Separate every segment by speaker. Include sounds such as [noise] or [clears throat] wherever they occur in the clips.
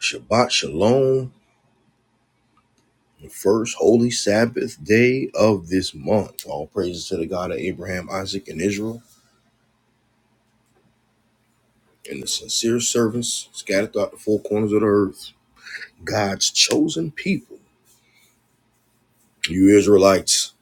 Speaker 1: Shabbat Shalom, the first holy Sabbath day of this month. All praises to the God of Abraham, Isaac, and Israel, and the sincere servants scattered throughout the four corners of the earth, God's chosen people. You Israelites,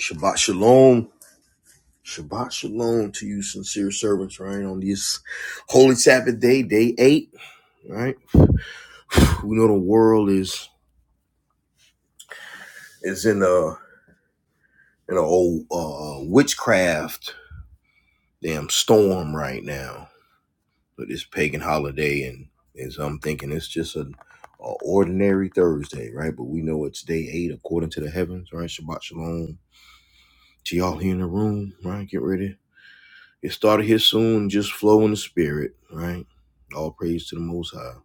Speaker 1: Shabbat Shalom. Shabbat Shalom to you, sincere servants, right? On this holy Sabbath day, day eight, right? We know the world is is in a in a old uh, witchcraft damn storm right now but it's pagan holiday and and so I'm thinking it's just an a ordinary Thursday, right? But we know it's day eight according to the heavens, right? Shabbat shalom to y'all here in the room, right? Get ready. It started here soon. Just flow in the spirit, right? All praise to the Most High.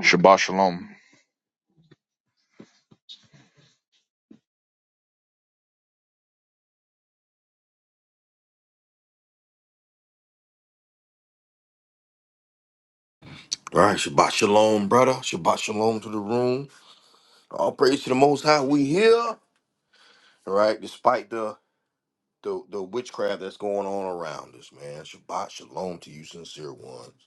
Speaker 2: Shabbat shalom.
Speaker 1: All right, Shabbat Shalom, brother. Shabbat Shalom to the room. All praise to the Most High. We here, all right? Despite the the the witchcraft that's going on around us, man. Shabbat shalom to you, sincere ones.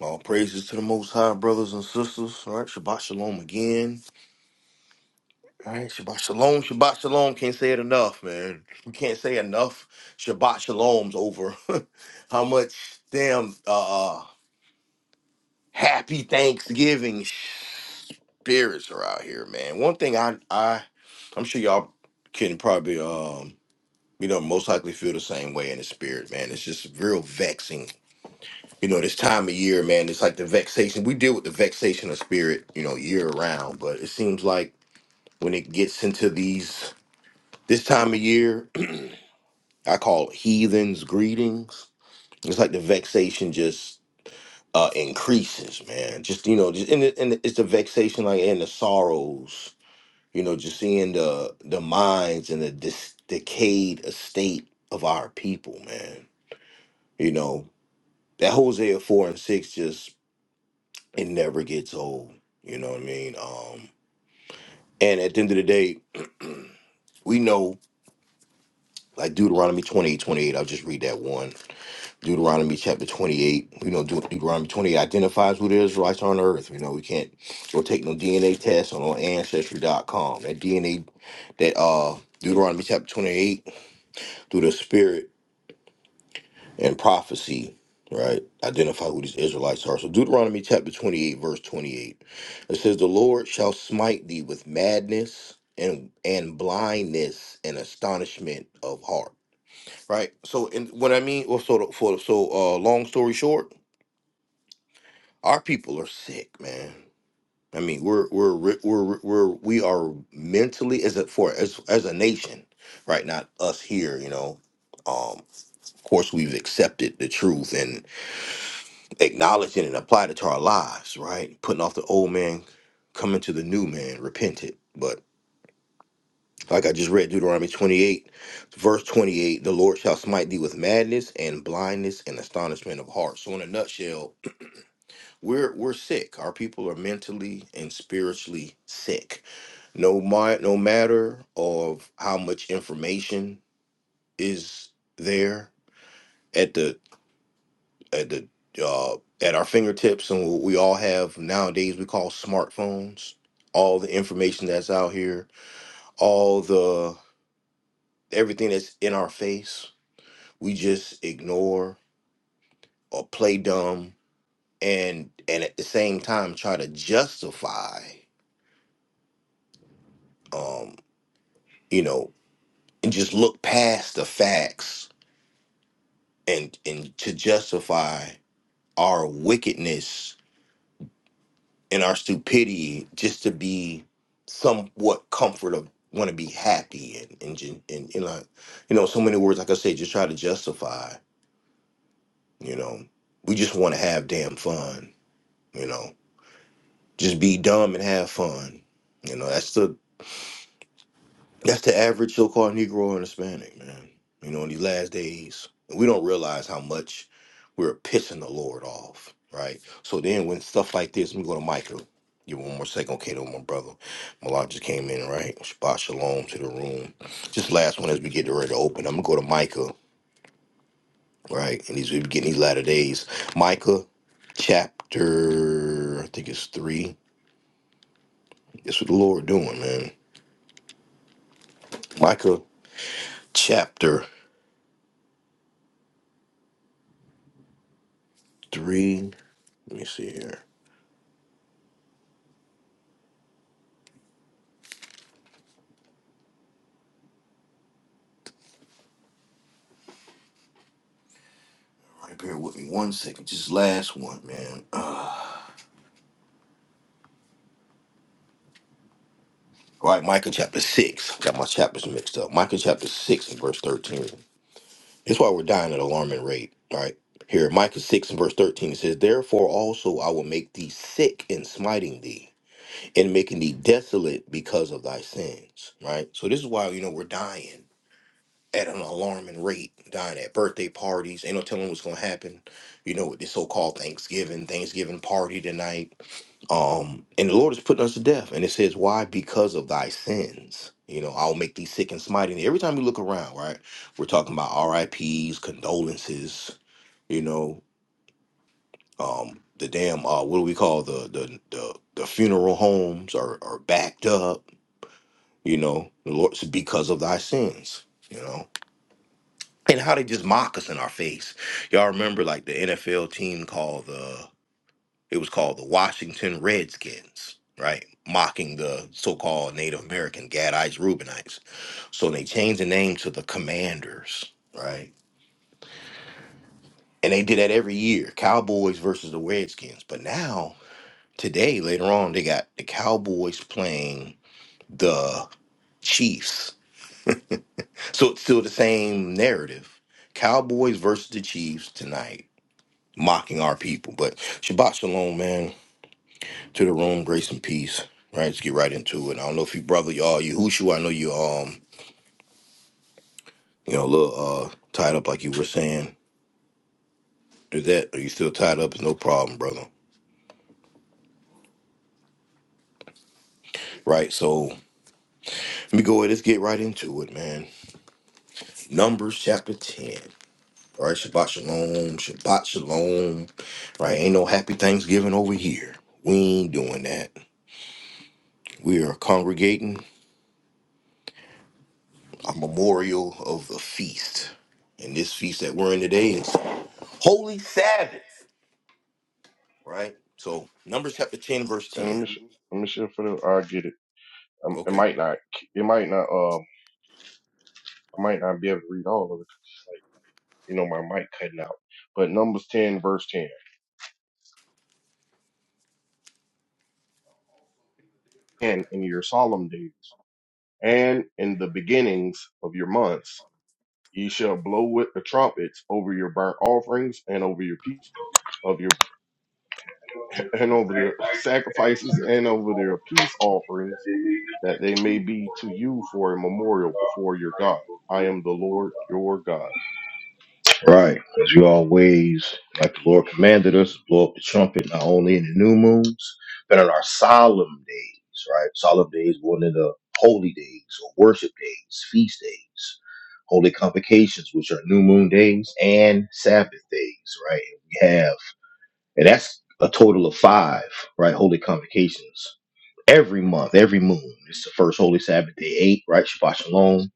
Speaker 1: All praises to the Most High, brothers and sisters. All right, Shabbat shalom again. All right, Shabbat shalom, Shabbat shalom. Can't say it enough, man. We can't say enough Shabbat shaloms over [laughs] how much damn uh, uh, happy Thanksgiving spirits are out here, man. One thing I I I'm sure y'all can probably um. you know, most likely feel the same way in the spirit, man. It's just real vexing. You know, this time of year, man, it's like the vexation. We deal with the vexation of spirit, you know, year round. but it seems like when it gets into these this time of year, [clears throat] I call it heathens greetings. It's like the vexation just uh increases, man. Just you know, just and, it, and it's the vexation like and the sorrows, you know, just seeing the the minds and the dis- decayed estate of our people, man. You know, that Hosea four and six just it never gets old. You know what I mean? Um, and at the end of the day, we know like Deuteronomy twenty I'll just read that one. Deuteronomy chapter 28, you know, Deut- Deuteronomy 28 identifies who the Israelites are on earth. You know, we can't go take no DNA test on, on ancestry dot com. That DNA, that uh Deuteronomy chapter 28, through the spirit and prophecy, right, identify who these Israelites are. So Deuteronomy chapter 28, verse 28. It says, The Lord shall smite thee with madness and and blindness and astonishment of heart. Right? So and what I mean, well, so the- for so uh long story short, our people are sick, man. I mean, we're we're re- we're re- we're we are mentally as a for as as a nation, right? Not us here, you know. Um, of course, we've accepted the truth, and. Acknowledging it and applied it to our lives, right? Putting off the old man, coming to the new man, repented. But like I just read Deuteronomy 28, verse 28, the Lord shall smite thee with madness and blindness and astonishment of heart. So in a nutshell, we're we're sick. Our people are mentally and spiritually sick. No my, no matter of how much information is there, at the uh, at our fingertips and what we all have nowadays we call smartphones all the information that's out here all the everything that's in our face we just ignore or play dumb and and at the same time try to justify um you know and just look past the facts and and to justify our wickedness and our stupidity just to be somewhat comfortable, want to be happy and and ju- and you know, you know, so many words like I said, just try to justify. You know, we just want to have damn fun. You know, just be dumb and have fun. You know, that's the That's the average so-called Negro and Hispanic, man. You know, in these last days, and we don't realize how much we're pissing the Lord off, right? So then, when stuff like this, let me go to Michael. Give me one more second, okay, to my brother. Malak just came in, right? Shabbat shalom to the room. Just last one as we get ready to open. I'm gonna go to Micah, right? And these we getting these latter days. Micah, chapter, I think it's three. That's what the Lord doing, man. Micah, chapter three. Let me see here. Alright, Bear with me one second. Just last one, man. Uh, all right, Micah chapter 6. Got my chapters mixed up. Micah chapter 6 and verse 13. That's why we're dying at an alarming rate. All right. Here, Micah 6 and verse 13 it says, Therefore also I will make thee sick in smiting thee, and making thee desolate because of thy sins. Right? So this is why, you know, we're dying at an alarming rate, dying at birthday parties. Ain't no telling what's gonna happen. You know, with this so-called Thanksgiving, Thanksgiving party tonight Um, and the Lord is putting us to death. And it says, Why? Because of thy sins. You know, I'll make thee sick and smiting. Every time we look around, right, we're talking about R I P's condolences, you know, um, the damn uh what do we call the the the, the funeral homes are, are backed up, you know, the Lord's because of thy sins, you know. And how they just mock us in our face. Y'all remember like the NFL team called the It was called the Washington Redskins, right? Mocking the so called Native American Gadites, Reubenites. So they changed the name to the Commanders, right? And they did that every year Cowboys versus the Redskins. But now, today, later on, they got the Cowboys playing the Chiefs. So it's still the same narrative Cowboys versus the Chiefs tonight, mocking our people. But Shabbat Shalom, man. to the room, grace and peace. Right, let's get right into it. I don't know if you brother y'all you Hushu, I know you um you know a little uh tied up like you were saying. Do that, are you still tied up? It's no problem, brother. Right, so let me go ahead. Let's get right into it, man. Numbers chapter ten. All right, Shabbat Shalom, Shabbat Shalom. Right, ain't no happy Thanksgiving over here. We ain't doing that. We are congregating a memorial of the feast. And this feast that we're in today is Holy Sabbath. right? So Numbers chapter 10, verse
Speaker 3: And let me
Speaker 1: 10.
Speaker 3: sh- let me shift for the. I get it. Um, it
Speaker 1: Okay.
Speaker 3: might not. It might not. Um, I might not be able to read all of it. You know, my mic cutting out. But Numbers ten verse ten. And in your solemn days, and in the beginnings of your months, ye shall blow with the trumpets over your burnt offerings and over your peace of your and over the [laughs] sacrifices and over their peace offerings, that they may be to you for a memorial before your God. I am the Lord your God.
Speaker 1: Right. as you always, like the Lord commanded us, blow up the trumpet not only in the new moons, but on our solemn days, right? Solemn days, one of the holy days or worship days, feast days, holy convocations, which are new moon days and Sabbath days, right? We have, and that's a total of five, right? Holy convocations every month, every moon. It's the first holy Sabbath day, eight, right? Shabbat Shalom.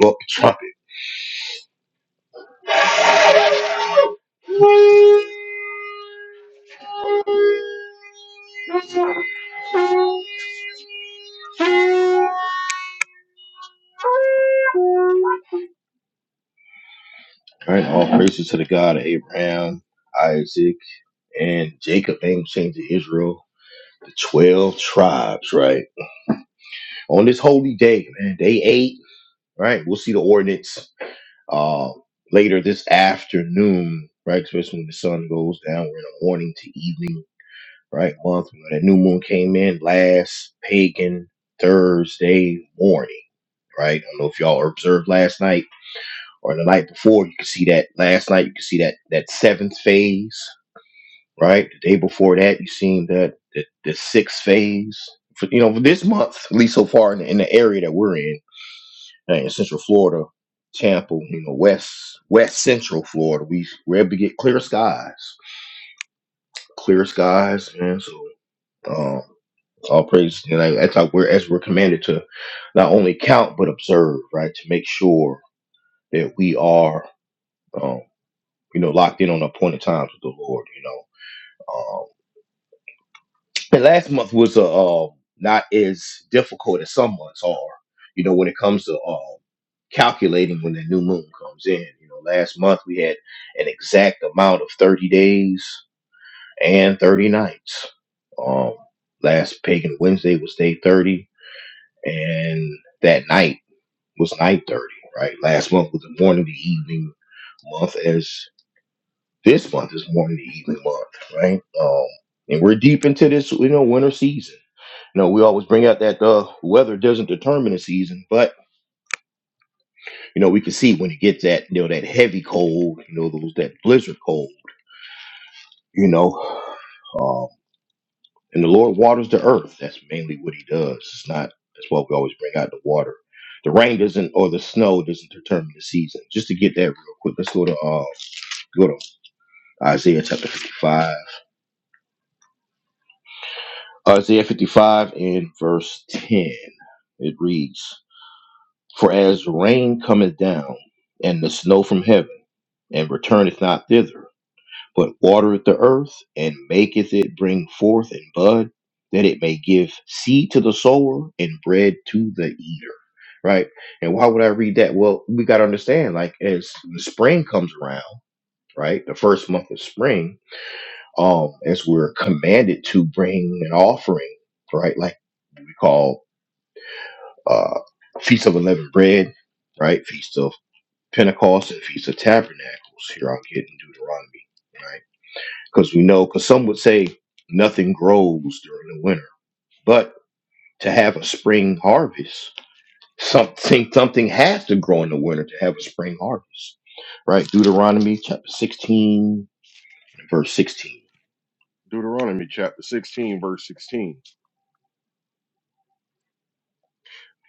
Speaker 1: Blow up the trumpet
Speaker 3: [laughs]
Speaker 1: All right, all praises to the God of Abraham, Isaac, and Jacob. Name changed to Israel. The 12 tribes, right? On this holy day, man, day eight, right? We'll see the ordinance uh, later this afternoon, right? Especially when the sun goes down. We're in the morning to evening, right? Month. You know, that new moon came in last pagan Thursday morning, right? I don't know if y'all observed last night or the night before, you could see that last night, you could see that that seventh phase, right? The day before that, you seen that the, the sixth phase. For, you know, for this month, at least so far in the, in the area that we're in, uh, in Central Florida, Tampa, you know, West West Central Florida, we we're able to get clear skies, clear skies, and so um, all praise. And I, that's how we're as we're commanded to not only count but observe, right? To make sure that we are. um, you know, locked in on appointed times with the Lord, you know. Um, and last month was uh, um, not as difficult as some months are, you know, when it comes to um, calculating when the new moon comes in. You know, last month we had an exact amount of 30 days and 30 nights. Um, last Pagan Wednesday was day 30, and that night was night 30, right? Last month was the morning, the evening month, as. This month is more morning the evening month, right? Um, and we're deep into this, you know, winter season. You know, we always bring out that uh, weather doesn't determine the season, but you know, we can see when it gets that, you know, that heavy cold, you know, those that blizzard cold, you know, um, and the Lord waters the earth. That's mainly what He does. It's not. That's why we always bring out the water. The rain doesn't, or the snow doesn't determine the season. Just to get that real quick, let's go to uh, go to Isaiah chapter 55. Isaiah 55 and verse 10. It reads, For as rain cometh down, and the snow from heaven, and returneth not thither, but watereth the earth, and maketh it bring forth and bud, that it may give seed to the sower and bread to the eater. Right? And why would I read that? Well, we got to understand, like, as the spring comes around, right? The first month of spring, um, as we're commanded to bring an offering, right? Like, we call uh, Feast of Unleavened Bread, right? Feast of Pentecost and Feast of Tabernacles. Here I'll get in Deuteronomy, right? Because we know, because some would say nothing grows during the winter, but to have a spring harvest, something something has to grow in the winter to have a spring harvest, right? Deuteronomy chapter sixteen, verse sixteen.
Speaker 3: Deuteronomy chapter 16, verse 16.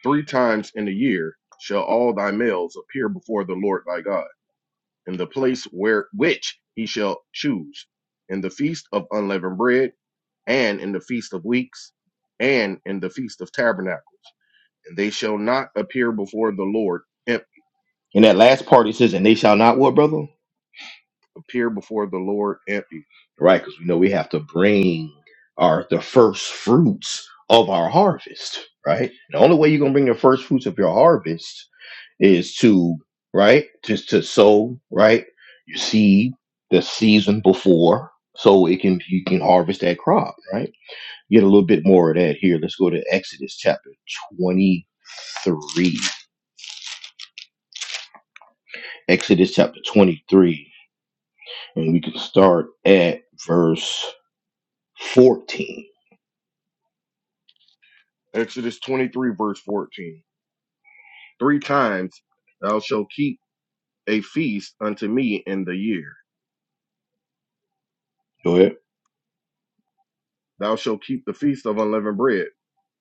Speaker 3: Three times in a year shall all thy males appear before the Lord thy God, in the place where which he shall choose, in the feast of unleavened bread, and in the feast of weeks, and in the feast of tabernacles. And they shall not appear before the Lord empty,
Speaker 1: In that last part, it says, "And they shall not what, brother?
Speaker 3: appear before the Lord empty.
Speaker 1: right? Because we know we have to bring our the first fruits of our harvest, right? The only way you're gonna bring the first fruits of your harvest is to right, just to sow, right? You seed the season before, so it can you can harvest that crop, right? Get a little bit more of that here. Let's go to Exodus chapter twenty three. Exodus chapter twenty three, and we can start at verse fourteen.
Speaker 3: Exodus 23, verse 14. Three times thou shalt keep a feast unto me in the year.
Speaker 1: Go ahead.
Speaker 3: Thou shalt keep the feast of unleavened bread.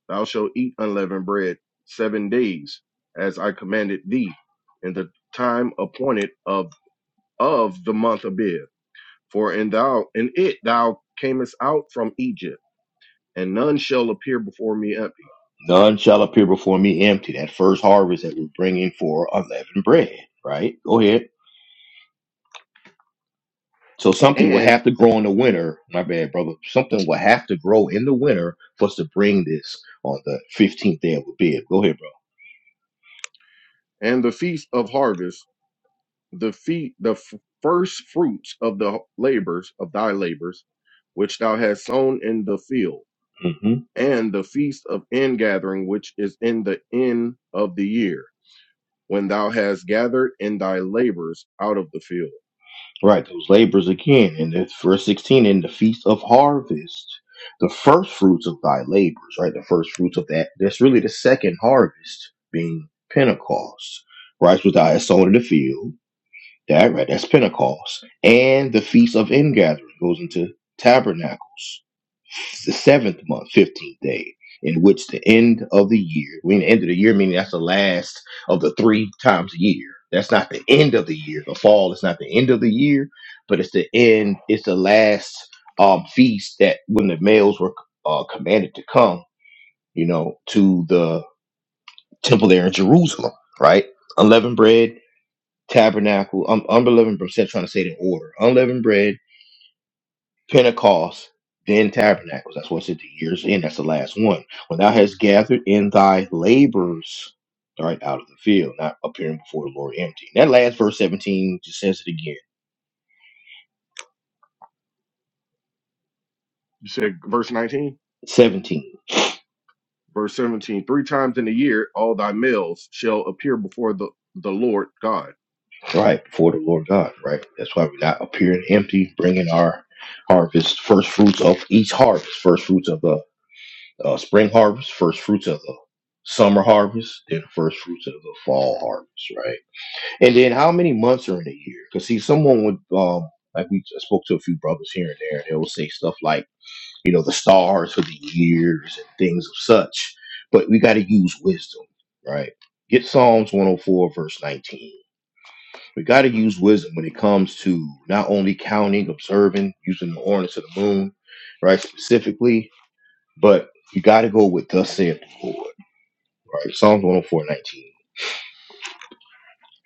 Speaker 3: Thou shalt eat unleavened bread seven days, as I commanded thee, in the time appointed of of the month Abib. For in thou in it thou camest out from Egypt, and none shall appear before me empty.
Speaker 1: None shall appear before me empty. That first harvest that we're bringing for unleavened bread, right? Go ahead. So something will
Speaker 3: And
Speaker 1: have to grow in the winter. My bad, brother. Something will have to grow in the winter for us to bring this on the 15th day of Abib. Go ahead,
Speaker 3: and the feast of harvest, the feet the f- first fruits of the labors of thy labors, which thou hast sown in the field
Speaker 1: bro. hmm
Speaker 3: and the feast of ingathering, which is in the end of the year, when thou hast gathered in thy labors out of the field.
Speaker 1: Right. Those labors again. in the verse 16, in the feast of harvest, the first fruits of thy labors, right? The first fruits of that. That's really the second harvest being Pentecost. Right? Which thou sown in the field That right, that's Pentecost. And the Feast of Ingathering goes into Tabernacles, the seventh month, 15th day, in which the end of the year, when the end of the year, meaning that's the last of the three times a year. That's not the end of the year. The fall is not the end of the year, but it's the end, it's the last um, feast that when the males were uh, commanded to come, you know, to the temple there in Jerusalem, right? Unleavened bread tabernacle, um, unleavened bread. see, I'm trying to say it in order. Unleavened bread, Pentecost, then tabernacles. That's what's at the year's end. That's the last one. When thou hast gathered in thy labors, all right, out of the field, not appearing before the Lord empty. And that last verse 17 just says it again.
Speaker 3: You said verse 19,
Speaker 1: 17,
Speaker 3: verse 17, three times in a year all thy males shall appear before the, the Lord God.
Speaker 1: right, before the Lord God, right? That's why we're not appearing empty, bringing our harvest, first fruits of each harvest, first fruits of the uh, spring harvest, first fruits of the summer harvest, then first fruits of the fall harvest, right? And then how many months are in a year? Because see, someone would um like we I spoke to a few brothers here and there, and they will say stuff like you know the stars for the years and things of such. But we got to use wisdom, right? Get Psalms 104 verse 19. We got to use wisdom when it comes to not only counting, observing, using the ordinance of the moon, right? Specifically, but you got to go with thus saith the Lord right? Psalms 104 19.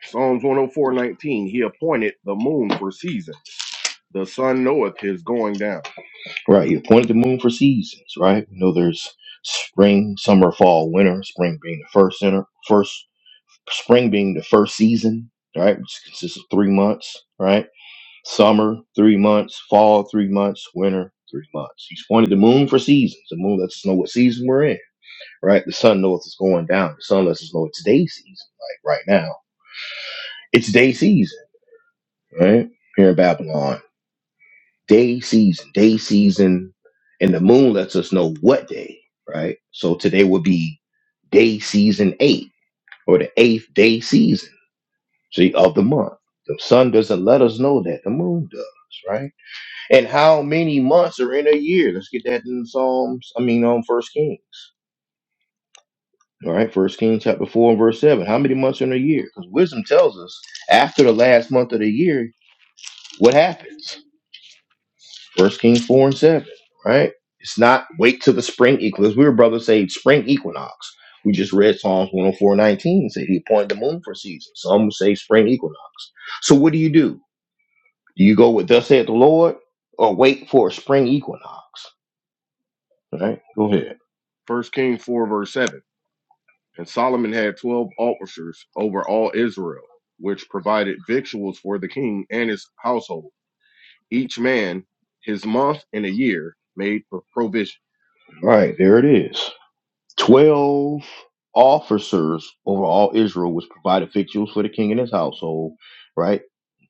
Speaker 3: Psalms 104, 19, he appointed the moon for seasons. The sun knoweth his going down.
Speaker 1: Right. He appointed the moon for seasons, right? You know, there's spring, summer, fall, winter, spring being the first center, first spring being the first season, right? Which consists of three months, right? Summer, three months, fall, three months, winter, three months. He's pointed the moon for seasons. The moon lets us know what season we're in, right? The sun knows it's going down. The sun lets us know it's day season, like right now. It's day season, right? Here in Babylon. day season, day season, and the moon lets us know what day, right? So today would be day season eight or the eighth day season see, of the month. The sun doesn't let us know that, the moon does, right? And how many months are in a year? Let's get that in Psalms, I mean, on First Kings. All right, First Kings chapter four and verse seven. How many months are in a year? Because wisdom tells us after the last month of the year, what happens? First Kings four and seven, right? It's not wait till the spring equinox. We were brothers say spring equinox. We just read Psalms 104 19 and said he appointed the moon for seasons. Some say spring equinox. So what do you do? Do you go with thus saith the Lord or wait for a spring equinox? Right? Go ahead.
Speaker 3: First Kings 4, verse 7. And Solomon had 12 officers over all Israel, which provided victuals for the king and his household each man his month and a year made for provision.
Speaker 1: All right, there it is. Twelve officers over all Israel, which provided fig fuels for the king and his household, right?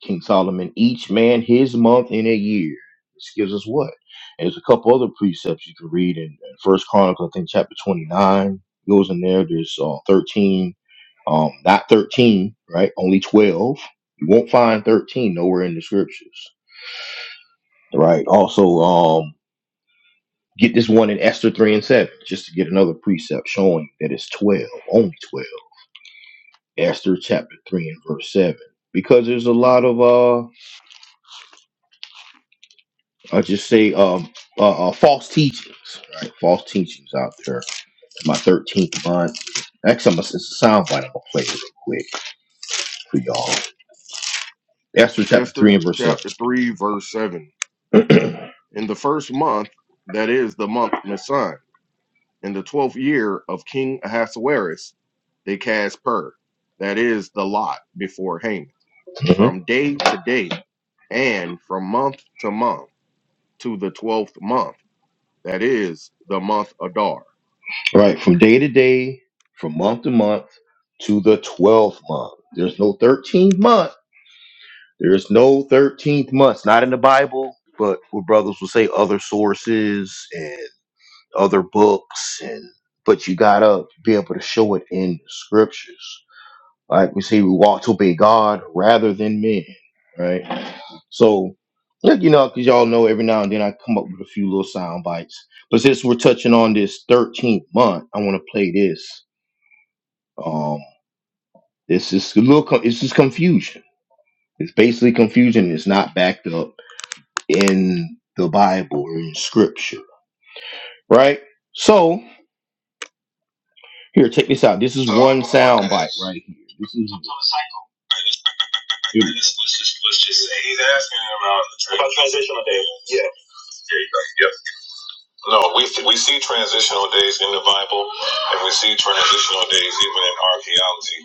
Speaker 1: King Solomon, each man his month in a year. This gives us what? And there's a couple other precepts you can read in, in First Chronicles, I think chapter 29 goes in there. There's uh, 13, um, not 13, right? Only 12. You won't find 13 nowhere in the scriptures, right? Also, um. Get this one in Esther 3 and 7, just to get another precept showing that it's 12, only 12. Esther chapter 3 and verse 7. Because there's a lot of, uh, I just say, um, uh, uh, false teachings, right? False teachings out there. My 13th month. Actually, I'm gonna, it's a soundbite I'm going to play it real quick for y'all. Esther chapter
Speaker 3: Esther
Speaker 1: 3 and verse 7.
Speaker 3: chapter 3, verse 7. In the first month, that is the month Nisan, in the twelfth year of King Ahasuerus, they cast pur, that is the lot before Haman,
Speaker 1: Mm-hmm.
Speaker 3: from day to day and from month to month to the twelfth month, that is the month Adar.
Speaker 1: Right, from day to day, from month to month, to the 12th month. There's no 13th month There's no 13th month, not in the Bible, but what brothers will say other sources and other books and but you gotta be able to show it in the scriptures. Like we see, we want to obey God rather than men, right? So, like you know, because y'all know every now and then I come up with a few little sound bites. But since we're touching on this 13th month, I want to play this. Um, this is a little, co- it's just confusion. It's basically confusion. It's not backed up in the Bible or in scripture, right? So here, take this out. This is oh, one sound bite right here. This is here we go. Let's just, let's just say he's asking about, about transitional days. Yeah. There you go. Yep. No, we, we see transitional days in the Bible, and we see transitional days even in archaeology.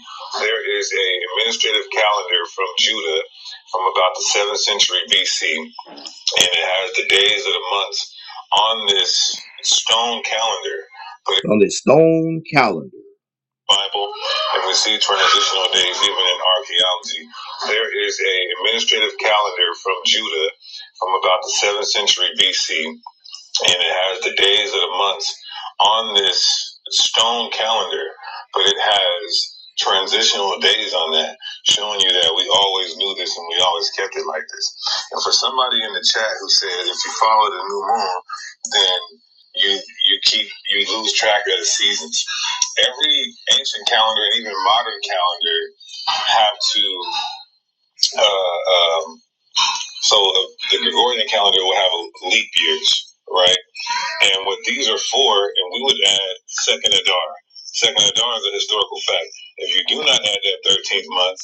Speaker 1: There is a administrative calendar from Judah from about the 7th century BC and it has the days of the months on this stone calendar. on this stone calendar. Bible, and we see transitional days even in archaeology. There is a administrative calendar from Judah from about the 7th century BC and it has the days of the months on this stone calendar, but it has transitional days on that, showing you that we always knew this and we always kept it like this. And for somebody in the chat who said if you follow the new moon, then you you keep you lose track of the seasons. Every ancient calendar and even modern calendar have to. Uh, um, so the, the Gregorian calendar will have leap years, right? And what these are for, and we would add second Adar. Second Adar is a historical fact. If you do not add that 13th month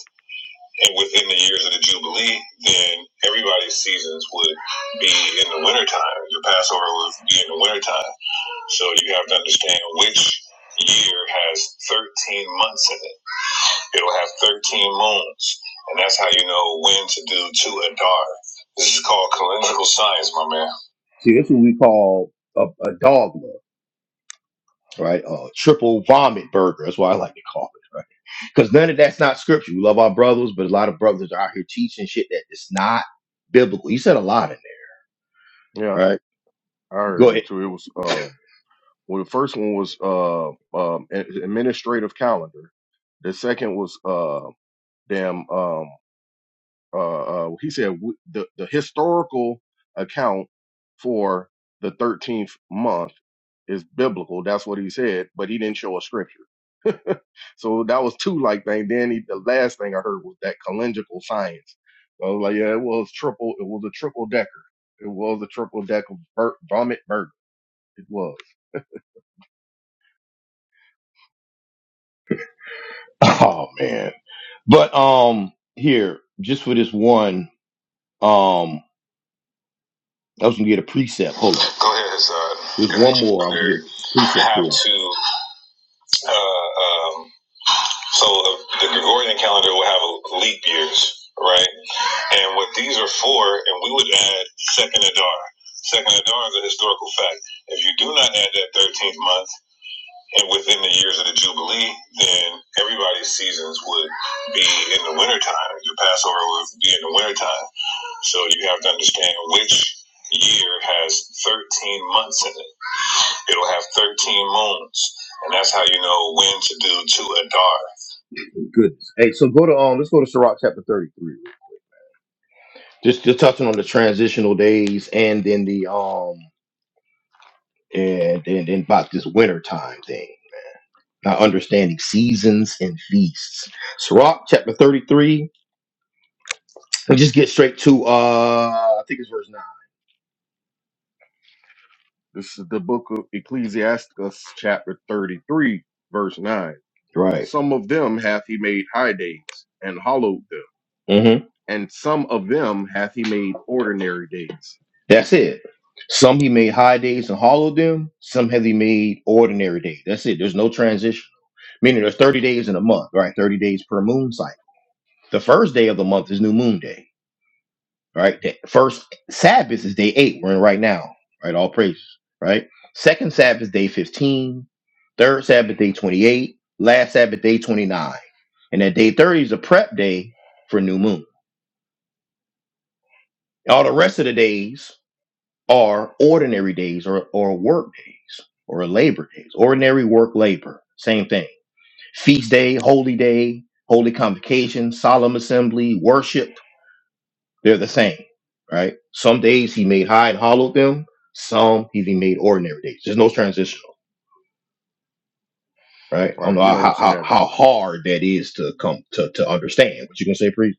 Speaker 1: and within the years of the Jubilee, then everybody's seasons would be in the wintertime. Your Passover would be in the wintertime. So you have to understand which year has 13 months in it. It'll have 13 moons. And that's how you know when to do two Adar. This is called calendrical science, my man. See, that's what we call a, a dogma right? Uh, triple vomit burger. That's what I like to call it, right? Because none of that's not scripture. We love our brothers, but a lot of brothers are out here teaching shit that is not biblical. You said a lot in
Speaker 3: Yeah,
Speaker 1: there, right?
Speaker 3: I
Speaker 1: Go
Speaker 3: heard it
Speaker 1: ahead.
Speaker 3: too. It was. Well, the first one was uh, um, a- administrative calendar. The second was uh, damn. Um, uh, uh, he said w- the the historical account for the thirteenth month is biblical. That's what he said, but he didn't show a scripture. So that was two like thing. Then he, the last thing I heard was that calendrical science. So I was like, yeah, it was triple. It was a triple decker. It was a triple decker bur- vomit burger. It was.
Speaker 1: [laughs] Oh man. But um here, just for this one, um, I was gonna get a precept. Hold on. Go ahead, Hazard. There's If one you more I was brother. gonna get a You precept how for. to, uh, um, so the, the Gregorian calendar will have leap years, right? And what these are for, and we would add second Adar. Second Adar is a historical fact. If you do not add that 13th month and within the years of the Jubilee, then everybody's seasons would be in the wintertime. Your Passover would be in the wintertime. So you have to understand which year has 13 months in it. It'll have 13 moons. And that's how you know when to do to Adar. Goodness. Hey, so go to um let's go to Sirach chapter 33. Just just touching on the transitional days and then the um and and, and about this winter time thing. Not understanding seasons and feasts. Sirach chapter 33. And just get straight to uh I think it's verse 9.
Speaker 3: This is the book of Ecclesiasticus, chapter 33, verse 9.
Speaker 1: Right.
Speaker 3: Some of them hath he made high days and hollowed them,
Speaker 1: Mm-hmm.
Speaker 3: and some of them hath he made ordinary days.
Speaker 1: That's it. Some he made high days and hollowed them. Some has he made ordinary days. That's it. There's no transition. Meaning there's 30 days in a month, right? 30 days per moon cycle. The first day of the month is new moon day, right? The first Sabbath is day eight. We're in right now, right? All praises, right? Second Sabbath is day 15. Third Sabbath, day 28. Last Sabbath, day 29. And then day 30 is a prep day for new moon. All the rest of the days are ordinary days or, or work days or labor days, ordinary work labor, same thing. Feast day, holy day, holy convocation, solemn assembly, worship, they're the same, right? Some days he made high and hollowed them, some he made ordinary days. There's no transitional, right? I
Speaker 3: All
Speaker 1: don't
Speaker 3: Right,
Speaker 1: know
Speaker 3: you
Speaker 1: how,
Speaker 3: don't see
Speaker 1: how,
Speaker 3: that. In,
Speaker 1: how hard that is to come to, to understand, but you can say, priest,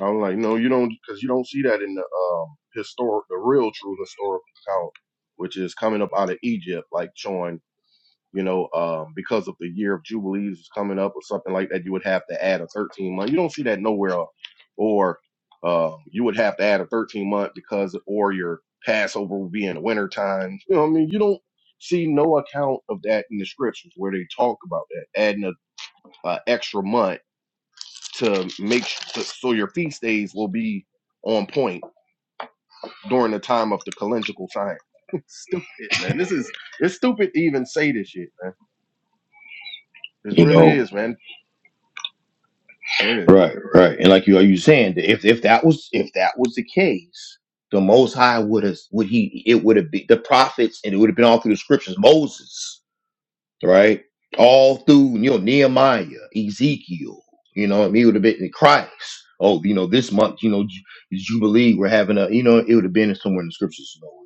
Speaker 3: I'm like, no, you don't, because you don't see that in the um, historic, the real, true historical account, which is coming up out of Egypt, like showing you know, um, because of the year of jubilees is coming up or something like that, you would have to add a 13 month. You don't see that nowhere else. Or um, you would have to add a 13 month because, or your Passover would be in the winter time. You know, what I mean, you don't see no account of that in the scriptures where they talk about that adding a, a extra month to make sh- so, so your feast days will be on point during the time of the calendrical sign. [laughs] stupid, man. This is it's stupid to even say this shit, man. This
Speaker 1: you
Speaker 3: really
Speaker 1: know.
Speaker 3: is, man. Go ahead.
Speaker 1: Right, right. And like you are you saying that if if that was if that was the case, the most high would have would he it would have been the prophets and it would have been all through the scriptures, Moses, right? All through you know Nehemiah, Ezekiel, you know, what I mean, it would have been Christ. Oh, you know, this month, you know, Ju- Jubilee, we're having a you know, it would have been somewhere in the scriptures nowhere,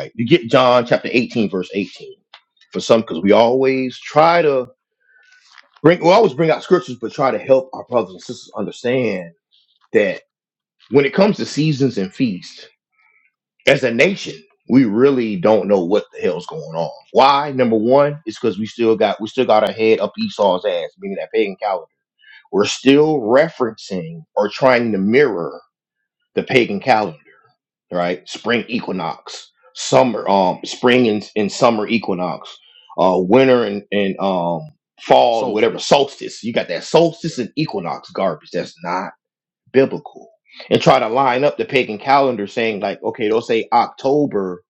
Speaker 1: right? You get John chapter 18, verse 18 for some because we always try to bring we always bring out scriptures but try to help our brothers and sisters understand that. when it comes to seasons and feasts, as a nation, we really don't know what the hell's going on. Why? Number one is because we still got we still got our head up Esau's ass, meaning that pagan calendar. We're still referencing or trying to mirror the pagan calendar, right? Spring equinox, summer, um, spring and, and summer equinox, uh, winter and, and um fall, whatever
Speaker 3: Solstice.
Speaker 1: solstice. You got that
Speaker 3: Yeah.
Speaker 1: solstice and equinox garbage. That's not biblical and try to line up the pagan calendar saying like okay they'll say october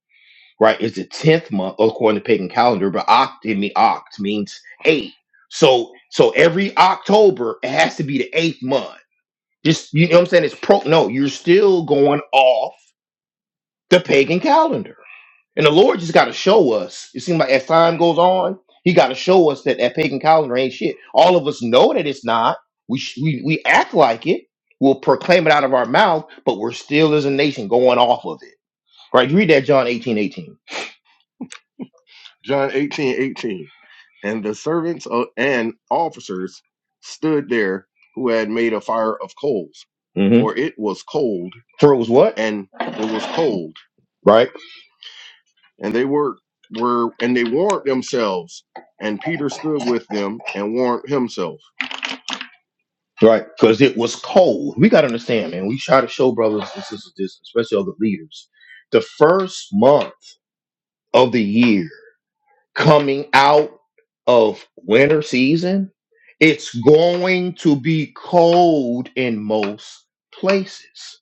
Speaker 1: right is the 10th month according to pagan calendar but oct in mean oct means eight so so every october it has to be the eighth month just you know what i'm saying it's pro no you're still going off the pagan calendar. And the Lord just got to show us. It seems like as time goes on, He got to show us that that pagan calendar ain't shit. All of us know that it's not. We sh- we we act like it. We'll proclaim it out of our mouth, but we're still as a nation going off of it. Right? You read that John eighteen eighteen.
Speaker 3: John eighteen eighteen, And the servants of, and officers stood there who had made a fire of coals,
Speaker 1: mm Mm-hmm.
Speaker 3: for it was cold,
Speaker 1: For it was what?
Speaker 3: and it was cold.
Speaker 1: Right,
Speaker 3: And they were, were, and they warmed themselves. And Peter stood with them and warmed himself.
Speaker 1: right. Because it was cold. We got to understand, man. We try to show brothers and sisters this, especially other leaders. The first month of the year. coming out of winter season, it's going to be cold in most places.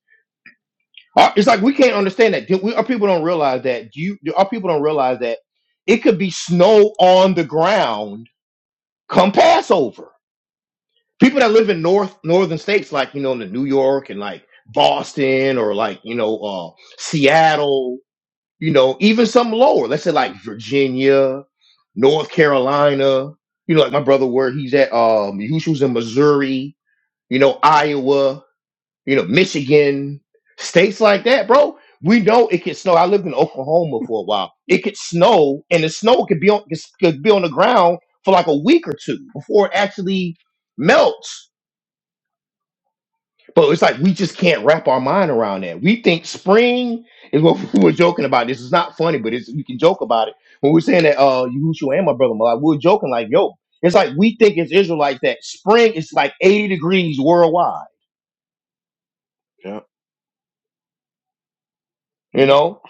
Speaker 1: Uh, It's like we can't understand that. Do we- Our people don't realize that. Do you? do- Our people don't realize that it could be snow on the ground come Passover. People that live in north northern states, like you know, in New York and like Boston or like you know, uh, Seattle, you know, even some lower, let's say like Virginia, North Carolina, you know, like my brother where he's at, um, he was in Missouri, you know, Iowa, you know, Michigan, states like that, bro. We know it can snow. I lived in Oklahoma for a while. It could snow, and the snow could be on could be on the ground for like a week or two before it actually melts. But it's like we just can't wrap our mind around that. We think spring is what [laughs] we were joking about. This is not funny, but it's we can joke about it. When we are saying that uh Yahushua and my brother Malak, we we're joking like, yo, it's like we think it's Israelites that spring is like 80 degrees worldwide,
Speaker 3: Yeah,
Speaker 1: you
Speaker 3: yeah.
Speaker 1: know?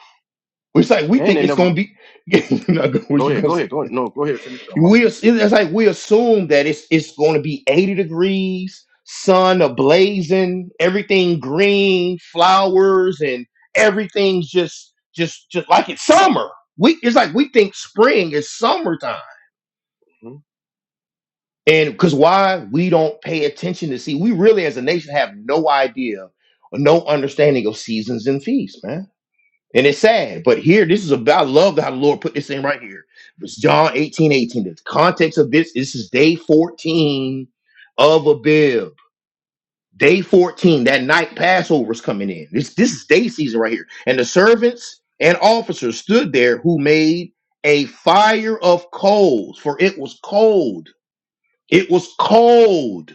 Speaker 1: It's like we
Speaker 3: And
Speaker 1: think
Speaker 3: they
Speaker 1: it's gonna
Speaker 3: never,
Speaker 1: be [laughs] what
Speaker 3: go
Speaker 1: you
Speaker 3: ahead,
Speaker 1: gonna
Speaker 3: go
Speaker 1: say?
Speaker 3: ahead, go ahead. No, go ahead, finish up. My
Speaker 1: we
Speaker 3: bad.
Speaker 1: as- it's like we assume that it's it's going to be 80 degrees sun ablazing everything green flowers and everything's just just just like it's summer we it's like we think spring is summertime
Speaker 3: Mhm.
Speaker 1: and because why we don't pay attention to see we really as a nation have no idea no understanding of seasons and feasts man and it's sad, but here, this is about I love how the Lord put this in right here. It's John 18 18. The context of this, this is day 14 of Abib. Day 14, that night Passover's coming in. This this is day season right here. And the servants and officers stood there who made a fire of coals, for it was cold. It was cold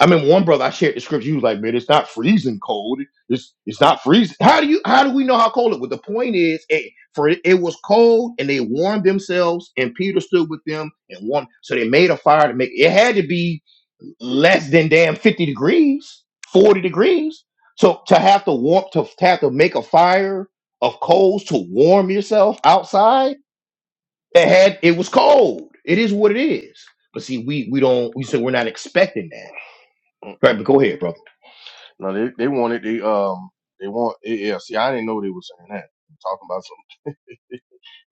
Speaker 1: I mean, one brother I shared the scripture. He was like, "Man, it's not freezing cold. It's it's not freezing. How do you how do we know how cold it was? The point is, it, for it, it was cold, and they warmed themselves, and Peter stood with them and warmed. So they made a fire to make it had to be less than damn fifty degrees, forty degrees. So to have to warm to, to have to make a fire of coals to warm yourself outside, it had it was cold. It is what it is. But see, we we don't we say we're not expecting that. Right,
Speaker 3: Mm-mm.
Speaker 1: but go ahead, brother
Speaker 3: No, they, they wanted the, um, they want, yeah, yeah, see, I didn't know they were saying that. Talking about some.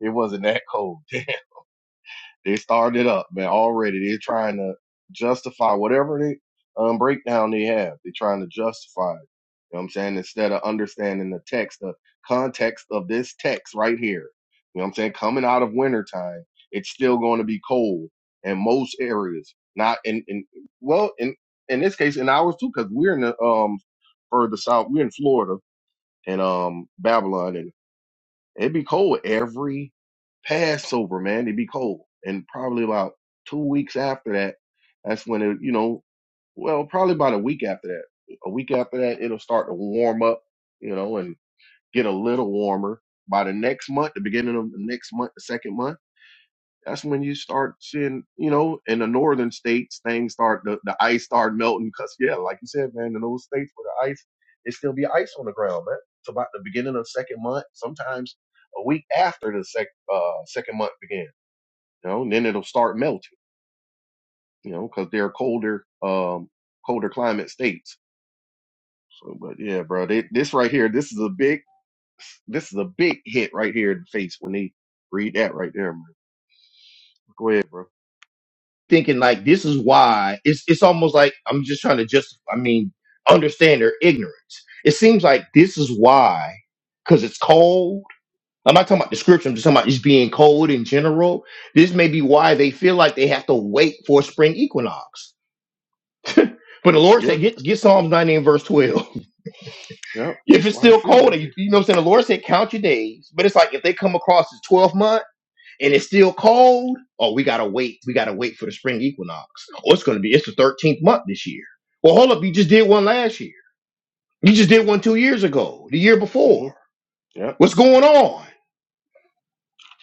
Speaker 3: It wasn't that cold. [laughs] they started it up, man. Already they're trying to justify whatever they um breakdown they have. They're trying to justify it. You know what I'm saying? Instead of understanding the text, the context of this text right here. You know what I'm saying? Coming out of wintertime, it's still going to be cold in most areas. Not in, in well, in in this case, in ours too, because we're in the um further south. We're in Florida and um Babylon and. It'd be cold every Passover, man. It'd be cold. And probably about two weeks after that, that's when it, you know, well, probably about a week after that. A week after that, it'll start to warm up, you know, and get a little warmer. By the next month, the beginning of the next month, the second month that's when you start seeing, you know, in the northern states, things start the, the ice start melting. Cause yeah, like you said, man, in those states where the ice, it still be ice on the ground, man. It's about the beginning of second month, sometimes a week after the sec, uh, second month began, you know, and then it'll start melting, you know, cause they're colder, um, colder climate states. So, but yeah, bro, they, this right here, this is a big, this is a big hit right here in the face when they read that right there, man. Go ahead, bro.
Speaker 1: thinking like this is why it's it's almost like I'm just trying to just I mean understand their ignorance. It seems like this is why because it's cold. I'm not talking about the scripture. I'm just talking about just being cold in general. This may be why they feel like they have to wait for a spring equinox. But the Lord
Speaker 3: Yeah,
Speaker 1: said, get, get Psalms 90 and verse 12.
Speaker 3: yeah,
Speaker 1: [laughs] if
Speaker 3: that's
Speaker 1: it's
Speaker 3: why they
Speaker 1: still
Speaker 3: feel
Speaker 1: cold,
Speaker 3: that
Speaker 1: and you,
Speaker 3: way.
Speaker 1: you know what I'm saying? The Lord said, count your days. But it's like if they come across as 12 months. and it's still cold, oh, we gotta wait. We gotta wait for the spring equinox. Or it's gonna be it's the thirteenth month this year. Well, hold up, you just did one last year. You just did one two years ago, the year
Speaker 3: Mm-hmm.
Speaker 1: before.
Speaker 3: Yeah,
Speaker 1: What's going on?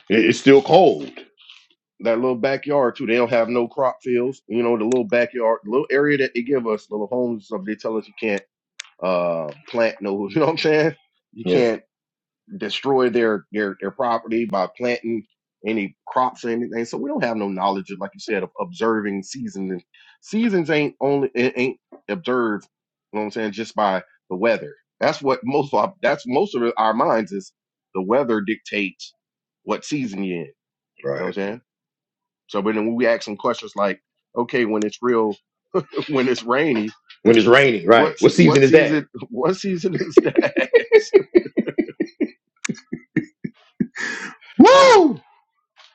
Speaker 1: "It- It's still cold.
Speaker 3: That little backyard too. They don't have no crop fields. You know, the little backyard, little area that they give us, little homes stuff. They tell us you can't uh, plant no. [laughs] You know what I'm saying? You
Speaker 1: Yeah,
Speaker 3: can't destroy their their their property by planting any crops or anything. So we don't have no knowledge of, like you said, of observing seasons. And seasons ain't only it ain't observed. You know what I'm saying? Just by the weather. That's what most of our, that's most of our minds is the weather dictates what season you're in. You know what I'm
Speaker 1: right.
Speaker 3: saying? So, but then we ask them questions like, okay, when it's real, [laughs] when it's rainy,
Speaker 1: When it's raining, right?
Speaker 3: what
Speaker 1: What season
Speaker 3: what
Speaker 1: is that?
Speaker 3: season [laughs] what season is that?
Speaker 1: Woo!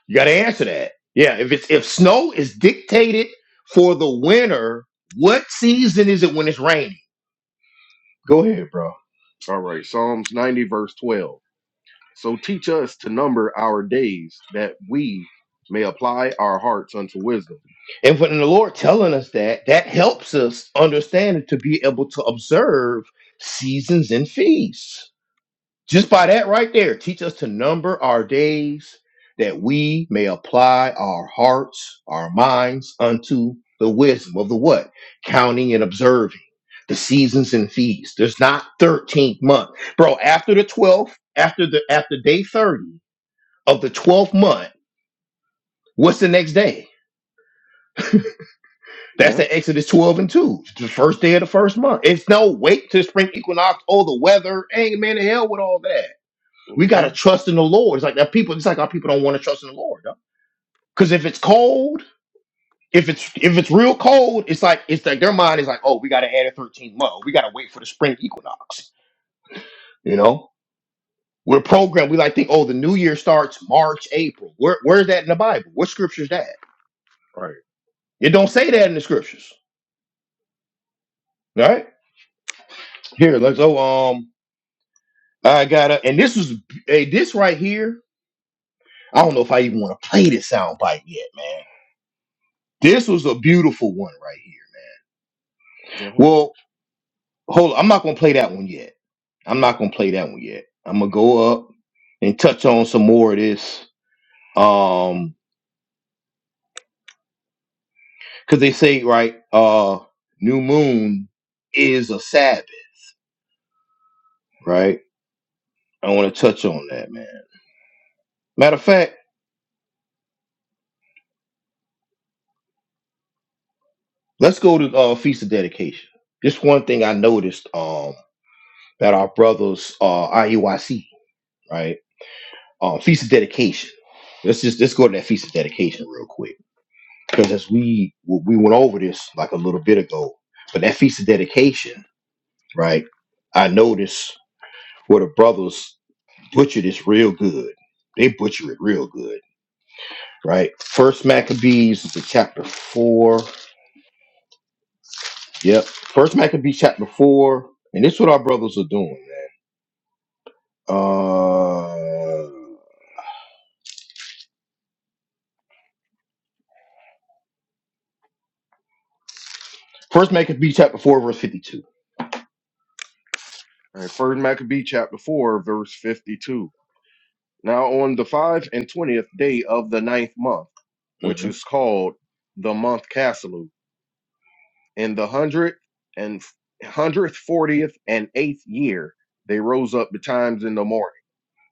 Speaker 1: You gotta answer that. Yeah, if it's if snow is dictated for the winter, what season is it when it's raining? Go ahead, bro.
Speaker 3: [laughs] All right, Psalms ninety verse twelve. So teach us to number our days that we may apply our hearts unto wisdom.
Speaker 1: And when the Lord telling us that, that helps us understand to be able to observe seasons and feasts. Just by that right there, teach us to number our days that we may apply our hearts, our minds unto the wisdom of the what? Counting and observing the seasons and feasts. There's not 13th month. Bro, after the 12th, after the after day 30 of the 12th month, what's the next day? That's
Speaker 3: Yeah.
Speaker 1: in Exodus 12 and 2. It's the first day of the first month. It's no wait till spring equinox. Oh, the weather. Ain't man to hell with all that. We gotta
Speaker 3: Mm-hmm.
Speaker 1: trust in the Lord. It's like that people, it's like our people don't want to trust in the Lord, though. Because if it's cold, if it's if it's real cold, it's like it's like their mind is like, oh, we gotta add a 13th month. We gotta wait for the spring equinox. You know? We're programmed, we like think, oh, the new year starts March, April. Where where's that in the Bible? What scripture is that?
Speaker 3: Right.
Speaker 1: It don't say that in the scriptures. All right. Here, let's go. um, I got to And this was hey, this right here. I don't know if I even want to play this soundbite yet, man. This was a beautiful one right here.
Speaker 3: Yeah. Okay.
Speaker 1: Well, hold. on. I'm not gonna play that one yet. I'm
Speaker 3: Yeah.
Speaker 1: not gonna play that one yet. I'm gonna go up and touch on some more of this. Um, because they say right, uh, new moon is a Sabbath, right? I want to touch on that, man. Matter of fact, let's go to uh, feast of dedication. Just one thing I noticed, um, that our brothers, uh, I E Y C. right? Um, feast of dedication. Let's just let's go to that feast of dedication real quick because as we we went over this like a little bit ago, but that feast of dedication, right? I noticed where the brothers butchered this real good. They butcher it real good, right? First Maccabees is in chapter four. Yep, First Maccabees chapter four, and this is what our brothers are doing, man. Uh, First Maccabees chapter four verse 52
Speaker 3: All right. First Maccabee chapter four verse fifty two. Now on the five and twentieth day of the ninth month,
Speaker 1: Mm-hmm.
Speaker 3: which is called the month Caslu, In the hundred and hundredth, fortieth, and eighth year, they rose up betimes in the morning.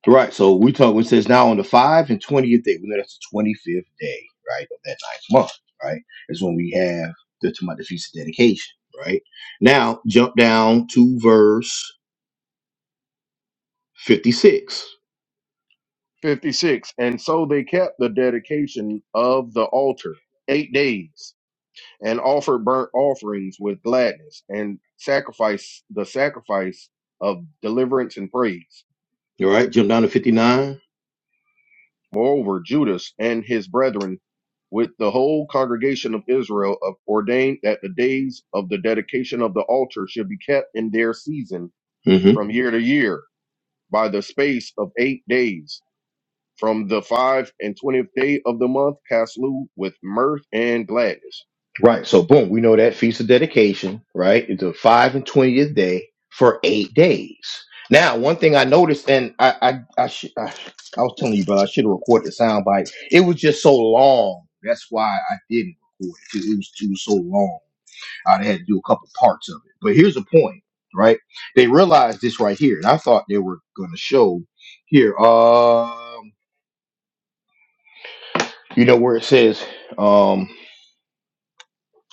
Speaker 1: Right. So we talk when it says now on the five and twentieth day. We know that's the twenty fifth day, right, of that ninth month, right? Is when we have the Tumah Feast of Dedication, right? Now jump down to verse fifty six.
Speaker 3: 56. And so they kept the dedication of the altar eight days and offered burnt offerings with gladness and sacrifice the sacrifice of deliverance and praise.
Speaker 1: All right, jump down to fifty nine.
Speaker 3: Moreover, Judas and his brethren with the whole congregation of Israel of- ordained that the days of the dedication of the altar should be kept in their season from year to year by the space of eight days. From the five and twentieth day of the month, Caslu with mirth and gladness.
Speaker 1: Right. So boom, we know that feast of dedication, right? It's the five and twentieth day for eight days. Now, one thing I noticed, and I I I, sh- I, I was telling you, bro, I should have recorded the sound bite. It was just so long. That's why I didn't record it. 'cause It was, it was so long. I had to do a couple parts of it. But here's the point, right? They realized this right here, and I thought they were going to show here. Um, you know where it says, um.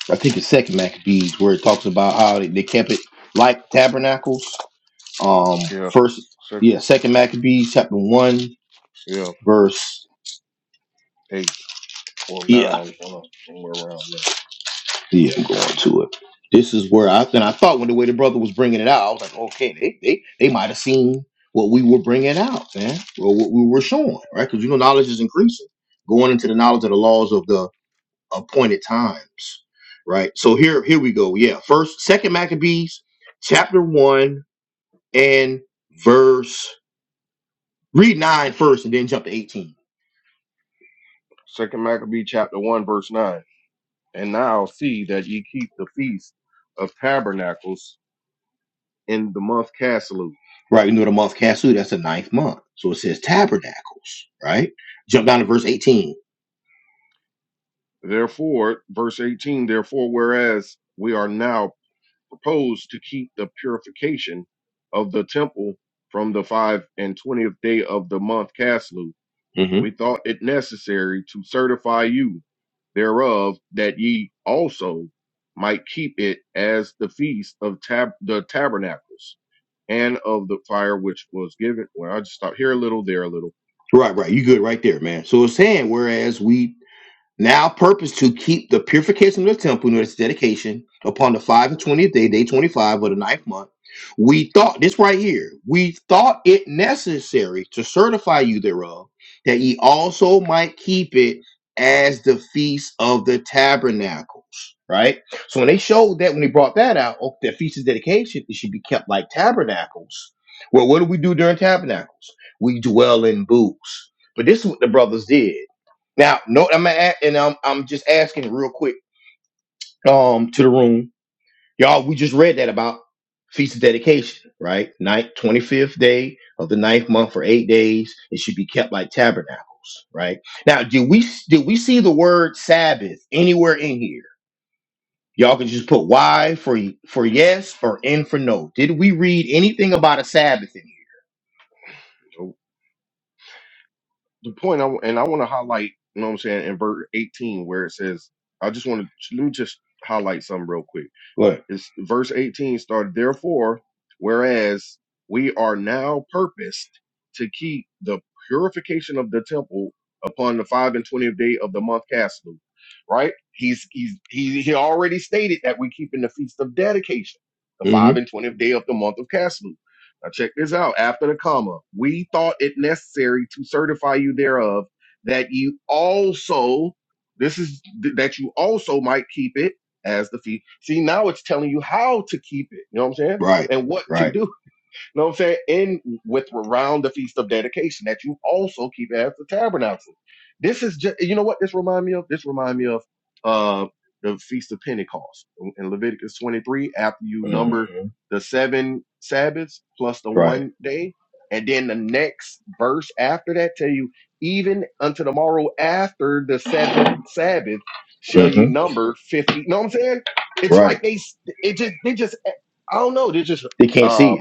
Speaker 1: I think the second Maccabees where it talks about how they, they kept it like tabernacles. Um,
Speaker 3: Yeah,
Speaker 1: first,
Speaker 3: sec-
Speaker 1: yeah, second Maccabees chapter one
Speaker 3: yeah,
Speaker 1: verse.
Speaker 3: eight or
Speaker 1: Yeah,
Speaker 3: nine, hold on, somewhere around there.
Speaker 1: yeah, I'm going to it. This is where I and I thought when the way the brother was bringing it out, I was like, okay, they they, they might have seen what we were bringing out, man, or what we were showing, right? Because you know, knowledge is increasing, going into the knowledge of the laws of the appointed times, right? So here, here we go. Yeah, first, second Maccabees, chapter one. and verse read nine first and then jump to 18
Speaker 3: Second Maccabee chapter one, verse nine. And now see that ye keep the feast of tabernacles in the month Caslu.
Speaker 1: right we know the month Casu, that's the ninth month so it says tabernacles right jump down to verse 18
Speaker 3: Therefore, verse eighteen. Therefore, whereas we are now proposed to keep the purification of the temple from the five and twentieth day of the month Caslu,
Speaker 1: hmm
Speaker 3: we thought it necessary to certify you thereof that ye also might keep it as the feast of tab- the tabernacles and of the fire which was given. Well, I just stop here a little, there a little.
Speaker 1: right right you good right there man so it's saying whereas we Now purpose to keep the purification of the temple near its dedication upon the five and twentieth day, day twenty-five of the ninth month. We thought this right here. We thought it necessary to certify you thereof, that ye also might keep it as the feast of the tabernacles. Right. So when they showed that, when they brought that out, oh, that feast of dedication, it should be kept like tabernacles. Well, what do we do during tabernacles? We dwell in booths. But this is what the brothers did now, no, I'm at, and I'm I'm just asking real quick um to the room, y'all. We just read that about feast of dedication, right? Night twenty fifth day of the ninth month for eight days. It should be kept like tabernacles, right? Now, did we did we see the word Sabbath anywhere in here? Y'all can just put Y for y- for yes or N for no. Did we read anything about a Sabbath in here?
Speaker 3: So, The point I and I want to highlight, you know what I'm saying, in verse 18 where it says, I just want to let me just highlight something real quick
Speaker 1: What?
Speaker 3: It's verse 18 started, therefore, whereas we are now purposed to keep the purification of the temple upon the five and twentieth day of the month Caslu, right? He's he's he he already stated that we're keeping the feast of dedication, the five
Speaker 1: Mm-hmm.
Speaker 3: and twentieth day of the month of Caslu. Now check this out. After the comma, we thought it necessary to certify you thereof that you also this is that you also might keep it as the feast. See, now it's telling you how to keep it. You know what I'm saying?
Speaker 1: Right.
Speaker 3: And what to
Speaker 1: Right.
Speaker 3: do. You know what I'm saying? In with around the feast of dedication that you also keep as the tabernacle. This is just you know what this remind me of? This remind me of uh the feast of Pentecost in in Leviticus 23 after you number
Speaker 1: Mm-hmm.
Speaker 3: the seven Sabbaths plus the
Speaker 1: Right.
Speaker 3: one day. And then the next verse after that tell you, even unto the morrow after the seventh Sabbath shall you
Speaker 1: Mm-hmm.
Speaker 3: number 50. You know what I'm saying? It's
Speaker 1: Right.
Speaker 3: like they, it just, they just, I don't know. They're just,
Speaker 1: They can't see
Speaker 3: um,
Speaker 1: it.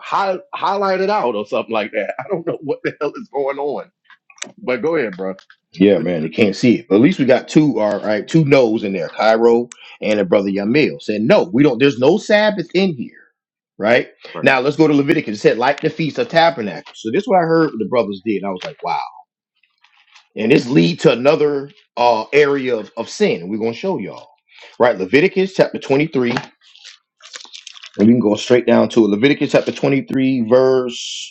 Speaker 3: high, highlight it out or something like that. [laughs] I don't know what the hell is going on. But go ahead, bro.
Speaker 1: Yeah, man, they can't see it. But at least we got two, all right, two no's in there, Cairo and a brother Yamil said, no, we don't, there's no Sabbath in here, right?
Speaker 3: Right.
Speaker 1: Now let's go to Leviticus. It said, like the Feast of Tabernacles. So this is what I heard the brothers did. I was like, wow. And this lead to another uh, area of, of sin. and We're going to show y'all, right? Leviticus chapter 23, and we can go straight down to it. Leviticus chapter 23, verse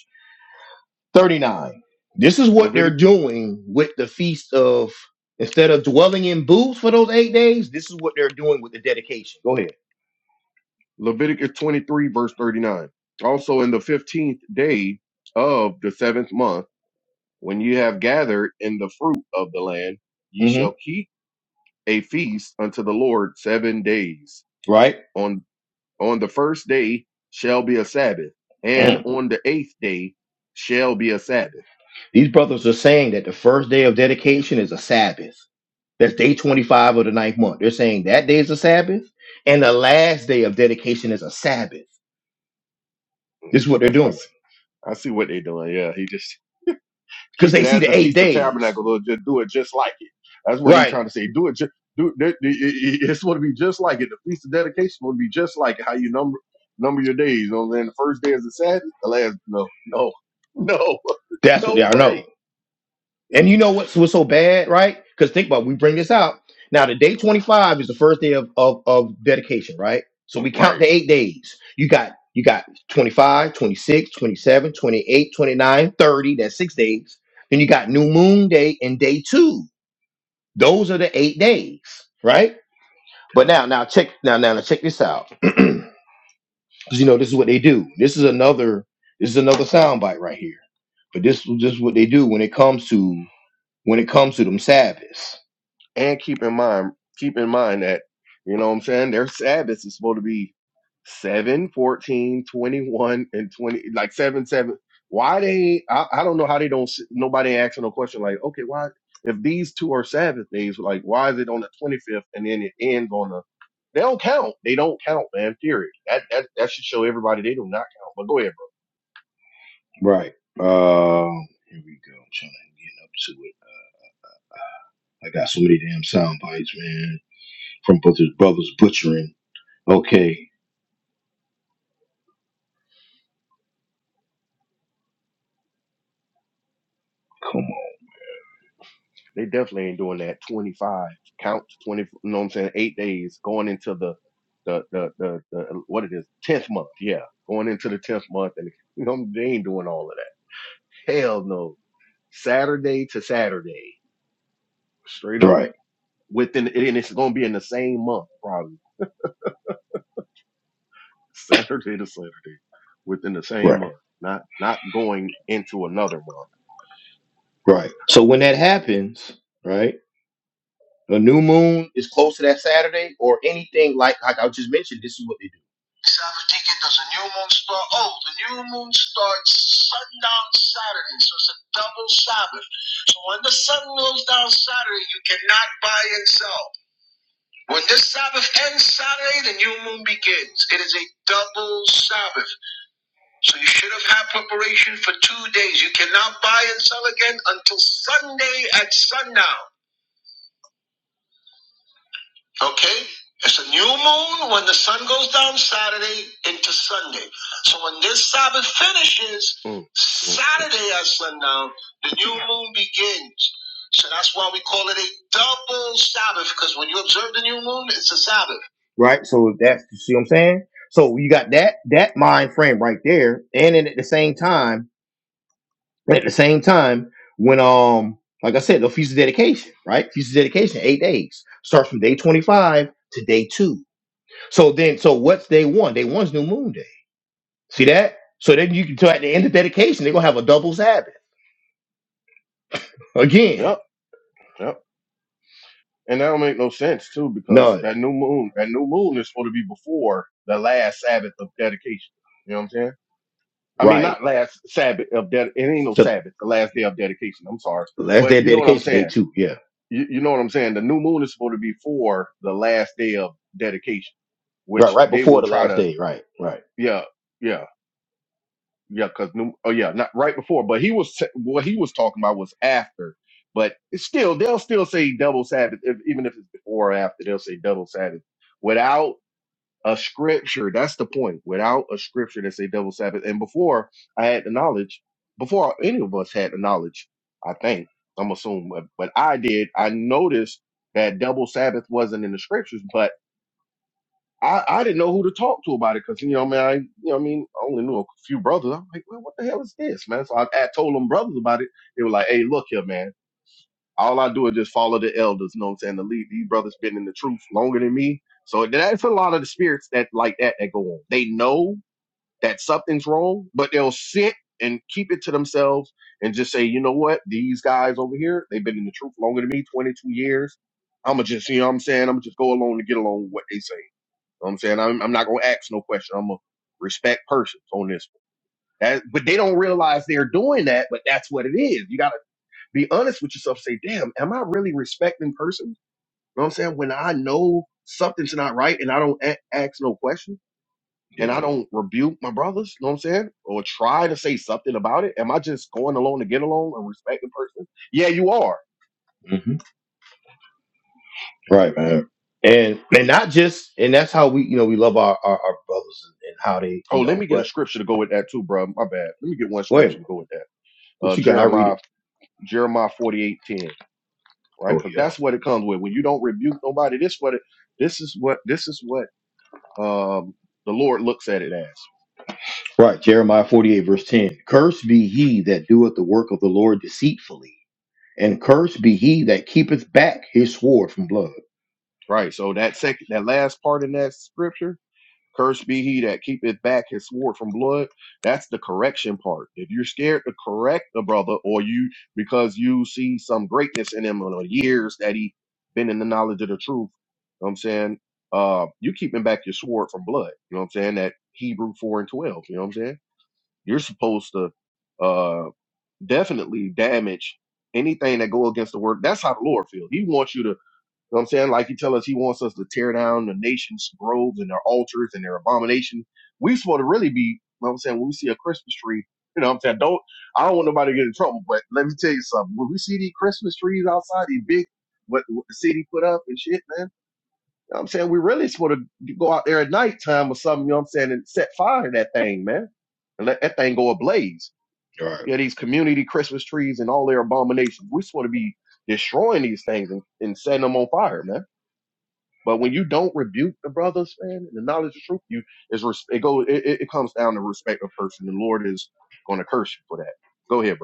Speaker 1: 39. This is what they're
Speaker 3: Levitic,
Speaker 1: doing with the feast of instead of dwelling in booths for those eight days, this is what they're doing with the dedication. Go ahead.
Speaker 3: Leviticus 23, verse 39. Also, in the 15th day of the seventh month, when you have gathered in the fruit of the land, ye
Speaker 1: hmm
Speaker 3: shall keep a feast unto the Lord seven days.
Speaker 1: Right?
Speaker 3: On, on the first day shall be a Sabbath, and
Speaker 1: Mm.
Speaker 3: on the eighth day shall be a Sabbath.
Speaker 1: These brothers are saying that the first day of dedication is a Sabbath. That's day 25 of the ninth month. They're saying that day is a Sabbath, and the last day of dedication is a Sabbath. This is what they're
Speaker 3: That's, I,
Speaker 1: doing
Speaker 3: s- I see what they're doing. Yeah, he just
Speaker 1: because
Speaker 3: keep
Speaker 1: they
Speaker 3: it
Speaker 1: see
Speaker 3: as
Speaker 1: the
Speaker 3: the
Speaker 1: eight
Speaker 3: Feast of
Speaker 1: days.
Speaker 3: Tabernacles, or just do it just like it. That's what he's
Speaker 1: Right.
Speaker 3: trying to say. Do it. Just, do it, it- it- It's going to be just like it. The Feast of Dedication is going to be just like it, how you number number your days. You know what the first day is the Sabbath. The last, no, no, no, [laughs]
Speaker 1: That's what they
Speaker 3: no
Speaker 1: are. No.
Speaker 3: way.
Speaker 1: And you know what's what's so bad, right? Because think about it, we bring this out. Now the day 25 is the first day of, of of dedication, right? So we count
Speaker 3: Right.
Speaker 1: the eight days. You got you got 25, 26, 27, 28, 29, 30. that's six days. Then you got new moon day and day two. Those are the eight days, right? But now now check now now, now check this out. [clears throat] Because you know this is what they do. This is another this is another soundbite right here. But this, this is what they do when it comes to when it comes to them Sabbaths
Speaker 3: And keep in mind, keep in mind that, you know what I'm saying, their Sabbath is supposed to be 7, 14, 21, and 20, like 7, 7. Why they, I, I don't know how they don't, s- nobody asking no question like, okay, why, if these two are Sabbath days, like, why is it on the 25th and then it ends on the, they don't count. They don't count, man, period. That, that, that should show everybody they do not count. But go ahead,
Speaker 1: Right. Uh, here we go. I'm trying to get up to it. I got so many damn sound bites, man, from brothers, brothers butchering. Okay, come on.
Speaker 3: They definitely ain't doing that. 25 count, 20, you know what I'm saying? Eight days going into the, the, the, the, the what it is, 10th month. Yeah. Going into the 10th month. And, you know, they ain't doing all of that. Hell no. Saturday to Saturday, straight up
Speaker 1: Right,
Speaker 3: within, and it's going to be in the same month, probably [laughs] Saturday to Saturday within the same
Speaker 1: right,
Speaker 3: month, not, not going into another month.
Speaker 1: right. So when that happens, right, the new moon is close to that Saturday or anything like like I just mentioned. This is what they do. Sabbath ticket, does the new moon start? Oh, the new moon starts sundown Saturday, so it's a double Sabbath. So when the sun goes down Saturday, you cannot buy and sell. When this Sabbath ends Saturday, the new moon begins. It is a double Sabbath. So you should have had preparation for two days. You cannot buy and sell again until Sunday at sundown. Okay? It's a new moon when the sun goes down Saturday into Sunday. So when this Sabbath finishes,
Speaker 3: Mm, mm.
Speaker 1: Saturday at sundown, the new moon begins. So that's why we call it a double Sabbath, because when you observe the new moon, it's a Sabbath. Right? So that's, you see what I'm saying? So you got that, that mind frame right there. And then at the same time, but at the same time, when um, like I said, the feast of dedication, right? Feast of dedication, eight days starts from day twenty-five to day two. So then, so what's day one? Day one's new moon day. See that? So then you can tell at the end of dedication, they're gonna have a double Sabbath again.
Speaker 3: Yep. Yep. And that don't make no sense too, because
Speaker 1: None,
Speaker 3: that new moon, that new moon is supposed to be before the last Sabbath of dedication. You know what I'm saying? I mean,
Speaker 1: right?
Speaker 3: not last Sabbath of ded. It ain't no
Speaker 1: So
Speaker 3: Sabbath. The last day of dedication. I'm sorry,
Speaker 1: the last day
Speaker 3: but
Speaker 1: of
Speaker 3: you know what I'm
Speaker 1: dedication, day
Speaker 3: saying.
Speaker 1: two, yeah,
Speaker 3: You, you know what I'm saying. The new moon is supposed to be for the last day of dedication,
Speaker 1: right,
Speaker 3: which
Speaker 1: right
Speaker 3: they
Speaker 1: before
Speaker 3: will
Speaker 1: the
Speaker 3: try
Speaker 1: last
Speaker 3: to.
Speaker 1: day, right, right,
Speaker 3: Yeah, yeah. yeah, because oh yeah, not right before, but he was what he was talking about was after. But it's still, they'll still say double Sabbath, if, even if it's before or after. They'll say double Sabbath without a scripture. That's the point. Without a scripture that say double Sabbath, and before I had the knowledge, before any of us had the knowledge, I think I'm assuming, but, but I did. I noticed that double Sabbath wasn't in the scriptures, but I, I didn't know who to talk to about it because you know, man, I you know, what I mean, I only knew a few brothers. I'm like, well, what the hell is this, man? So I, I told them brothers about it. They were like, hey, look here, man. All I do is just follow the elders. You know what I'm saying? The lead, these brothers been in the truth longer than me. So that's a lot of the spirits that like that that go on. They know that something's wrong, but they'll sit and keep it to themselves and just say, you know what? These guys over here, they've been in the truth longer than me, 22 years. I'ma just, you know what I'm saying? I'ma just go along to get along with what they say you know what I'm saying I'm, I'm not gonna ask no question. I'm gonna respect persons on this one. That, but they don't realize they're doing that. But that's what it is. You gotta be honest with yourself. Say, damn, am I really respecting persons? You know what I'm saying when I know something's not right and I don't a- ask no question and
Speaker 1: yeah,
Speaker 3: I don't rebuke my brothers. You know what I'm saying or try to say something about it. Am I just going along to get along and respecting persons? Yeah, you are.
Speaker 1: hmm right, man. And and not just and that's how we you know we love our our, our brothers and how they
Speaker 3: Oh,
Speaker 1: you
Speaker 3: let
Speaker 1: know.
Speaker 3: me get a
Speaker 1: But
Speaker 3: scripture to go with that too, bro. My bad. Let me get one
Speaker 1: wait,
Speaker 3: scripture to go with that. Uh,
Speaker 1: what you got? I read it.
Speaker 3: Jeremiah, Jeremiah 48:10. right?
Speaker 1: Oh
Speaker 3: Because
Speaker 1: yeah.
Speaker 3: that's what it comes with. When you don't rebuke nobody, this what it, this is what this is what um, the Lord looks at it as,
Speaker 1: Right, Jeremiah 48, verse 10. Cursed be he that doeth the work of the Lord deceitfully, and cursed be he that keepeth back his sword from blood.
Speaker 3: right? So that second, that last part in that scripture, cursed be he that keepeth back his sword from blood. That's the correction part. If you're scared to correct the brother, or you because you see some greatness in him or the years that he been in the knowledge of the truth, you know what I'm saying. Uh, you keeping back your sword from blood. You know what I'm saying? That Hebrew four and twelve. You know what I'm saying? You're supposed to uh, definitely damage anything that go against the word. That's how the Lord feels. He wants you to, you know what I'm saying? Like he tell us, he wants us to tear down the nation's groves and their altars and their abomination. We supposed to really be, you know what I'm saying? When we see a Christmas tree, you know what I'm saying? Don't, I don't want nobody to get in trouble, but let me tell you something. When we see these Christmas trees outside, these big, what, what the city put up and shit, man. You know what I'm saying? We really supposed to go out there at nighttime or something, you know what I'm saying? And set fire to that thing, man. And let that thing go ablaze. Yeah, these community Christmas trees and all their abominations. We're supposed to be destroying these things and, and setting them on fire, man. But when you don't rebuke the brothers, man, and the knowledge of truth, you is res- it go it, it it comes down to respect of person. The Lord is going to curse you for that. Go ahead,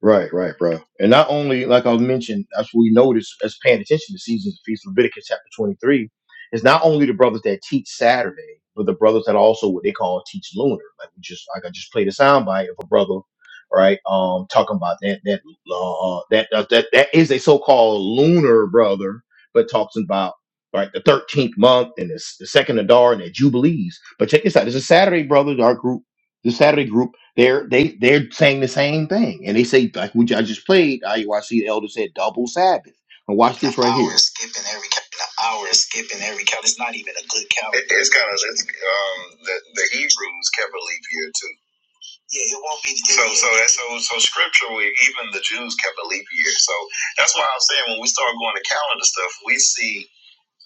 Speaker 1: Right, right, bro. And not only, like I mentioned, as we notice, as paying attention to seasons of feast, Leviticus chapter 23, is not only the brothers that teach Saturday, but the brothers that also what they call teach lunar. Like we just, like I just played a soundbite of a brother, right? Um, talking about that that uh, that uh, that that is a so-called lunar brother, but talks about right the 13th month and the, s- the second Adar and the Jubilees. But check this out: there's a Saturday brother, our group, the Saturday group. They're they they're saying the same thing, and they say like we I just played. I I see the elder said double Sabbath. And watch this An right here. Hours skipping every cal- an hour skipping every count. It's not even a good calendar. It, it's kind of it's um the, the Hebrews kept a leap year too. Yeah, it won't be. So so that's so so scripturally, even the Jews kept a leap year. So that's why I'm saying when we start going to calendar stuff, we see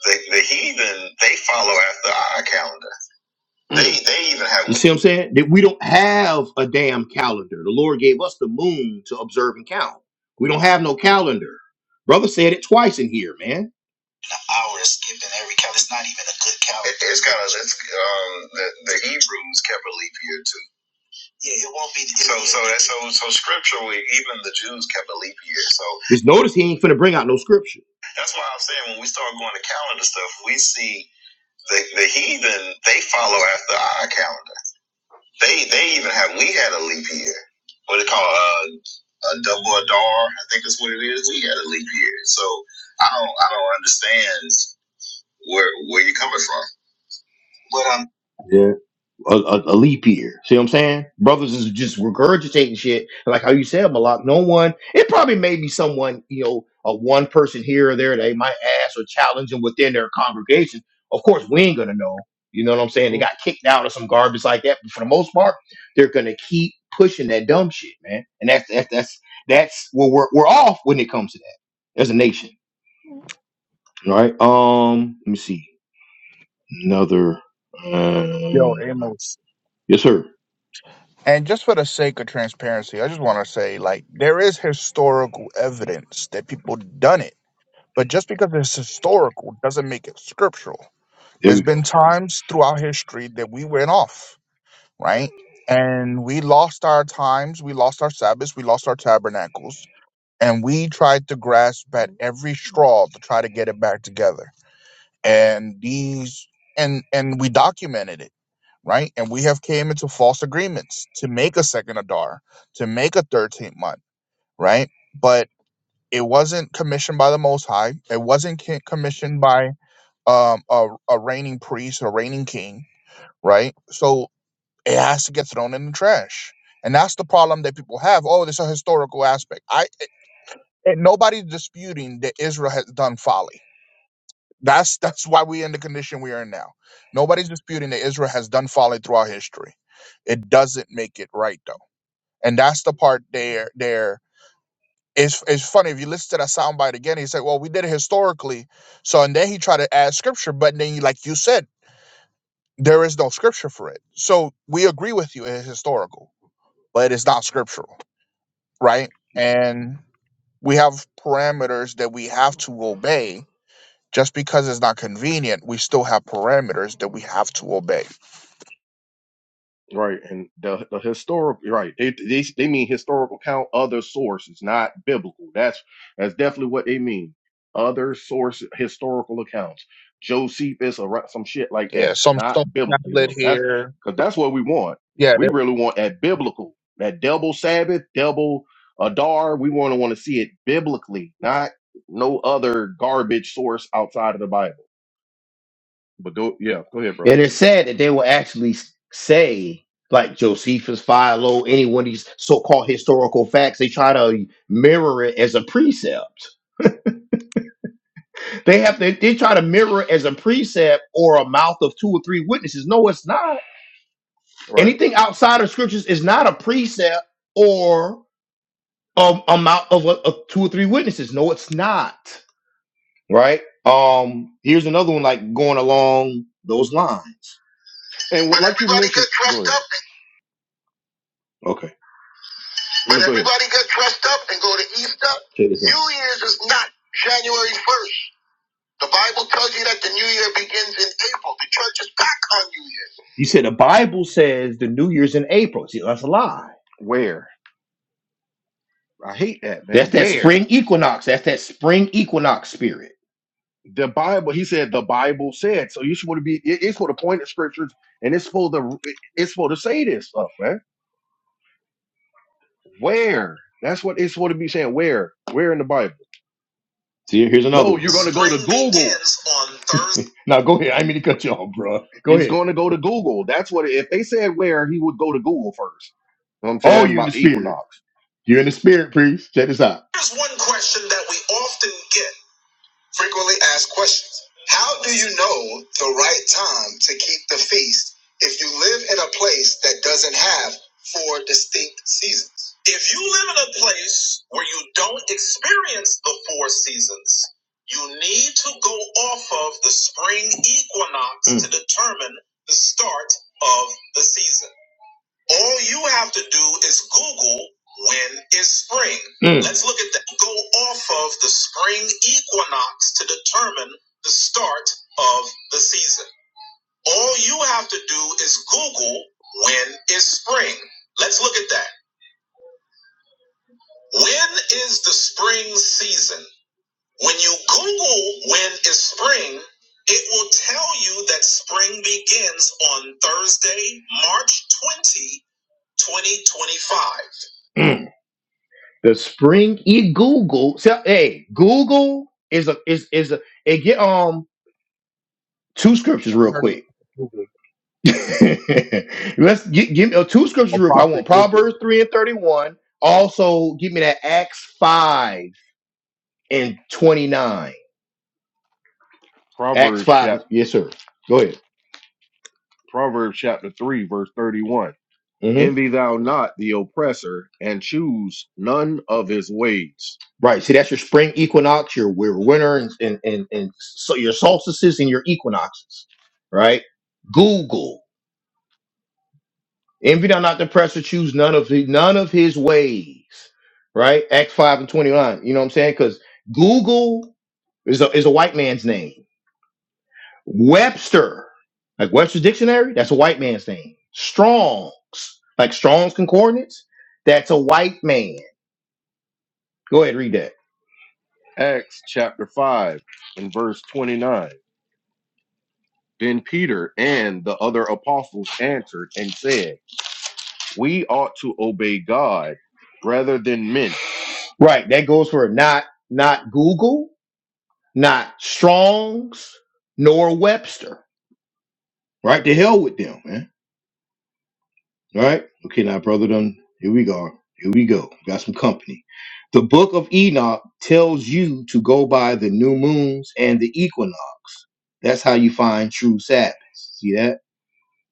Speaker 1: the the heathen they follow after our calendar.
Speaker 3: bro.
Speaker 1: They they even have You see what I'm saying? That we don't have a damn calendar. The Lord gave us the moon to observe and count. We don't have no calendar. Brother said it twice in here, man. hours skipping every calendar. It's not even a good calendar. It, it's kind of it's, um the, the Hebrews kept a leap year too. Yeah, it won't be. So so that so so scripturally, even the Jews kept a leap. Just notice he ain't finna bring out no scripture. That's why I'm saying when we start going to calendar stuff, we see the, the heathen they follow after our calendar. They what they call uh, a double a I think that's what it is. We had a leap year, so I don't I don't understand where where you're coming from. But um, a, a, a leap year. See what I'm saying? Brothers is just regurgitating shit. Like how you said, Malak, no one, it probably may be someone, you know, a one person here or there they might ask or challenge them within their congregation. Of course, we ain't going to know. You know what I'm saying?
Speaker 3: [clears throat]
Speaker 1: They got kicked out or some garbage like that. But for the most part, they're going to keep pushing that dumb shit, man. And that's, that's, that's, that's where we're, we're off when it comes to that as a nation. All right. Um, let me see. Another, uh,
Speaker 2: Yo, Amos.
Speaker 1: yes, sir.
Speaker 2: And just for the sake of transparency, I just want to say, like, there is historical evidence that people done it, but just because it's historical doesn't make it scriptural.
Speaker 1: There
Speaker 2: There's
Speaker 1: we go.
Speaker 2: been times throughout history that we went off, right? And we lost our times, we lost our Sabbaths, we lost our tabernacles, and we tried to grasp at every straw to try to get it back together. And these, and and we documented it right? And we have came into false agreements to make a second Adar, to make a 13th month, right? But it wasn't commissioned by the Most High. It wasn't ki- commissioned by um, a, a reigning priest or reigning king, right? So it has to get thrown in the trash. And that's the problem that people have. Oh, there's a historical aspect. I and nobody's disputing that Israel has done folly that's that's why we're in the condition we are in now. Nobody's disputing that Israel has done folly throughout history. It doesn't make it right though, and that's the part there. There is it's funny if you listen to that soundbite again. He said, "Well, we did it historically," so and then he tried to add scripture, but then, like you said, there is no scripture for it. So we agree with you; it's historical, but it's not scriptural, right? And we have parameters that we have to obey Just because it's not convenient, we still have parameters that we have to obey.
Speaker 3: Right, and the the historical right they they they mean historical count other sources, not biblical. That's that's definitely what they mean. Other source historical accounts, Josephus or ri- some shit like
Speaker 2: Yeah,
Speaker 3: that.
Speaker 2: some
Speaker 3: Not
Speaker 2: some
Speaker 3: biblically
Speaker 2: tablet
Speaker 3: though. That's
Speaker 2: here.
Speaker 3: because that's what we want.
Speaker 2: Yeah, they
Speaker 3: We really want that biblical, that double Sabbath, double Adar. We want to want to see it biblically, not no other garbage source outside of the Bible. But go yeah, go ahead, bro.
Speaker 1: And it's sad that they will actually s- say, like Josephus, Philo, any one of these so-called historical facts, they try to mirror it as a precept. They have to, they try to mirror it as a precept or a mouth of two or three witnesses. No, it's not.
Speaker 3: Right,
Speaker 1: Anything outside of scriptures is not a precept or a, a mouth of a, of two or three witnesses. No, it's not. Right. Um. Here's another one, like going along those lines.
Speaker 3: and
Speaker 1: But
Speaker 3: what- like you
Speaker 1: everybody
Speaker 3: mentioned,
Speaker 1: get
Speaker 3: go
Speaker 1: dressed
Speaker 3: ahead.
Speaker 1: up. Okay. But
Speaker 3: No, go ahead.
Speaker 1: everybody get dressed up and go to Easter. New Year's is not January 1st. The Bible tells you that the New Year begins in April. The church is back on New Year's. You said the Bible says the New Year's in April. See, that's a lie.
Speaker 3: Where? I hate that, man.
Speaker 1: That's that
Speaker 3: Where
Speaker 1: spring equinox. That's that spring equinox spirit.
Speaker 3: the Bible, he said, the Bible said. So you should want to be. it- It's for the point of scriptures, and it's for the. It's for to say this stuff, man. Where? That's what it's for to be saying. Where? Where in the Bible?
Speaker 1: See, here's another
Speaker 3: No,
Speaker 1: one.
Speaker 3: you're going to go to
Speaker 1: Spring
Speaker 3: Google.
Speaker 1: begins on Thursday. [laughs] now go ahead. I didn't mean to cut you off, bro. Go
Speaker 3: He's
Speaker 1: ahead.
Speaker 3: going to go to Google. That's what. If they said where, he would go to Google first. You know what I'm
Speaker 1: Oh,
Speaker 3: saying
Speaker 1: you're in the
Speaker 3: about the
Speaker 1: spirit.
Speaker 3: equinox.
Speaker 1: You're in the spirit, priest. Check this out. Here's one question that we often get. Frequently asked questions. How do you know the right time to keep the feast if you live in a place that doesn't have four distinct seasons? If you live in a place where you don't experience the four seasons, you need to go off of the spring equinox Mm. to determine the start of the season. All you have to do is Google when is spring. Mm. Let's look at that. Go off of the spring equinox to determine the start of the season. All you have to do is Google when is spring. Let's look at that. When is the spring season? When you Google when is spring, it will tell you that spring begins on Thursday, March twentieth, 20, 2025. The spring e Google. So, hey, Google is a is is a hey, get um two scriptures
Speaker 2: never
Speaker 1: real
Speaker 2: heard of
Speaker 1: quick.
Speaker 2: Google
Speaker 1: [laughs] Let's gi- give me uh, two scriptures
Speaker 2: or
Speaker 1: real quick. I
Speaker 2: probably
Speaker 1: want
Speaker 2: Google.
Speaker 1: Proverbs three and thirty one. Also, give me that Acts five and twenty nine. Acts
Speaker 3: Proverbs
Speaker 1: five,
Speaker 3: chapter
Speaker 1: is- yes sir. Go ahead.
Speaker 3: Proverbs chapter three, verse thirty-one.
Speaker 1: hmm
Speaker 3: Envy thou not the oppressor, and choose none of his ways
Speaker 1: Right. See, that's your spring equinox, your your winter, and and and, and so your solstices and your equinoxes. Right. Google. Envy thou not the oppressor, choose none of his, none of his ways. Right? Acts 5 and 29. You know what I'm saying? Because Google is a is a white man's name. Webster, like Webster's dictionary, that's a white man's name. Strong's, like Strong's concordance, that's a white man. Go ahead, read that.
Speaker 3: Acts chapter 5 and verse 29. Then Peter and the other apostles answered and said, We ought to obey God rather than men.
Speaker 1: Right. That goes for not not Google, not Strong's, nor Webster. Right? To hell with them, man. All right. Okay, now, brother, done. Here we go. Here we go. Got some company. The book of Enoch tells you to go by the new moons and the equinox. That's how you find true Sabbaths. See that?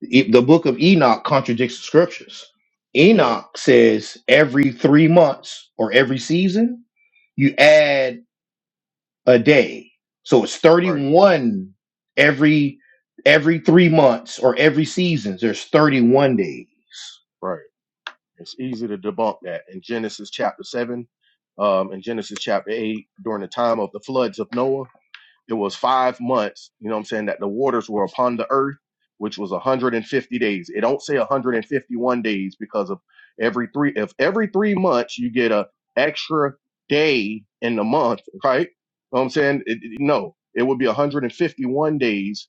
Speaker 1: E- The book of Enoch contradicts the scriptures.
Speaker 3: Yeah,
Speaker 1: Enoch says every three months or every season, you add a day. So it's
Speaker 3: right,
Speaker 1: 31 every every three months or every seasons. There's 31 days.
Speaker 3: right. It's easy to debunk that in Genesis chapter 7 um, in Genesis chapter 8 during the time of the floods of Noah It was five months, you know what I'm saying, that the waters were upon the earth, which was 150 days. It don't say 151 days because of every three, if every three months you get a extra day in the month, right? You know what I'm saying? It, it- no, it would be 151 days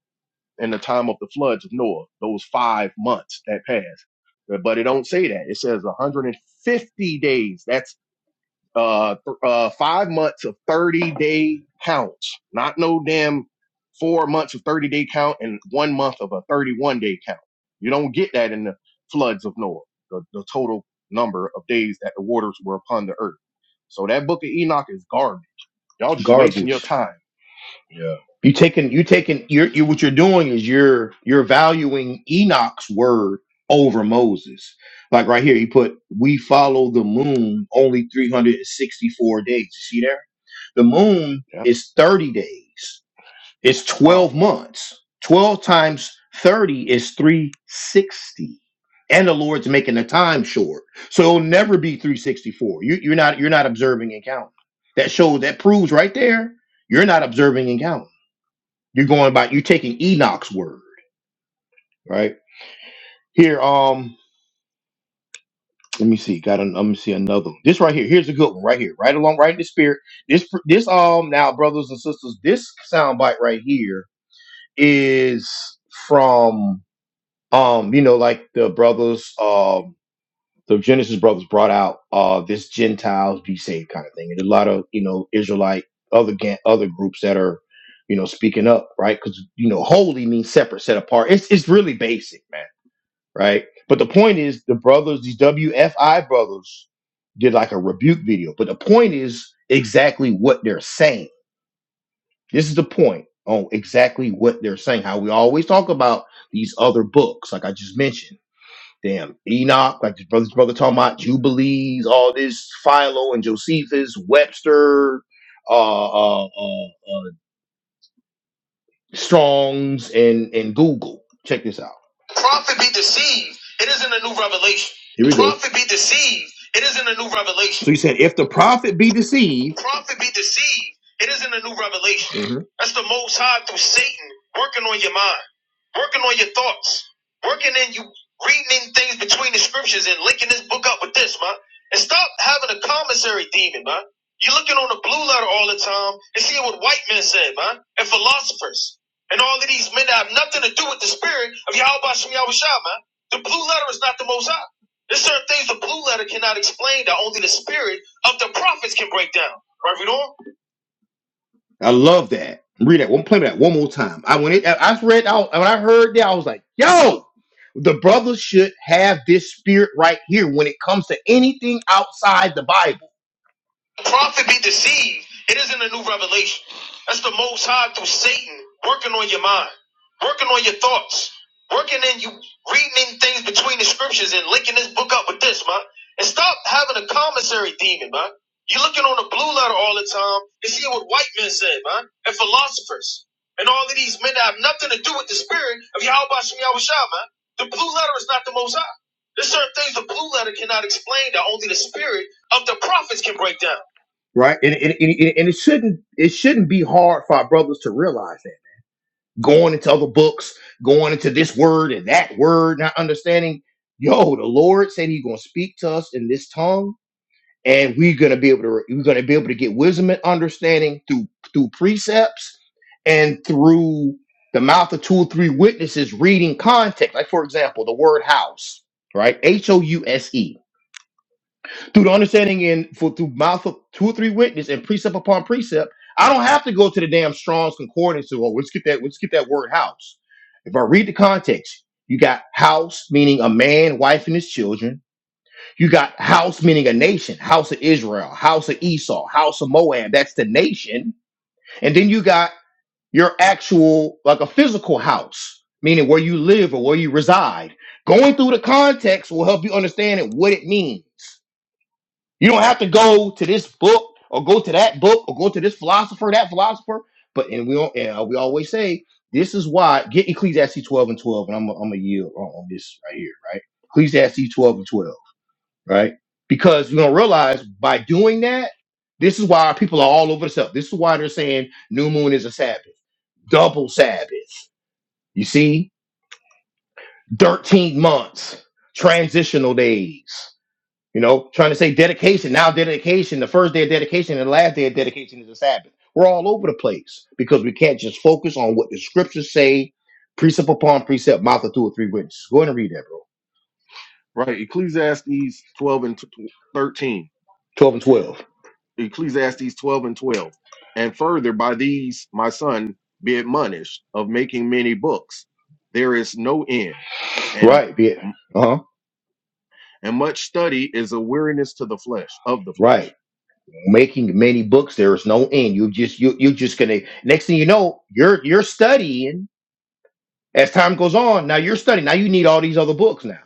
Speaker 3: in the time of the floods of Noah, those five months that passed. But it don't say that. It says 150 days. That's uh, th- uh, five months of 30 day counts, not no damn four months of 30 day count and one month of a 31 day count. You don't get that in the floods of Noah, the, the total number of days that the waters were upon the earth. So that book of Enoch is garbage. Y'all just wasting your
Speaker 1: Garbage.
Speaker 3: time.
Speaker 1: You taking you taking you're you what you're doing is you're you're valuing Enoch's word over Moses. Like right here, you put we follow the moon only 364 days. You see there? The moon
Speaker 3: Yeah, that's
Speaker 1: is 30 days, it's
Speaker 3: a
Speaker 1: 12
Speaker 3: problem.
Speaker 1: months. 12 times 30 is 360. And the Lord's making the time short. So it'll never be 364. You, you're not you're not observing and counting. That shows that proves right there you're not observing and counting. You're going by you're taking Enoch's word, right? Here, um, let me see. Got an, let me see another one. This right here. Here's a good one right here. Right along, right in the spirit. This this um now, brothers and sisters, this soundbite right here is from um, you know, like the brothers, um, the Genesis brothers brought out uh this Gentiles be saved kind of thing. And a lot of, you know, Israelite other ga- other groups that are you know, speaking up, right? Because you know, holy means separate, set apart. It's it's really basic, man right? But the point is, the brothers, these WFI brothers, did like a rebuke video. But the point is exactly what they're saying. This is the point on exactly what they're saying. How we always talk about these other books, like I just mentioned. Damn, Enoch, like this brother's brother talking about Jubilees, all this Philo and Josephus, Webster, uh, uh, uh, uh, Strong's and and Google. Check this out. Prophet be deceived. It isn't a new revelation. Here we go. Prophet be deceived. It isn't a new revelation. So he said, if the prophet be deceived, prophet be deceived. It isn't a new revelation. Mhm. That's the Most High through Satan working on your mind working on your thoughts, working in you reading in things between the scriptures and linking this book up with this, man. And stop having a commissary demon, man. You're looking on the blue letter all the time and seeing what white men said, man, and philosophers, and all of these men that have nothing to do with the spirit of Yahweh Shem Yahweh Shah, man. The blue letter is not the most high. There's certain things the blue letter cannot explain that only the spirit of the prophets can break down. Right, Vidor? I love that. Read that one. Play that one more time. I when it, I I read out when I heard that, I was like, "Yo, the brothers should have this spirit right here when it comes to anything outside the Bible." Prophet be deceived. It isn't a new revelation. That's the most high through Satan working on your mind, working on your thoughts, working in you, reading in things between the scriptures and linking this book up with this, man. And stop having a commissary demon, man. You're looking on the blue letter all the time and seeing what white men said, man, and philosophers. And all of these men that have nothing to do with the spirit of Yahweh Shem Yahweh Shah, man. The blue letter is not the most high. There's certain things the blue letter cannot explain that only the spirit of the prophets can break down right? And, and, and, and it shouldn't it shouldn't be hard for our brothers to realize that. Going into other books, going into this word and that word, not understanding, yo, the Lord said He's gonna speak to us in this tongue, and we're gonna be able to we're gonna be able to get wisdom and understanding through through precepts and through the mouth of two or three witnesses reading context. Like for example, the word house, right? H O U S E through the understanding and for through mouth of two or three witness and precept upon precept, I don't have to go to the damn Strong's concordance to oh let's get that let's get that word house. If I read the context, you got house meaning a man, wife, and his children. You got house meaning a nation, house of Israel, house of Esau, house of Moab. That's the nation, and then you got your actual like a physical house, meaning where you live or where you reside. Going through the context will help you understand it, what it means. You don't have to go to this book or go to that book or go to this philosopher, that philosopher. But and we don't, and uh, we always say this is why get Ecclesiastes 12 and 12, and I'm gonna- I'm gonna yield on, on this right here, right? Ecclesiastes 12 and 12, right? Because you're gonna realize by doing that, this is why people are all over the stuff. This is why they're saying new moon is a Sabbath, double Sabbath. You see, 13 months, transitional days. You know, trying to say dedication. Now dedication, the first day of dedication and the last day of dedication is the Sabbath. We're all over the place because we can't just focus on what the scriptures say, precept upon precept, mouth of two or three witnesses. Go ahead and read that, bro.
Speaker 3: Right. Ecclesiastes 12 and t- t- 13.
Speaker 1: 12 and 12.
Speaker 3: Ecclesiastes 12 and 12. And further, by these, my son, be admonished of making many books. There is no end, and
Speaker 1: Right, yeah. Uh-huh.
Speaker 3: and much study is a weariness to the flesh of the
Speaker 1: Right.
Speaker 3: flesh.
Speaker 1: Making many books, there is no end. You just you you just gonna next thing you know, you're you're studying as time goes on now you're studying now you need all these other books now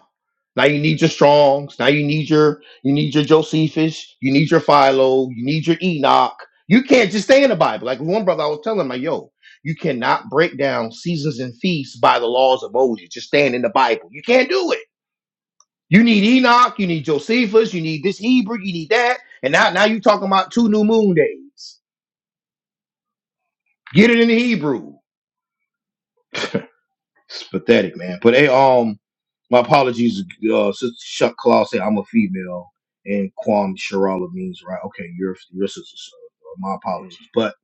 Speaker 1: now you need your strongs now you need your you need your josephus you need your philo you need your enoch you can't just stay in the bible like one brother i was telling him like yo you cannot break down seasons and feasts by the laws of moses just staying in the bible you can't do it you need enoch you need josephus you need this hebrew you need that and now now you talking about two new moon days get it in the hebrew pathetic, man. But hey, um, my apologies, uh, Sister Chuck Claw said I'm a female, and Kwam Sharala means right. Okay, you're your sister. So uh, my
Speaker 3: Mm,
Speaker 1: apologies, but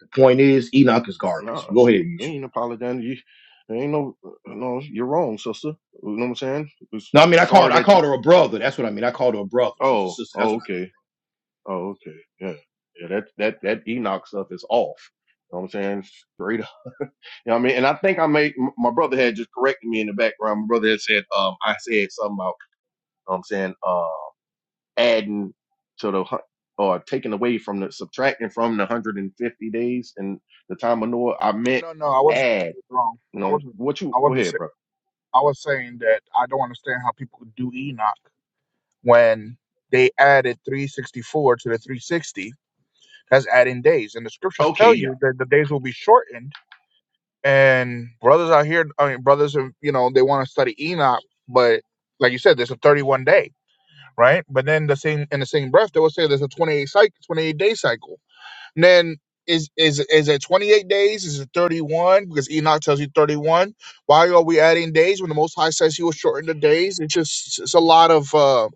Speaker 1: the point is, Enoch is garbage.
Speaker 3: Nah,
Speaker 1: Go ahead,
Speaker 3: shit, we
Speaker 1: Yushu.
Speaker 3: ain't apologizing. You, there ain't no, no, you're wrong, sister. You know what I'm saying? It's-
Speaker 1: No, I mean I called
Speaker 3: Sorry
Speaker 1: I
Speaker 3: that you.
Speaker 1: called her a brother. That's what I mean. I called her a brother. She's a
Speaker 3: Oh,
Speaker 1: sister. That's
Speaker 3: oh,
Speaker 1: what I mean.
Speaker 3: okay, oh, okay, yeah, yeah. That that that Enoch stuff is off. You know what I'm saying? Straight You know what I mean? And I think I made m- my brother had just corrected me in the background. My brother had said um, I said something about you know what I'm saying uh, adding to the hun- or taking away from the subtracting from the 150 days and the time of Noah. I meant
Speaker 2: No, no, I wasn't
Speaker 3: add.
Speaker 2: wrong.
Speaker 3: You
Speaker 2: I
Speaker 3: know
Speaker 2: wasn't.
Speaker 3: what you
Speaker 2: I
Speaker 3: go
Speaker 2: wasn't.
Speaker 3: ahead,
Speaker 2: Say,
Speaker 3: bro.
Speaker 2: I was saying that I don't understand how people could do Enoch when they added 364 to the 360. That's adding days, and the scriptures
Speaker 3: Okay,
Speaker 2: tell
Speaker 3: yeah,
Speaker 2: you that the days will be shortened. And brothers out here, I mean, brothers, are, you know, they want to study Enoch, but like you said, there's a 31 day. right? But then the same in the same breath, they will say there's a 28 cycle, 28 day cycle. And then is is is it 28 days? Is it 31? Because Enoch tells you 31. Why are we adding days when the Most High says He will shorten the days? It's just it's a lot of uh,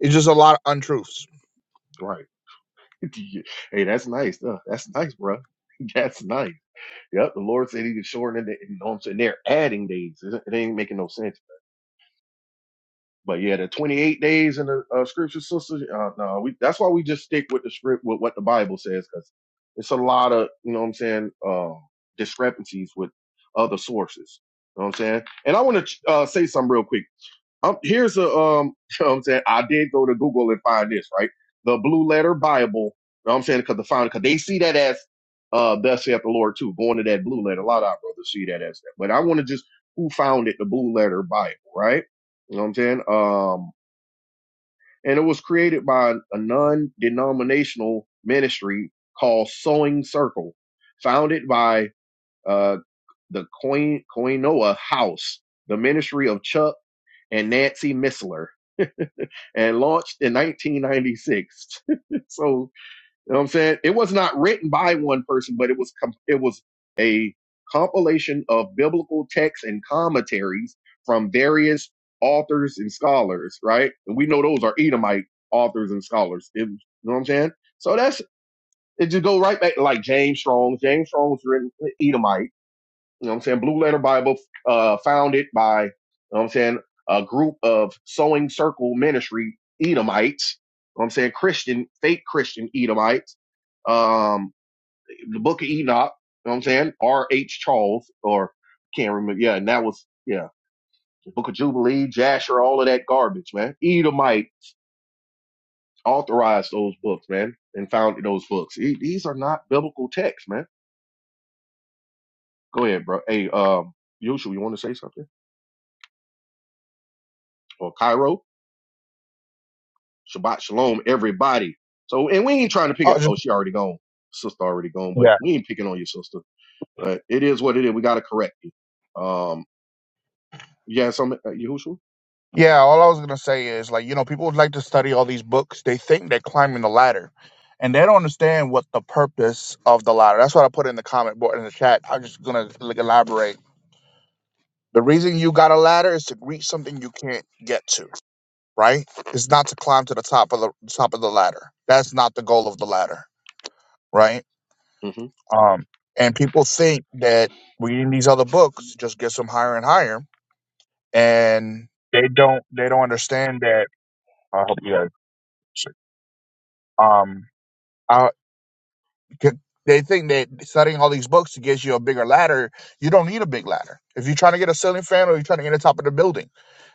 Speaker 2: it's just a lot of untruths.
Speaker 3: right. [laughs] Yeah. hey, that's nice. Uh, that's nice, bro. [laughs] That's nice. Yep, the Lord said he could shorten it. You know what I'm saying? They're adding days. It it ain't making no sense. But yeah, the 28 days in the uh, scripture, sisters. Uh, no, we. That's why we just stick with the script with what the Bible says, because it's a lot of you know what I'm saying um, discrepancies with other sources. You know what I'm saying? And I want to uh, say something real quick. Um, here's a um, [laughs] you know what I'm saying I did go to Google and find this right, the Blue Letter Bible. You know what I'm saying because the founder, because they see that as uh, thus saith the Lord too. Going to that Blue Letter, a lot of our brothers see that as that. But I want to just who founded the Blue Letter Bible, right? You know what I'm saying? Um, and it was created by a non-denominational ministry called Sewing Circle, founded by uh the Coin Koinoa House, the ministry of Chuck and Nancy Missler and launched in 1996. [laughs] so, you know what I'm saying? It was not written by one person, but it was com- it was a compilation of biblical texts and commentaries from various authors and scholars, right? And we know those are Edomite authors and scholars. It- you know what I'm saying? So that's it just go right back to like James Strong. James Strong's written uh, Edomite you know what I'm saying? Blue Letter Bible, uh, founded by, you know what I'm saying, a group of sewing circle ministry Edomites, you know what I'm saying, Christian, fake Christian Edomites. Um, the book of Enoch, you know what I'm saying, R.H. Charles, or can't remember. Yeah, and that was, yeah, the book of Jubilee, Jasher, all of that garbage, man. Edomite authorized those books, man, and founded those books. E- These are not biblical texts, man. Go ahead, bro. Hey, um, Yusha, you want to say something? Or Cairo? Shabbat shalom, everybody. So, and we ain't trying to pick
Speaker 2: Oh,
Speaker 3: it.
Speaker 2: just,
Speaker 3: Oh, she already gone. Sister already gone, but
Speaker 2: yeah,
Speaker 3: we ain't picking on your sister. But it is what it is. We got to correct you. Um, yeah, some, uh, Yahushua?
Speaker 2: yeah. All I was gonna say is like you know people would like to study all these books. They think they're climbing the ladder. And they don't understand what the purpose of the ladder. That's what I put in the comment board in the chat. I'm just gonna like, elaborate The reason you got a ladder is to reach something you can't get to, right? It's not to climb to the top of the top of the ladder. That's not the goal of the ladder, right?
Speaker 3: Mm-hmm.
Speaker 2: Um, and people think that reading these other books just gets them higher and higher, and they don't they don't understand that. I hope you guys. Um, 'Cause They think that studying all these books gives you a bigger ladder. You don't need a big ladder. If you're trying to get a ceiling fan or you're trying to get on top of the building,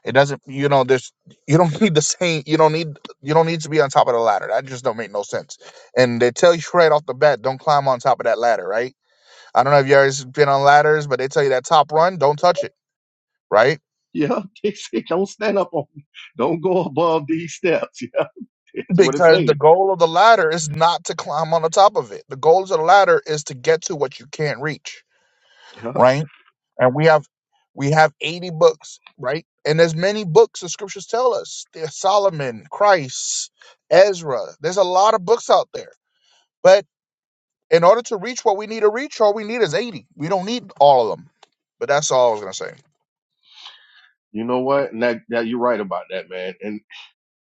Speaker 2: it doesn't. You know, there's you don't [laughs] need the same. You don't need you don't need to be on top of the ladder. That just don't make no sense. And they tell you [laughs] right off the bat, don't climb on top of that ladder, right? I don't know if you guys been on ladders, but they tell you that top run, don't touch it, right?
Speaker 3: Yeah, [laughs] they say don't stand up on me. Don't go above these steps. [laughs] Yeah, it's what it
Speaker 2: Because the
Speaker 3: say.
Speaker 2: goal of the ladder is not to climb on the top of it. The goal of the ladder is to get to what you can't reach
Speaker 3: Yeah.
Speaker 2: right? And we have we have 80 books, right? And there's many books the scriptures tell us. There's Solomon, Christ, Ezra. There's a lot of books out there. But in order to reach what we need to reach, all we need is 80. We don't need all of them. But that's all I was gonna say.
Speaker 3: You know what? And that, that, you're right about that, man. And.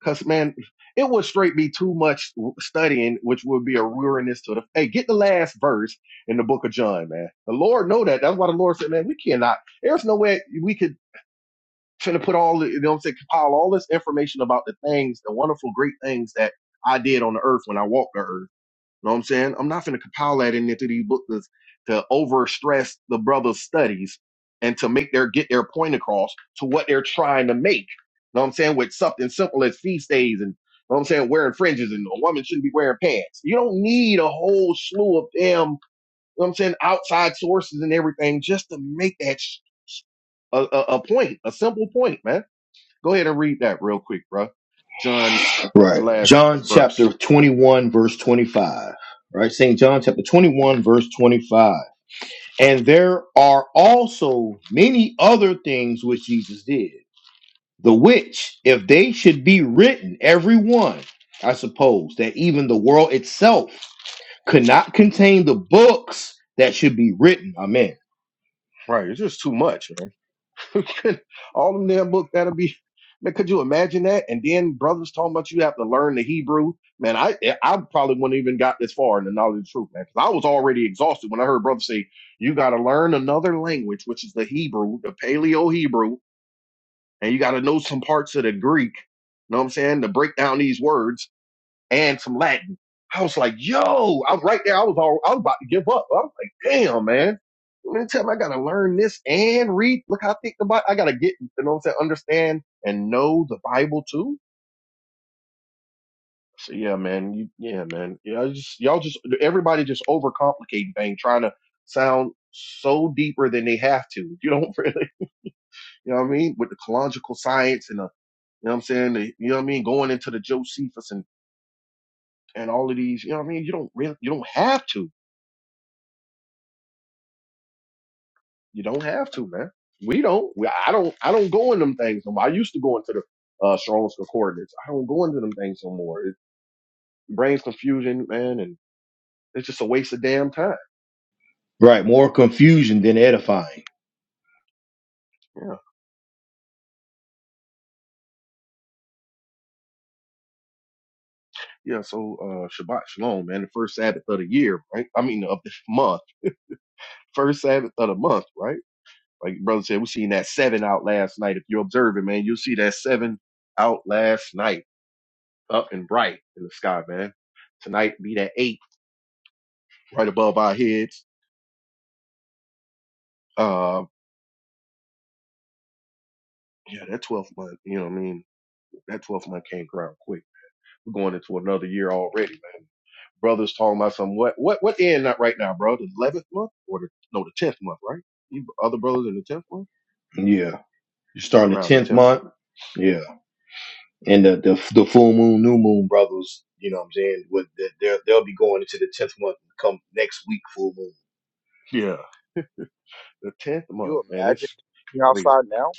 Speaker 3: Cause man, it would straight be too much studying, which would be a weariness to the. Hey, get the last verse in the book of John, man. The Lord know that. That's why the Lord said, man, we cannot. There's no way we could try to put all the, you know, what I'm saying, compile all this information about the things, the wonderful, great things that I did on the earth when I walked the earth Know what I'm saying? I'm not finna compile that in into these books to to overstress the brother's studies and to make their get their point across to what they're trying to make. Know what I'm saying? With something simple as feast days and know what I'm saying, wearing fringes and a woman shouldn't be wearing pants. You don't need a whole slew of them, know what I'm saying, outside sources and everything just to make that sh- a, a, a point, a simple point, man. Go ahead and read that real quick, bro. John, the
Speaker 1: Right.
Speaker 3: last
Speaker 1: John chapter
Speaker 3: verse.
Speaker 1: 21 verse 25. Right. St. John chapter 21 verse 25. And there are also many other things which Jesus did, the which, if they should be written, every one, I suppose, that even the world itself could not contain the books that should be written. Amen.
Speaker 3: Right, it's just too much, man. [laughs] all them damn books that'll be man, could you imagine that? And then brothers talking about you have to learn the Hebrew. Man, I eh, I probably wouldn't even got this far in the knowledge of the truth, man. Because I was already exhausted when I heard brothers say, you gotta learn another language, which is the Hebrew, the paleo Hebrew, and you gotta know some parts of the Greek. You know what I'm saying? To break down these words and some Latin. I was like, yo, I was right there. I was all, I was about to give up. I was like, damn, man. Let me tell you, I gotta learn this and read. Look how thick the Bible. I gotta get, you know what I'm saying? Understand and know the Bible too. So yeah, man. You, yeah, man. Yeah, just y'all just everybody just overcomplicating things, trying to sound so deeper than they have to. [laughs] You don't really, you know what I mean? With the collogical science and the, you know what I'm saying? The, you know what I mean? Going into the Josephus and and all of these, you know what I mean? You don't really, you don't have to. You don't have to, man. We don't. We, I don't. I don't go in them things no more. I used to go into the uh, Strong's coordinates. I don't go into them things no more. It brings confusion, man, and it's just a waste of damn time.
Speaker 1: Right. More confusion than edifying.
Speaker 3: Yeah, yeah. So uh, Shabbat Shalom, man. The first Sabbath of the year, right? I mean, of this month, first Sabbath of the month, right? Like brother said, we seen that seven out last night. If you're observing, man, you'll see that seven out last night, up and bright in the sky, man. Tonight be that eight right above our heads. uh. Yeah, that 12th month, you know what I mean? That 12th month came around quick. We're going into another year already, man. Brother's talking about some what what what end not right now, bro? The eleventh month or the no the tenth month, right? You other brothers in the tenth month?
Speaker 1: Yeah. You're starting the
Speaker 3: Around the
Speaker 1: 10th
Speaker 3: tenth month.
Speaker 1: month. Yeah. and the, the the full moon, new moon brothers, you know what I'm saying? With the, they'll they'll be going into the tenth month come next week full moon.
Speaker 3: Yeah. The tenth month,
Speaker 2: You
Speaker 3: man.
Speaker 2: imagine
Speaker 3: It's
Speaker 2: camping
Speaker 3: crazy.
Speaker 2: outside now?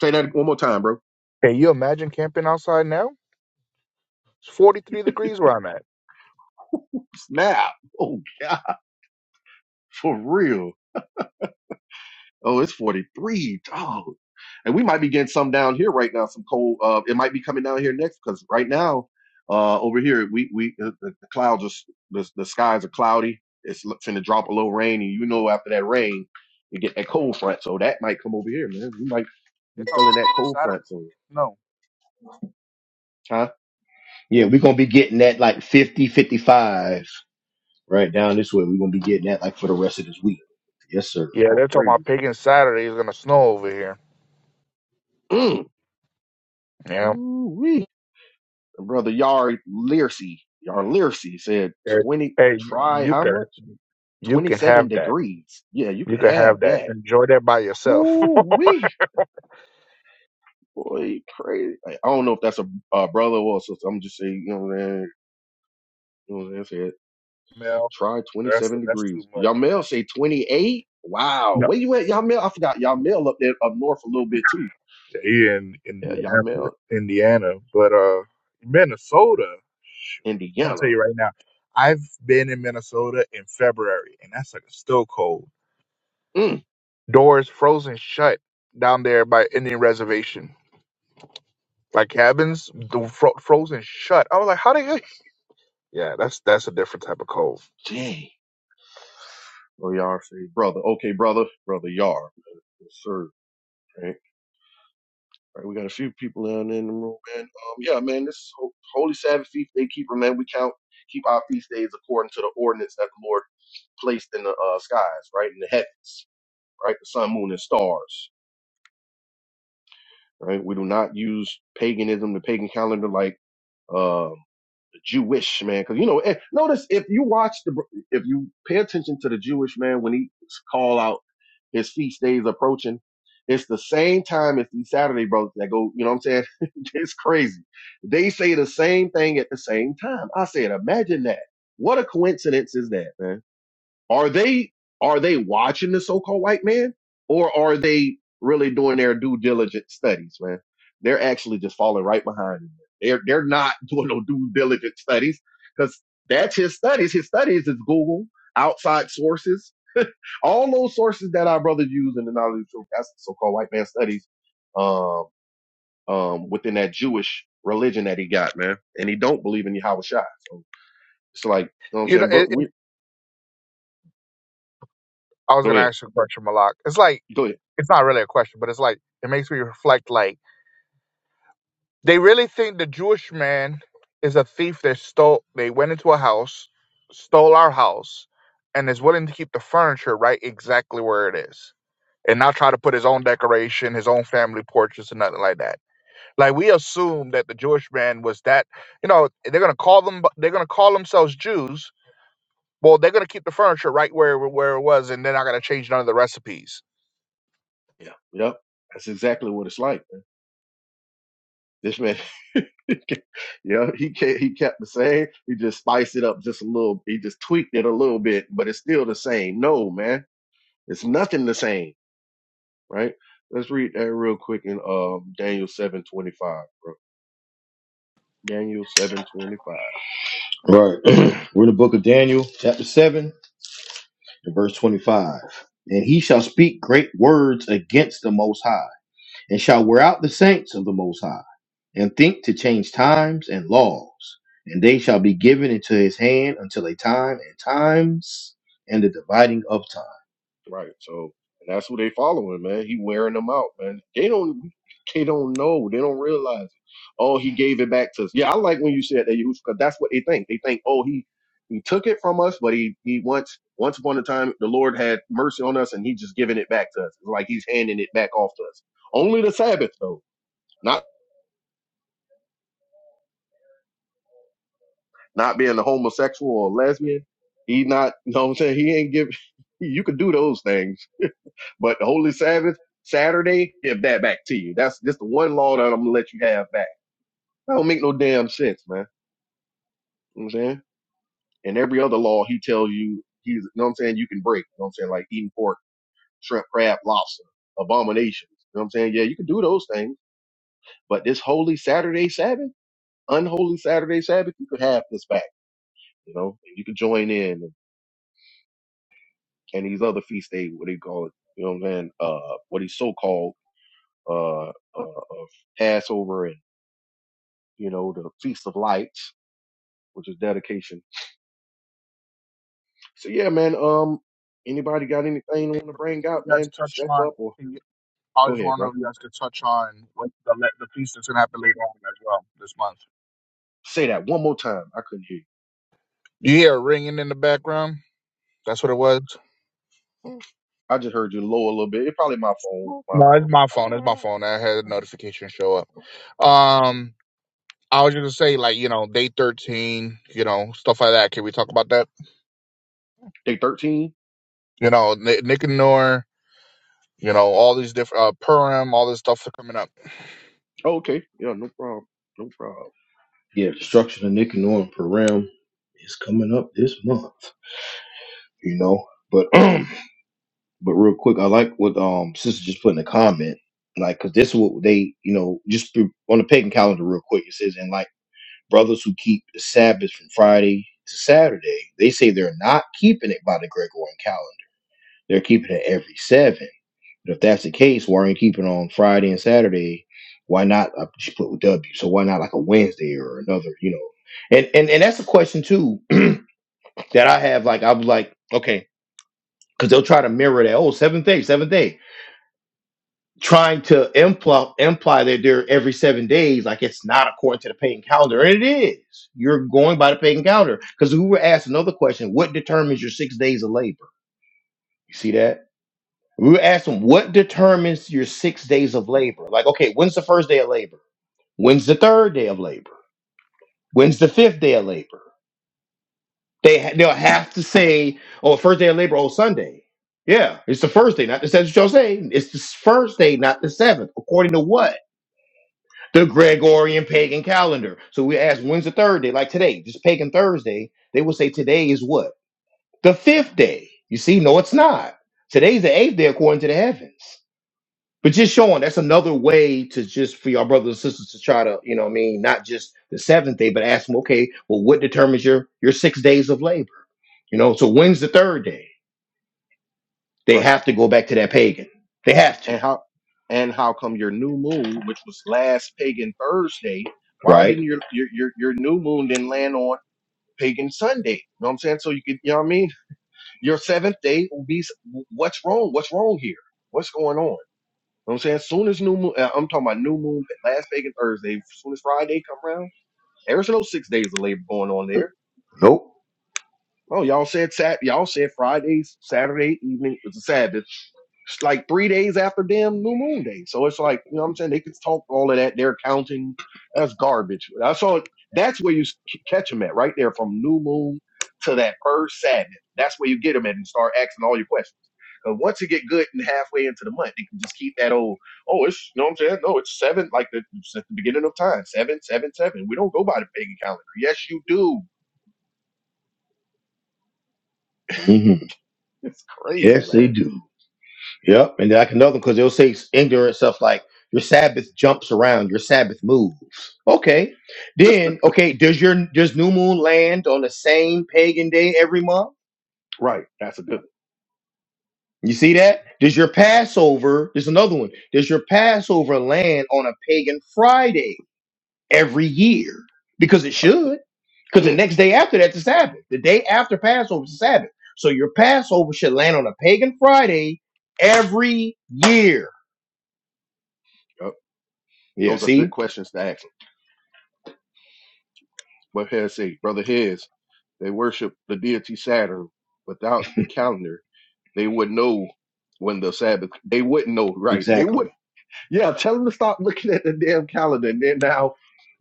Speaker 3: Say that one more time, bro.
Speaker 2: Can you imagine camping outside now? It's 43 degrees where I'm at.
Speaker 3: [laughs] Snap. Oh God. For real. Oh, it's 43. dog, And we might be getting some down here right now, some cold. Uh, it might be coming down here next because right now, uh, over here, we, we, uh, the, the clouds are, s- the, the skies are cloudy. It's l- finna drop a little rain. And you know, after that rain, you get that cold front. So that might come over here, man. We might
Speaker 2: They're
Speaker 3: be
Speaker 2: talking
Speaker 3: feeling that cold
Speaker 2: about pagan
Speaker 3: front. So, huh?
Speaker 1: Yeah, we're gonna be getting that like 50, 55. right down this way. We're gonna be
Speaker 2: Saturday snow.
Speaker 1: getting that like for the rest of this week. Yes, sir.
Speaker 2: Yeah,
Speaker 3: Oh,
Speaker 2: they're talking about
Speaker 3: praises.
Speaker 2: pagan Saturday is gonna snow over here.
Speaker 3: Mm.
Speaker 2: Yeah.
Speaker 3: Ooh-wee. Brother Yar Learcy, Yar Learcy said
Speaker 2: Hey,
Speaker 3: 20,
Speaker 2: hey,
Speaker 3: try
Speaker 2: you
Speaker 3: how
Speaker 2: could
Speaker 3: much?
Speaker 2: You can
Speaker 3: 27
Speaker 2: have that.
Speaker 3: degrees. Yeah, you
Speaker 2: You
Speaker 3: can
Speaker 2: can
Speaker 3: have
Speaker 2: have that.
Speaker 3: that.
Speaker 2: Enjoy that by yourself,
Speaker 3: Oh,
Speaker 2: [laughs]
Speaker 3: we boy, crazy. I I don't know if that's a, a brother or a sister. I'm just saying, you know what I'm saying? You know what I'm saying?
Speaker 2: Mel.
Speaker 3: Try
Speaker 2: That's
Speaker 3: 27
Speaker 2: that's too
Speaker 3: degrees.
Speaker 2: much,
Speaker 3: Y'all male
Speaker 2: man.
Speaker 3: say 28. Wow.
Speaker 2: No,
Speaker 3: Where you at, y'all male? I forgot. Y'all male up there up north a little bit too.
Speaker 2: yeah, he in
Speaker 3: Yeah, y'all male,
Speaker 2: Indianapolis, Indiana, but uh, Minnesota. shoot, I'm gonna tell
Speaker 3: Indiana.
Speaker 2: you right now. I've been in Minnesota in February, and that's like a still cold.
Speaker 3: Mm,
Speaker 2: Doors frozen shut down there by Indian reservation. Like cabins, the fro- frozen shut. I was like, how the heck? [laughs] Yeah, that's that's a different type of cold.
Speaker 3: dang. Or y'all say brother. Okay, brother, brother, y'all. Yes, sir. Right. Right, we got a few people down in the room, man. Um, yeah, man, this is ho- Holy Sabbath Feast Day Keeper, man. We count, keep our feast days according to the ordinance that the Lord. placed in the uh, skies, right? In the heavens, right? The sun, moon, and stars, right? We do not use paganism, the pagan calendar, like um Jewish man, because you know. eh, Notice if you watch the, if you pay attention to the Jewish man when he call out his feast days approaching. It's the same time as these Saturday brothers that go, you know what I'm saying? [laughs] it's crazy. They say the same thing at the same time. I said, imagine that. What a coincidence is that, man? Are they are they watching the so-called white man, or are they really doing their due diligent studies, man? They're actually just falling right behind. in They're they're not [laughs] doing no due diligent studies because that's his studies. His studies is Google, outside sources, all those sources that our brothers use in the knowledge of truth. That's the so-called white man studies. Um, um, within that Jewish religion that he got, man, and he don't believe in Yahweh Shai. So it's like, you know what I'm
Speaker 2: You know,
Speaker 3: saying, bro?
Speaker 2: it, it-
Speaker 3: We
Speaker 2: I was
Speaker 3: go
Speaker 2: gonna
Speaker 3: ahead,
Speaker 2: ask you a question, Malak. It's like
Speaker 3: go ahead.
Speaker 2: it's not really a question, but it's like it makes me reflect. Like they really think the Jewish man is a thief that stole. They went into a house, stole our house, and is willing to keep the furniture right exactly where it is, and not try to put his own decoration, his own family portraits, and nothing like that. Like we assume that the Jewish man was that. You know, they're gonna call them. They're gonna call themselves Jews. Well, they're gonna keep the furniture right where where it was, and they're not gonna change none of the recipes.
Speaker 3: Yeah. Yep. That's exactly what it's like. man. This man, [laughs] yeah, he kept, he kept the same. He just spiced it up just a little. He just tweaked it a little bit, but it's still the same. No, man, it's nothing the same, right? Let's read that real quick in um Daniel seven twenty five, bro. Daniel seven twenty five.
Speaker 1: All Right. [clears throat] We're in the book of Daniel, chapter seven, and verse twenty-five. And he shall speak great words against the Most High and shall wear out the saints of the Most High, and think to change times and laws, and they shall be given into his hand until a time and times and the dividing of time.
Speaker 3: Right. So and that's who they following, man. He wearing them out, man. They don't they don't know. They don't realize it. Oh, he gave it back to us. Yeah, I like when you said that Yahushua, 'cause that's what they think. They think, oh, he he took it from us, but he he once once upon a time the Lord had mercy on us and he just giving it back to us. It's like he's handing it back off to us. Only the Sabbath though. Not not being a homosexual or lesbian. He not [laughs] you know what I'm saying? He ain't give [laughs] you could do those things But the Holy Sabbath, Saturday, give that back to you. That's just the one law that I'm gonna let you have back. That don't make no damn sense, man. You know what I'm saying? And every other law he tells you he's you know what I'm saying, you can break. You know what I'm saying? Like eating pork, shrimp, crab, lobster, abominations. You know what I'm saying? Yeah, you can do those things. But this holy Saturday Sabbath, unholy Saturday Sabbath, you could have this back, you know, and you could join in and, and these other feast days, what they call it, you know what I'm saying? Uh what he so called uh, uh, uh Passover and you know, the Feast of Lights, which is dedication. So yeah, man. Um, anybody got anything they
Speaker 2: Hey,
Speaker 3: want to
Speaker 2: bro,
Speaker 3: bring out,
Speaker 2: you guys
Speaker 3: man?
Speaker 2: touched
Speaker 3: Step up or
Speaker 2: on. I
Speaker 3: go
Speaker 2: just
Speaker 3: ahead,
Speaker 2: want to know
Speaker 3: bro.
Speaker 2: if you guys could touch on what the, le- the piece that's going to happen later on as well this month.
Speaker 3: Say that one more time. I couldn't hear. you.
Speaker 2: You hear a ringing in the background? That's what it was.
Speaker 3: I just heard you low a little bit. It's probably my phone. My uh,
Speaker 2: No, it's my phone. It's my phone. I had a notification show up. Um, I was just gonna say, like, you know, day thirteen, you know, stuff like that. Can we talk about that?
Speaker 3: day thirteen.
Speaker 2: You know, Ni- Nicanor, you know, all these different uh, Purim, all this stuff coming up.
Speaker 3: Oh, okay. Yeah, no problem. No problem.
Speaker 1: Yeah, destruction of Nicanor and Perim is coming up this month, you know. But [clears throat] but real quick, I like what um sister just put in the comment, like because this is what they you know just be- on the pagan calendar real quick. It says and like brothers who keep the Sabbath from Friday to Saturday, they say they're not keeping it by the Gregorian calendar They're keeping it every seven. But if that's the case, why aren't you keeping it on Friday and Saturday? Why not uh, just put with W? So why not like a Wednesday or another, you know? And and, and that's a question too [clears throat] that I have. Like I'm like, okay, because they'll try to mirror that. Oh, seventh day, seventh day. Trying to imply imply that they're every seven days, like it's not according to the pagan calendar. And it is. You're going by the pagan calendar. Because we were asked another question, what determines your six days of labor? You see that? We were asked them, what determines your six days of labor? Like, okay, when's the first day of labor? When's the third day of labor? When's the fifth day of labor? They ha- they'll have to say, oh, first day of labor, oh Sunday. Yeah, it's the first day, not the seventh. Shall say it's the first day, not the seventh. According to what the Gregorian pagan calendar. So we ask, when's the third day? Like today, just pagan Thursday. They will say today is what the fifth day. You see, no, it's not. Today's the eighth day according to the heavens. but just showing that's another way to just for your brothers and sisters to try to you know what i mean not just the seventh day but ask them okay well what determines your your six days of labor you know so when's the third day they
Speaker 3: Right.
Speaker 1: have to go back to that pagan they have to
Speaker 3: And how? And how come your new moon, which was last pagan Thursday, why
Speaker 1: right
Speaker 3: didn't your your your, your new moon then land on pagan Sunday? You know what I'm saying? So you could, you know what I mean? Your seventh day will be, what's wrong? What's wrong here? What's going on? You know what I'm saying? As soon as new moon, uh, I'm talking about new moon, last pagan Thursday, as soon as Friday come around, there's no six days of labor going on there.
Speaker 1: nope
Speaker 3: Oh, y'all said Sat, y'all said Fridays, Saturday evening was a Sabbath it's like three days after damn new moon day. So it's like, you know what I'm saying? They could talk all of that. They're counting. That's garbage. I saw it. that's where you catch them at right there from new moon to that first Sabbath. That's where you get them at and start asking all your questions. Cause once you get good and halfway into the month, they can just keep that old, oh, it's, you know what I'm saying? No, it's seven, like the, it's at the beginning of time, seven, seven, seven. We don't go by the pagan calendar. Yes, you do. [laughs]
Speaker 1: hmm
Speaker 3: It's crazy,
Speaker 1: yes they
Speaker 3: man.
Speaker 1: do yep and then like another because they'll say ignorant stuff like your sabbath jumps around your sabbath moves okay then okay does your does new moon land on the same pagan day every month
Speaker 3: Right. That's a good
Speaker 1: You see that? Does your Passover, there's another one, does your Passover land on a pagan Friday every year? Because it should.
Speaker 3: [clears throat]
Speaker 1: Because the
Speaker 3: one.
Speaker 1: next day after that's the Sabbath. The day after Passover is the Sabbath. So your Passover should land on a pagan Friday every year.
Speaker 3: Yup.
Speaker 1: Yeah,
Speaker 3: Those are good
Speaker 1: see?
Speaker 3: questions to ask. what has say, brother Hez, they worship the deity Saturn. Without the calendar, they would know when the Sabbath. They wouldn't know, right? They
Speaker 1: Exactly.
Speaker 3: would. Yeah, tell them to stop looking at the damn calendar and then now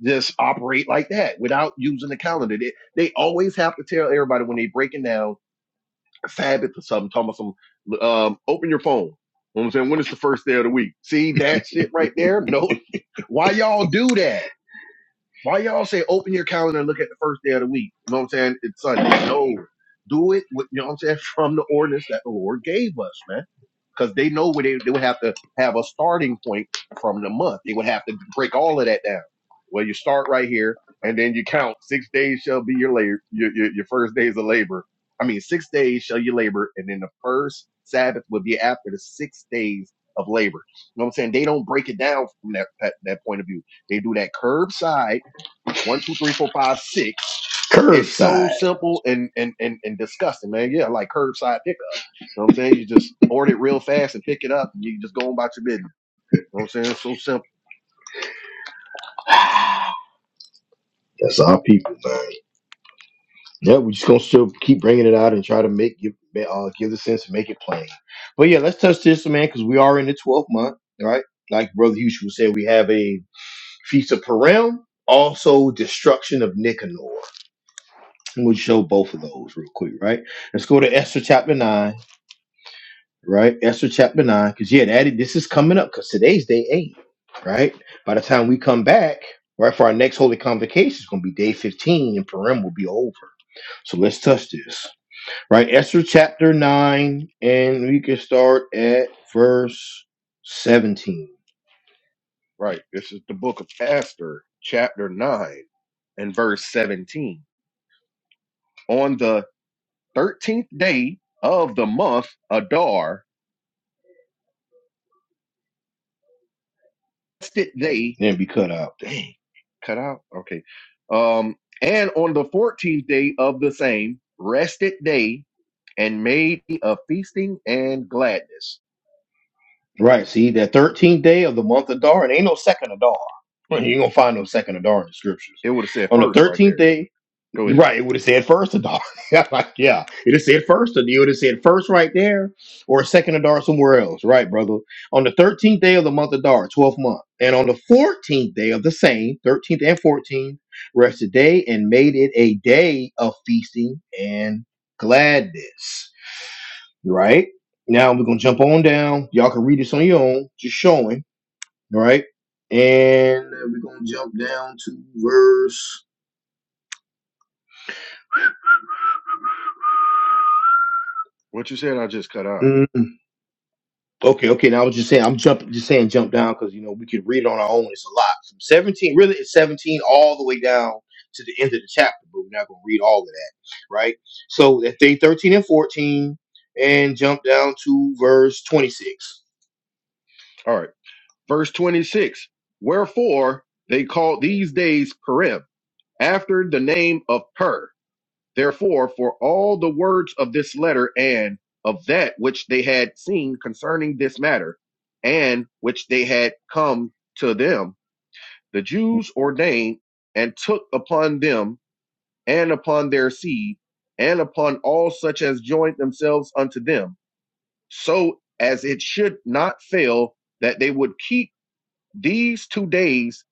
Speaker 3: just operate like that without using the calendar. They, they always have to tell everybody when they breaking down a Sabbath or something. Talking about some, um, open your phone. You know what I'm saying, when is the first day of the week? See that shit right there? No, why y'all do that? Why y'all say open your calendar and look at the first day of the week? You know what I'm saying? It's Sunday. No, do it with, you know what I'm saying, [laughs] from the ordinance that the Lord gave us, man. Cause they know where they, they would have to have a starting point from the month. They would have to break all of that down. Well, you start right here and then you count six days shall be your labor, your, your, your first days of labor. I mean, six days shall you labor. And then the first Sabbath would be after the six days of labor. You know what I'm saying? They don't break it down from that, that, that point of view. They do that curbside one, two, three, four, five, six. It's so
Speaker 1: Curbside.
Speaker 3: simple and and and, and disgusting, man. Yeah, like curbside pickup. You know what I'm saying? You just order it real fast and pick it up, and you can just go on about your business. You know what I'm saying? It's so simple,
Speaker 1: [sighs] That's our people, man. Yeah, we're just gonna still keep bringing it out and try to make give uh, give the sense and make it plain. But yeah, let's touch this, man, because we are in the twelfth month, right? Like Brother Hughes would say, we have a feast of Purim, also destruction of Nicanor. And we'll show both of those real quick, right? Let's go to Esther chapter nine, right? Esther chapter nine, because yeah, that this is coming up because today's day eight, right? By the time we come back, right, for our next holy convocation, it's gonna be day fifteen, and Purim will be over. So let's touch this. Right, Esther chapter 9, and we can start at verse 17.
Speaker 3: right? This is the book of Esther, chapter nine and verse seventeen. On the thirteenth day of the month, Adar, fasted they.
Speaker 1: Then be cut out.
Speaker 3: Dang, cut out. Okay. Um, and on the fourteenth day of the same rested day and made of feasting and gladness.
Speaker 1: Right, see, that 13th day of the month of Adar, and ain't no second Adar. You ain't gonna find no second Adar in the scriptures.
Speaker 3: It would have said
Speaker 1: On the
Speaker 3: first right
Speaker 1: 13th
Speaker 3: there.
Speaker 1: day
Speaker 3: Go ahead.
Speaker 1: Right, it would have said first Adar. [laughs] Yeah, like, yeah, it have said first. It would have said first right there, or second Adar somewhere else. Right, brother. On the thirteenth day of the month Adar, twelfth month, and on the fourteenth day of the same, thirteenth and fourteenth, rested day and made it a day of feasting and gladness. Right now, we're gonna jump on down. Y'all can read this on your own. Just showing. Right, and we're gonna jump down to verse.
Speaker 3: What you said, I just cut out.
Speaker 1: mm, Okay, okay. Now I was just saying, I'm jumping, just saying, jump down because you know we could read it on our own. It's a lot. From 17, really, it's 17 all the way down to the end of the chapter, but we're not going to read all of that, right? So at day 13 and 14, and jump down to verse 26.
Speaker 3: All right. Verse 26. Wherefore they called these days Purim, after the name of Pur. Therefore, for all the words of this letter and of that which they had seen concerning this matter, and which they had come to them, the Jews ordained and took upon them and upon their seed, and upon all such as joined themselves unto them, so as it should not fail that they would keep these two days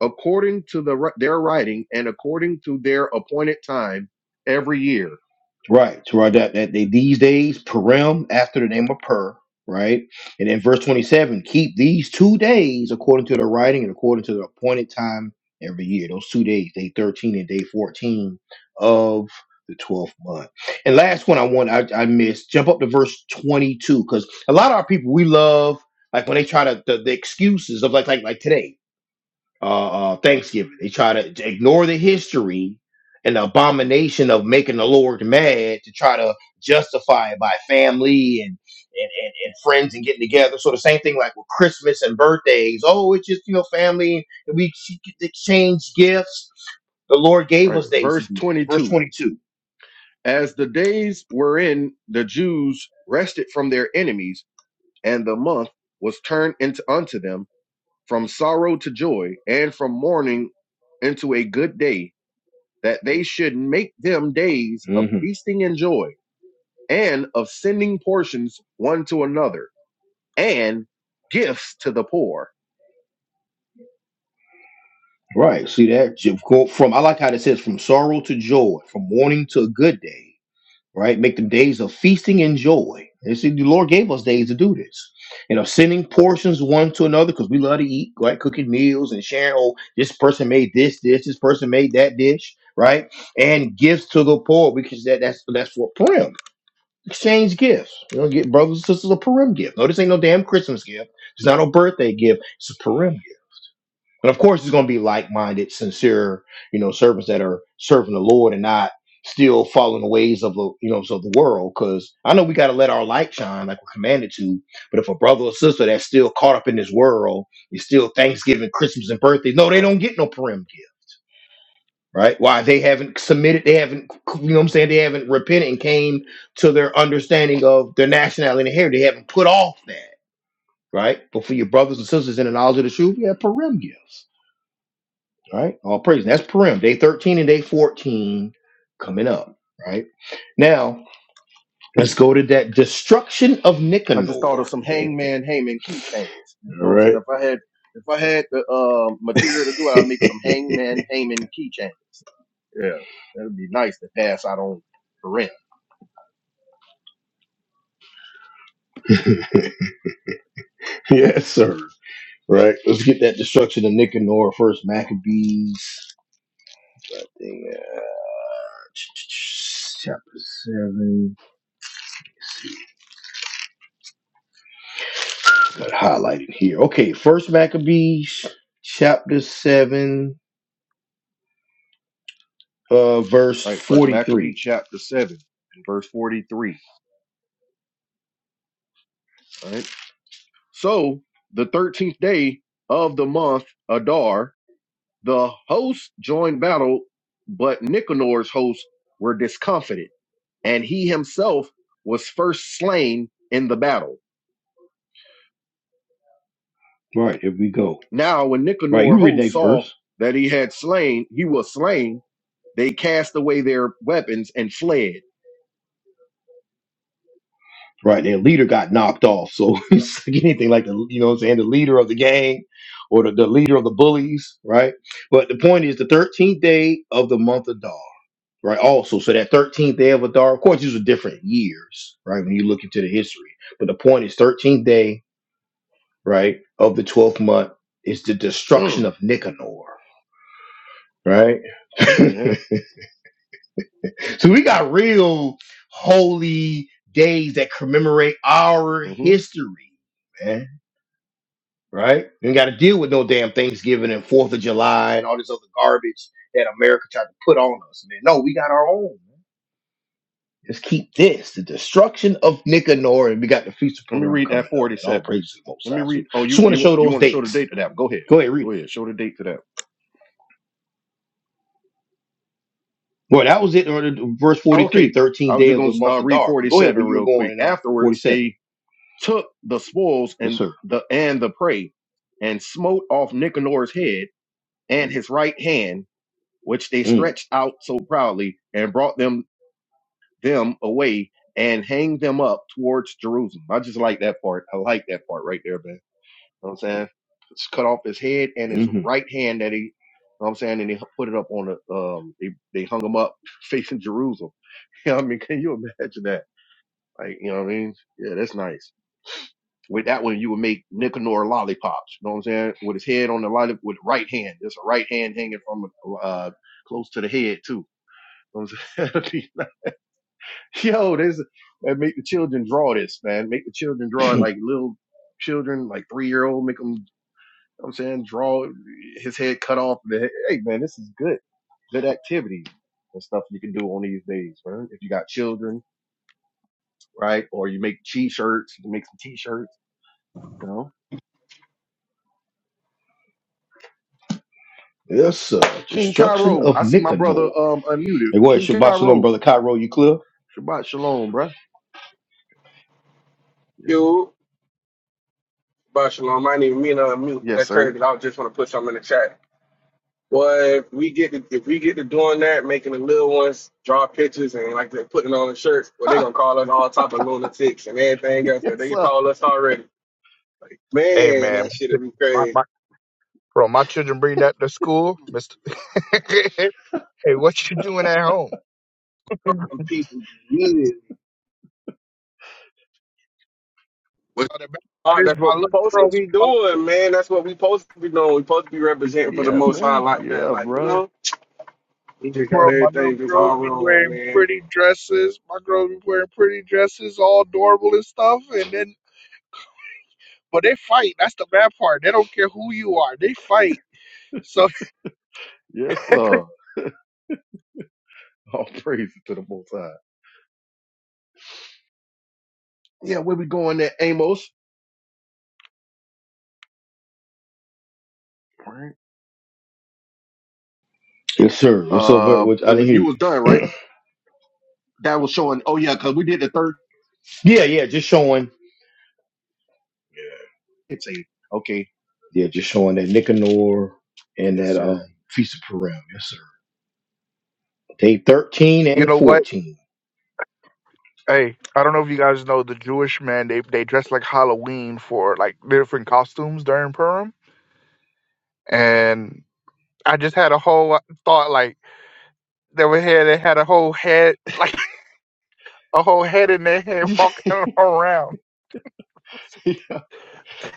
Speaker 3: according to the ri- their writing and according to their appointed time every year.
Speaker 1: Right. To right that, that they these days, Purim after the name of Pur, right? And in verse 27, keep these two days according to the writing and according to the appointed time every year. Those two days, day 13 and day 14 of the 12th month. And last one I want I, I missed, jump up to verse 22, because a lot of our people we love like when they try to the, the excuses of like like like today uh, uh Thanksgiving. They try to ignore the history and the abomination of making the Lord mad to try to justify it by family and and, and, and friends and getting together. So the same thing like with Christmas and birthdays. Oh, it's just you know family and we exchange gifts. The Lord gave
Speaker 3: Right,
Speaker 1: us days to
Speaker 3: verse
Speaker 1: do this. Verse
Speaker 3: twenty-two.
Speaker 1: twenty two.
Speaker 3: As the days wherein the Jews rested from their enemies, and the month was turned into unto them from sorrow to joy, and from mourning into a good day that they should make them days of
Speaker 1: Mm-hmm.
Speaker 3: feasting and joy, and of sending portions one to another, and gifts to the poor.
Speaker 1: Right. See that Ju- go from I like how it says from sorrow to joy, from mourning to a good day. right? Make them days of feasting and joy. You see, the Lord gave us days to do this. You know, sending portions one to another because we love to eat, right? Cooking meals and sharing, oh, this person made this dish, this person made that dish, right? And gifts to the poor because that, that's that's what Purim. Exchange gifts. You know, get brothers and sisters a Purim gift. No, this ain't no damn Christmas gift. It's not no birthday gift. It's a Purim gift. And of course, it's going to be like minded, sincere, you know, servants that are serving the Lord and not still following the ways of the, you know, of the world. Because I know we got to let our light shine like we're commanded to. But if a brother or sister that's still caught up in this world is still Thanksgiving, Christmas, and birthdays, no, they
Speaker 3: Right.
Speaker 1: don't get no parim gift. Right? Why they haven't submitted, they haven't, you know what I'm saying? They haven't repented and came to their understanding of their nationality and heritage. They haven't put off that, right? But for your brothers and sisters in the knowledge of the
Speaker 3: right.
Speaker 1: truth, yeah, parim gifts. All right, all praise. That's Purim, day 13 and day 14 coming up. Right now, let's go to that destruction of
Speaker 3: I
Speaker 1: Nicanor.
Speaker 3: just
Speaker 1: All
Speaker 3: thought of some hangman Haman keychains. You know what I'm saying?
Speaker 1: right,
Speaker 3: If I had if I had the uh, material to do it,
Speaker 1: [laughs]
Speaker 3: I'd make some hangman Haman keychains. Yeah. That'd be nice to pass out on the rent.
Speaker 1: yes, sir. Right, let's get that destruction of Nicanor first. Maccabees, yeah, chapter 7. Got highlighted here. Okay, first Maccabees, chapter 7, uh, verse
Speaker 3: Right. First Maccabee
Speaker 1: 43.
Speaker 3: chapter seven and verse forty three. All right. So the thirteenth day of the month Adar The hosts joined battle, but Nicanor's hosts were discomfited, and he himself was first slain in the battle.
Speaker 1: All right, here we go.
Speaker 3: Now, when
Speaker 1: Right, you
Speaker 3: Nicanor's
Speaker 1: read
Speaker 3: hosts
Speaker 1: that
Speaker 3: saw
Speaker 1: first.
Speaker 3: that he had slain, he was slain, they cast away their weapons and fled.
Speaker 1: right? Their leader got knocked off. So [laughs] it's like anything like the, you know what I'm saying, the leader of the gang or the, the leader of the bullies, right? But the point is the 13th day of the month of Dar, right? Also, so that 13th day of Adar, of course, these are different years, right? When you look into the history. But the point is 13th day, right, of the 12th month is the destruction
Speaker 3: Mm,
Speaker 1: of Nicanor, right? [laughs]
Speaker 3: yeah.
Speaker 1: so we got real holy days that commemorate our
Speaker 3: hmm
Speaker 1: history, man right? You ain't got to deal with no damn Thanksgiving and Fourth of July and all this other garbage that America tried to put on us. Man, no, we got our own. Man. Let's keep this the destruction of Nicanor, and we got the Feast of
Speaker 3: Let me
Speaker 1: Purim
Speaker 3: read
Speaker 1: coming
Speaker 3: that
Speaker 1: up, and all
Speaker 3: 47.
Speaker 1: praise to the Most
Speaker 3: Let
Speaker 1: High.
Speaker 3: me
Speaker 1: So
Speaker 3: read. Oh,
Speaker 1: just
Speaker 3: you
Speaker 1: want to
Speaker 3: you
Speaker 1: show
Speaker 3: you
Speaker 1: those
Speaker 3: want to show the
Speaker 1: dates.
Speaker 3: date to that? Go ahead.
Speaker 1: Go ahead, read
Speaker 3: Go
Speaker 1: it.
Speaker 3: ahead. Show the date to that.
Speaker 1: Boy, that was it. or the- Verse 43,
Speaker 3: Okay.
Speaker 1: thirteenth
Speaker 3: I was
Speaker 1: day
Speaker 3: just
Speaker 1: of the month
Speaker 3: gonna uh,
Speaker 1: of
Speaker 3: read
Speaker 1: Dar. But go ahead
Speaker 3: 47
Speaker 1: where you were
Speaker 3: real
Speaker 1: going
Speaker 3: quick.
Speaker 1: in um,
Speaker 3: Afterwards,
Speaker 1: 47.
Speaker 3: they took the spoils
Speaker 1: Yes,
Speaker 3: and
Speaker 1: sir.
Speaker 3: the and the prey, and smote off Nicanor's head and his right hand, which they
Speaker 1: Mm,
Speaker 3: stretched out so proudly, and brought them them away and hanged them up towards Jerusalem. I just like that part. I like that part right there, man. You know what I'm saying? Just cut off his head and his
Speaker 1: hmm
Speaker 3: right hand that he you know what I'm saying, and they put it up on the um they, they hung him up [laughs] facing Jerusalem. [laughs] You know what I mean? Can you imagine that? Like, you know what I mean? Yeah, that's nice. With that one, you would make Nicanor lollipops. You know what I'm saying? With his head on the lollipop, with the right hand. There's a right hand hanging from uh close to the head too. You know what I'm saying? [laughs] Yo, this make the children draw this, man. Make the children draw it
Speaker 1: [laughs]
Speaker 3: like little children, like three year old. Make them. You know what I'm saying, draw his head cut off. The head. Hey, man, this is good good activity and stuff you can do on these days, right? If you got children, right? Or you make t-shirts, you can make some t-shirts, you know?
Speaker 1: yes, sir.
Speaker 3: King
Speaker 1: Destruction
Speaker 3: Cairo.
Speaker 1: of
Speaker 3: I see my brother
Speaker 1: Nicanor.
Speaker 3: um unmuted.
Speaker 1: Hey, what?
Speaker 3: King
Speaker 1: Shabbat shalom,
Speaker 3: Cairo.
Speaker 1: brother Cairo. You clear?
Speaker 3: Shabbat shalom, bruh. Yes.
Speaker 4: You, but Shalom, I didn't even mean to unmute, but
Speaker 3: Yes,
Speaker 4: that's crazy.
Speaker 3: sir.
Speaker 4: 'cause I was just want to put something in the chat. Well, if we get to, if we get to doing that, making the little ones draw pictures and like they're putting on the shirts,
Speaker 3: [laughs]
Speaker 4: well, they're gonna call us all type of lunatics and everything else. That
Speaker 3: yes,
Speaker 4: they can
Speaker 3: sir.
Speaker 4: call us already. Like,
Speaker 2: Hey,
Speaker 4: man,
Speaker 2: man,
Speaker 4: that shit would be
Speaker 2: my,
Speaker 4: crazy.
Speaker 2: my, bro, my children bring that to school. Mister, [laughs] hey, what you doing at home? [laughs]
Speaker 4: Some people immediately. What
Speaker 2: the best part
Speaker 4: Ah,
Speaker 2: is
Speaker 4: that's
Speaker 2: my
Speaker 4: what we
Speaker 2: little
Speaker 4: supposed to
Speaker 2: girls,
Speaker 4: be
Speaker 2: my, little
Speaker 4: doing, man. That's what we supposed to be doing. We supposed to be representing for the
Speaker 3: Yeah,
Speaker 4: Most High
Speaker 3: man.
Speaker 4: like that,
Speaker 3: Yeah,
Speaker 4: like you
Speaker 3: bruh.
Speaker 4: know. We just got
Speaker 2: bro, my little
Speaker 4: everything just
Speaker 2: girls
Speaker 4: all
Speaker 2: be
Speaker 4: wrong,
Speaker 2: wearing
Speaker 4: man.
Speaker 2: pretty dresses. My girls be wearing pretty dresses, all adorable and stuff. And then, but they fight. That's the bad part. They don't care who you are. They fight. So
Speaker 3: Yes,
Speaker 2: [laughs]
Speaker 3: sir. [laughs] All praise to the most high. Yeah, where we going at Amos? Right.
Speaker 1: Yes, sir. What's up? Bert?
Speaker 3: Uh
Speaker 1: What, I
Speaker 3: where
Speaker 1: didn't
Speaker 3: we-
Speaker 1: hear
Speaker 3: you
Speaker 1: you.
Speaker 3: was done, right?
Speaker 1: [clears throat]
Speaker 3: That was showing oh yeah, cause we did the third
Speaker 1: Yeah, yeah. Just showing.
Speaker 3: say, okay,
Speaker 1: Yeah, just showing that Nicanor and
Speaker 3: yes,
Speaker 1: that
Speaker 3: sir.
Speaker 1: um, Feast of Purim. Yes, sir. Day 13
Speaker 2: you
Speaker 1: and
Speaker 2: know what?
Speaker 1: 14.
Speaker 2: Hey, I don't know if you guys
Speaker 1: [laughs]
Speaker 2: know the Jewish men. They they dress like Halloween for like different costumes during Purim. And I just had a whole uh, thought like they were here. They had a whole head [laughs] like a whole head in their
Speaker 3: [laughs]
Speaker 2: head
Speaker 3: yep,
Speaker 2: walking around.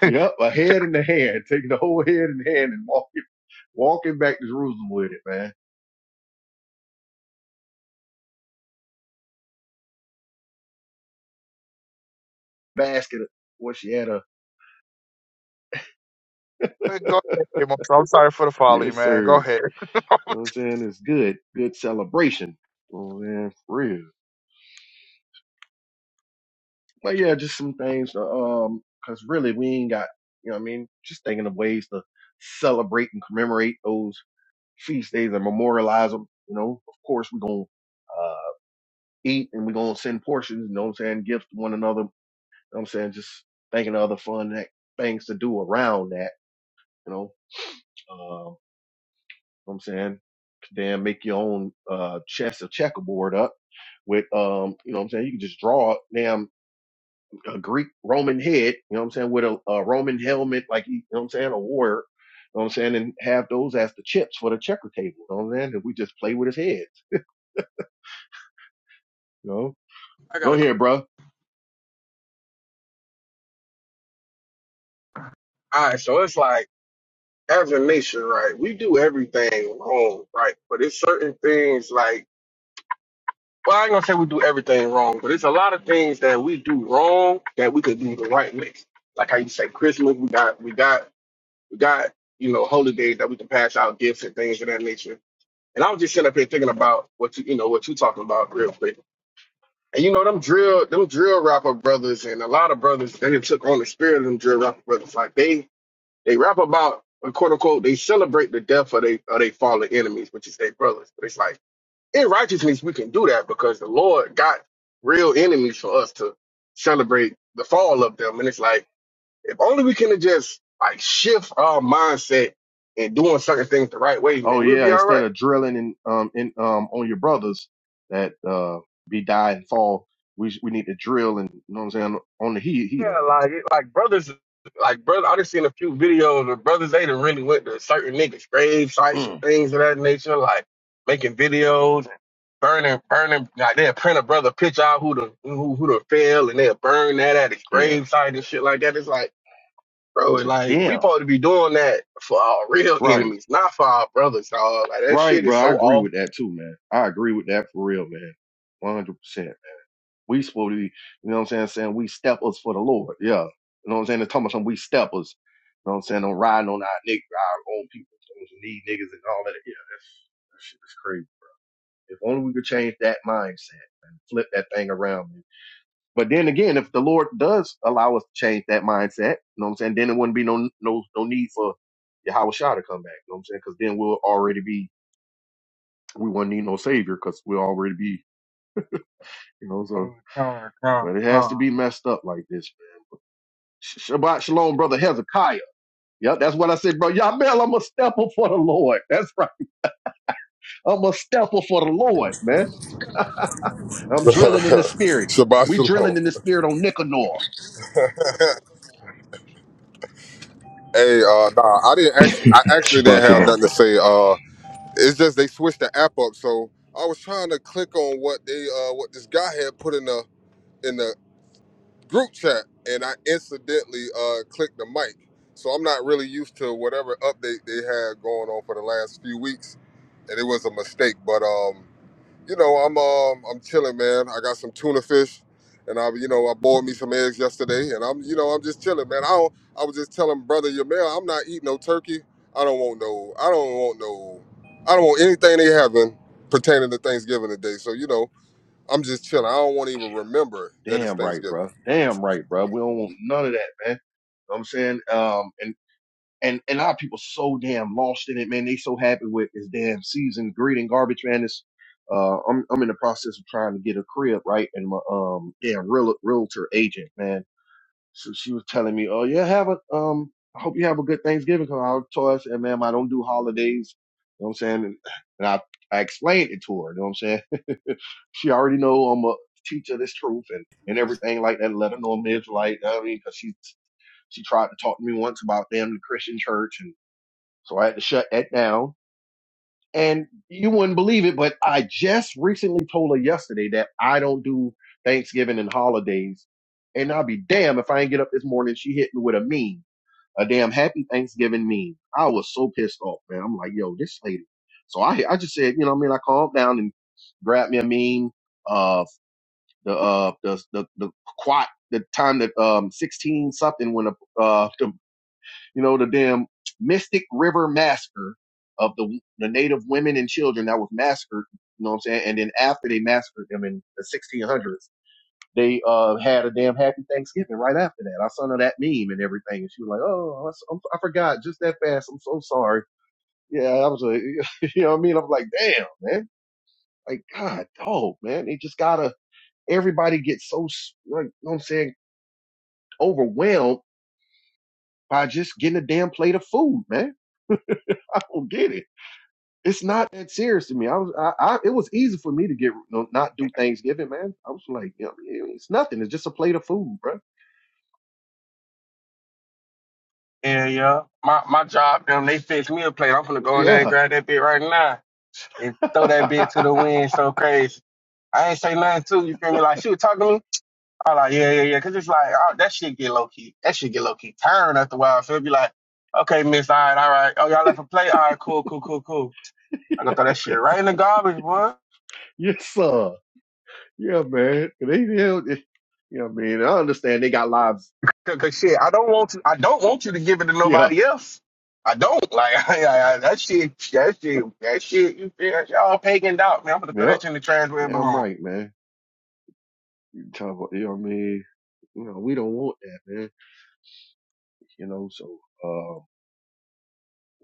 Speaker 2: [laughs]
Speaker 3: a head in the hand, taking the whole head in the hand and walking walking back to Jerusalem with it, man. Basket of what she had
Speaker 2: Go ahead, Amos. I'm sorry for the folly,
Speaker 3: Yes,
Speaker 2: man. Go
Speaker 3: sir.
Speaker 2: ahead.
Speaker 3: You know what I'm saying? It's good. Good celebration. You know what I'm saying? For real. But yeah, just some things to, um, cause really we ain't got, you know what I mean? Just thinking of ways to celebrate and commemorate those feast days and memorialize them. You know, of course we're going to, uh, eat and we're going to send portions, you know what I'm saying? Gifts to one another. You know what I'm saying? Just thinking of other fun act- things to do around that, you know? Um, know what I'm saying? Damn, make your own uh, chess or checkerboard up with, um, you know what I'm saying? You can just draw damn a Greek Roman head, you know what I'm saying? With a, a Roman helmet, like, you know what I'm saying? A warrior, you know what I'm saying? And have those as the chips for the checker table, you know what I'm saying? And we just play with his head, you know?
Speaker 4: I got
Speaker 3: Go
Speaker 4: a
Speaker 3: ahead, bro.
Speaker 4: All right, so it's like. as a nation, right, we do everything wrong, right? But it's certain things like, well, I ain't gonna say we do everything wrong, but it's a lot of things that we do wrong that we could do the right way. Like how you say Christmas, we got, we got, we got, you know, holidays that we can pass out gifts and things of that nature. And I was just sitting up here thinking about what you, you know, what you talking about real quick. And you know, them drill, them drill rapper brothers and a lot of brothers, they done took on the spirit of them drill rapper brothers. Like they, they rap about, uh, quote unquote, they celebrate the death of they of they fallen enemies, which is their brothers. But it's like in righteousness we can do that because the Lord got real enemies for us to celebrate the fall of them. And it's like if only we can just like shift our mindset and doing certain things the right way,
Speaker 3: Oh
Speaker 4: man, we'll
Speaker 3: yeah,
Speaker 4: be all
Speaker 3: instead
Speaker 4: right.
Speaker 3: of drilling and um in um on your brothers that uh be die and fall, we we need to drill and you know what I'm saying on the he heathen.
Speaker 4: Yeah, like it- like brothers, like brother. I just seen a few videos of brothers. They done really went to certain niggas' grave sites and
Speaker 3: Mm,
Speaker 4: things of that nature, like making videos burning, burning. Like they'll print a brother picture out who the who who the fell, and they'll burn that at his
Speaker 3: yeah,
Speaker 4: gravesite and shit like that. It's like, bro,
Speaker 3: to
Speaker 4: like we
Speaker 3: them.
Speaker 4: supposed to be doing that for our real
Speaker 3: Right.
Speaker 4: enemies, not for our brothers, dog. Like that
Speaker 3: Right,
Speaker 4: shit is
Speaker 3: bro. I
Speaker 4: so
Speaker 3: agree
Speaker 4: off.
Speaker 3: with that too, man. I agree with that for real, man. One hundred percent. We supposed to be, you know what I'm saying, saying we steppers for the Lord. Yeah. You know what I'm saying? They're talking about some we steppers. You know what I'm saying? Don't riding on our nigg our own people, those need niggas and all that. Yeah, that's that shit is crazy. If only we could change that mindset and flip that thing around. Man. But then again, if the Lord does allow us to change that mindset, you know what I'm saying, then it wouldn't be no no no need for Yahweh Shah to come back. You know what I'm saying? Because then we'll already be we wouldn't need no savior because we already be, you know, so,
Speaker 4: Mm, mm, mm,
Speaker 3: but it has to
Speaker 4: mm.
Speaker 3: be messed up like this. Sh- Shabbat shalom, brother Hezekiah. Yep, that's what I said, bro. Yamel, I'm a stepper for the Lord. [laughs] That's right. I'm a stepper for the Lord, man. I'm
Speaker 5: [laughs]
Speaker 3: drilling in the spirit.
Speaker 5: Shabbat
Speaker 3: We drilling
Speaker 5: shalom.
Speaker 3: in the spirit on Nicanor.
Speaker 5: Hey, uh, nah, I didn't actually, I actually
Speaker 1: Shabbat
Speaker 5: didn't have
Speaker 4: Yeah,
Speaker 1: shalom,
Speaker 5: nothing to
Speaker 1: brother.
Speaker 5: say. Uh, it's just they switched the app up, so I was trying to click on what they, uh, what this guy had put in the in the group chat, and I incidentally uh clicked the mic. So I'm not really used to whatever update they had going on for the last few weeks, and it was a mistake. But um, You know, I'm um I'm chilling, man. I got some tuna fish, and I you know I boiled me some eggs yesterday, and I'm you know I'm just chilling, man. I don't, I was just telling brother Yamel, I'm not eating no turkey. I don't want no. I don't want no. I don't want anything they having pertaining to Thanksgiving today. So you know, I'm just chilling. I don't want to even
Speaker 3: Yeah.
Speaker 5: remember that it's
Speaker 3: Damn right,
Speaker 5: Thanksgiving.
Speaker 3: bro. Damn right, bro. We don't want none of that, man. You know what I'm saying, um, and. And and our people so damn lost in it, man. They so happy with this damn season. Greeting garbage, man. It's uh, I'm I'm in the process of trying to get a crib, right? And my um damn real realtor agent, man. So she was telling me, oh yeah, have a um. I hope you have a good Thanksgiving. 'Cause I told her, I said, ma'am, I don't do holidays. You know what I'm saying? And, and I I explained it to her. You know what I'm saying? [laughs] she already know I'm a teacher of this truth and, and everything like that. Let her know I'm an Israelite. I mean, 'cause she she tried to talk to me once about damn the Christian church and. So I had to shut that down. And you wouldn't believe it, but I just recently told her yesterday that I don't do Thanksgiving and holidays. And I'll be damned if I ain't get up this morning. She hit me with a meme, a damn happy Thanksgiving meme. I was so pissed off, man. I'm like, yo, this lady. So I, I just said, you know what I mean? I calmed down and grabbed me a meme of the, uh, the, the, the quat, the time that, um, 16 something when, uh, the you know, the damn Mystic River massacre of the the native women and children that was massacred. You know what I'm saying? And then after they massacred them in the 1600s, they uh had a damn happy Thanksgiving right after that. I saw her that meme and everything, and she was like, "Oh, I, s- I'm- I forgot just that fast. I'm so sorry." Yeah, I was like, [laughs] you know what I mean? I was like, "Damn, man! Like, God, dog, man! They just gotta everybody gets so like, you know what I'm saying, overwhelmed by just getting a damn plate of food, man. [laughs] I don't get it. It's not that serious to me. I was, I, I, it was easy for me to get no, not do Thanksgiving, man. I was like, you know, it's nothing. It's just a plate of food, bro.
Speaker 4: yeah, yeah. My my job, them they fix me a plate. I'm gonna go in there and
Speaker 3: Yeah.
Speaker 4: grab that bit right now and
Speaker 3: [laughs]
Speaker 4: throw that bit to the wind. So crazy. I ain't say nothing to you. Feel me? Like she was talking to me I like, yeah, yeah, yeah. Cause it's like, oh, that shit get low key. That shit get low key. Tiring after a while. So it'd be like, okay, miss, all right, all right. Oh, y'all left a plate? All right, cool, cool, cool, cool. I gonna throw that shit
Speaker 3: yes,
Speaker 4: right in the garbage, boy.
Speaker 3: yes, sir. Yeah, man. They, you yeah, yeah, man. I understand they got lives.
Speaker 4: Cause, 'cause shit, I don't want to, I don't want you to give it to
Speaker 3: Yeah.
Speaker 4: nobody else. I don't. Like, [laughs] I, I, that shit, that shit, that shit, you feel, you all pagan out, man. I'm gonna throw that
Speaker 3: Yep.
Speaker 4: shit in the trash where it
Speaker 3: Yeah, I'm
Speaker 4: belongs.
Speaker 3: right, man. You talk about, you know what I mean? You know, we don't want that, man. You know, so, um,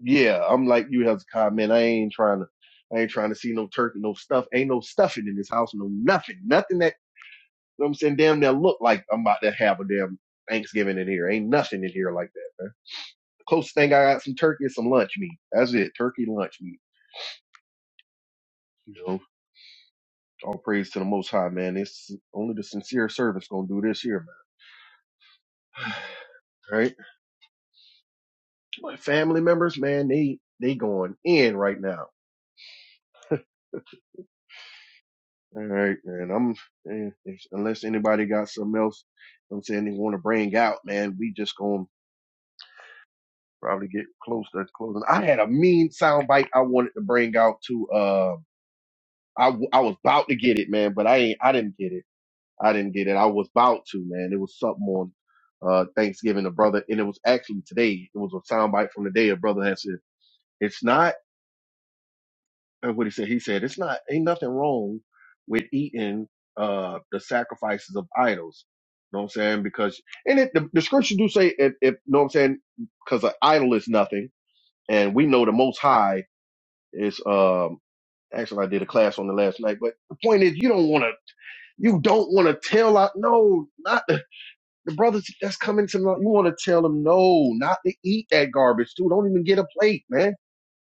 Speaker 3: yeah, I'm like you have to comment. I ain't trying to, I ain't trying to see no turkey, no stuff. Ain't no stuffing in this house, no nothing, nothing that You know what I'm saying? Damn near look like I'm about to have a damn Thanksgiving in here. Ain't nothing in here like that, man. The closest thing I got some turkey is some lunch meat. That's it. Turkey lunch meat. You know, all praise to the most high, man. It's only the sincere servants gonna do this here, man. [sighs] All right. My family members, man, they they going in right now. All right, man. I'm eh, if, unless anybody got something else, you know what I'm saying they want to bring out, man. We just gonna probably get close to closing. I had a mean soundbite I wanted to bring out to. uh. I, w- I was about to get it, man, but I ain't, I didn't get it. I didn't get it. I was about to, man. It was something on, uh, Thanksgiving, a brother, and it was actually today. It was a soundbite from the day a brother had said, it's not, uh, what he said, he said, it's not, ain't nothing wrong with eating, uh, the sacrifices of idols. You know what I'm saying? Because, and it, the, the scripture do say, if, if, know what I'm saying? Cause an idol is nothing. And we know the most high is, um, actually I did a class on the last night, but the point is you don't want to. You don't want to tell out, no, not the, the brothers that's coming to you want to tell them, no, not to eat that garbage too. Don't even get a plate, man.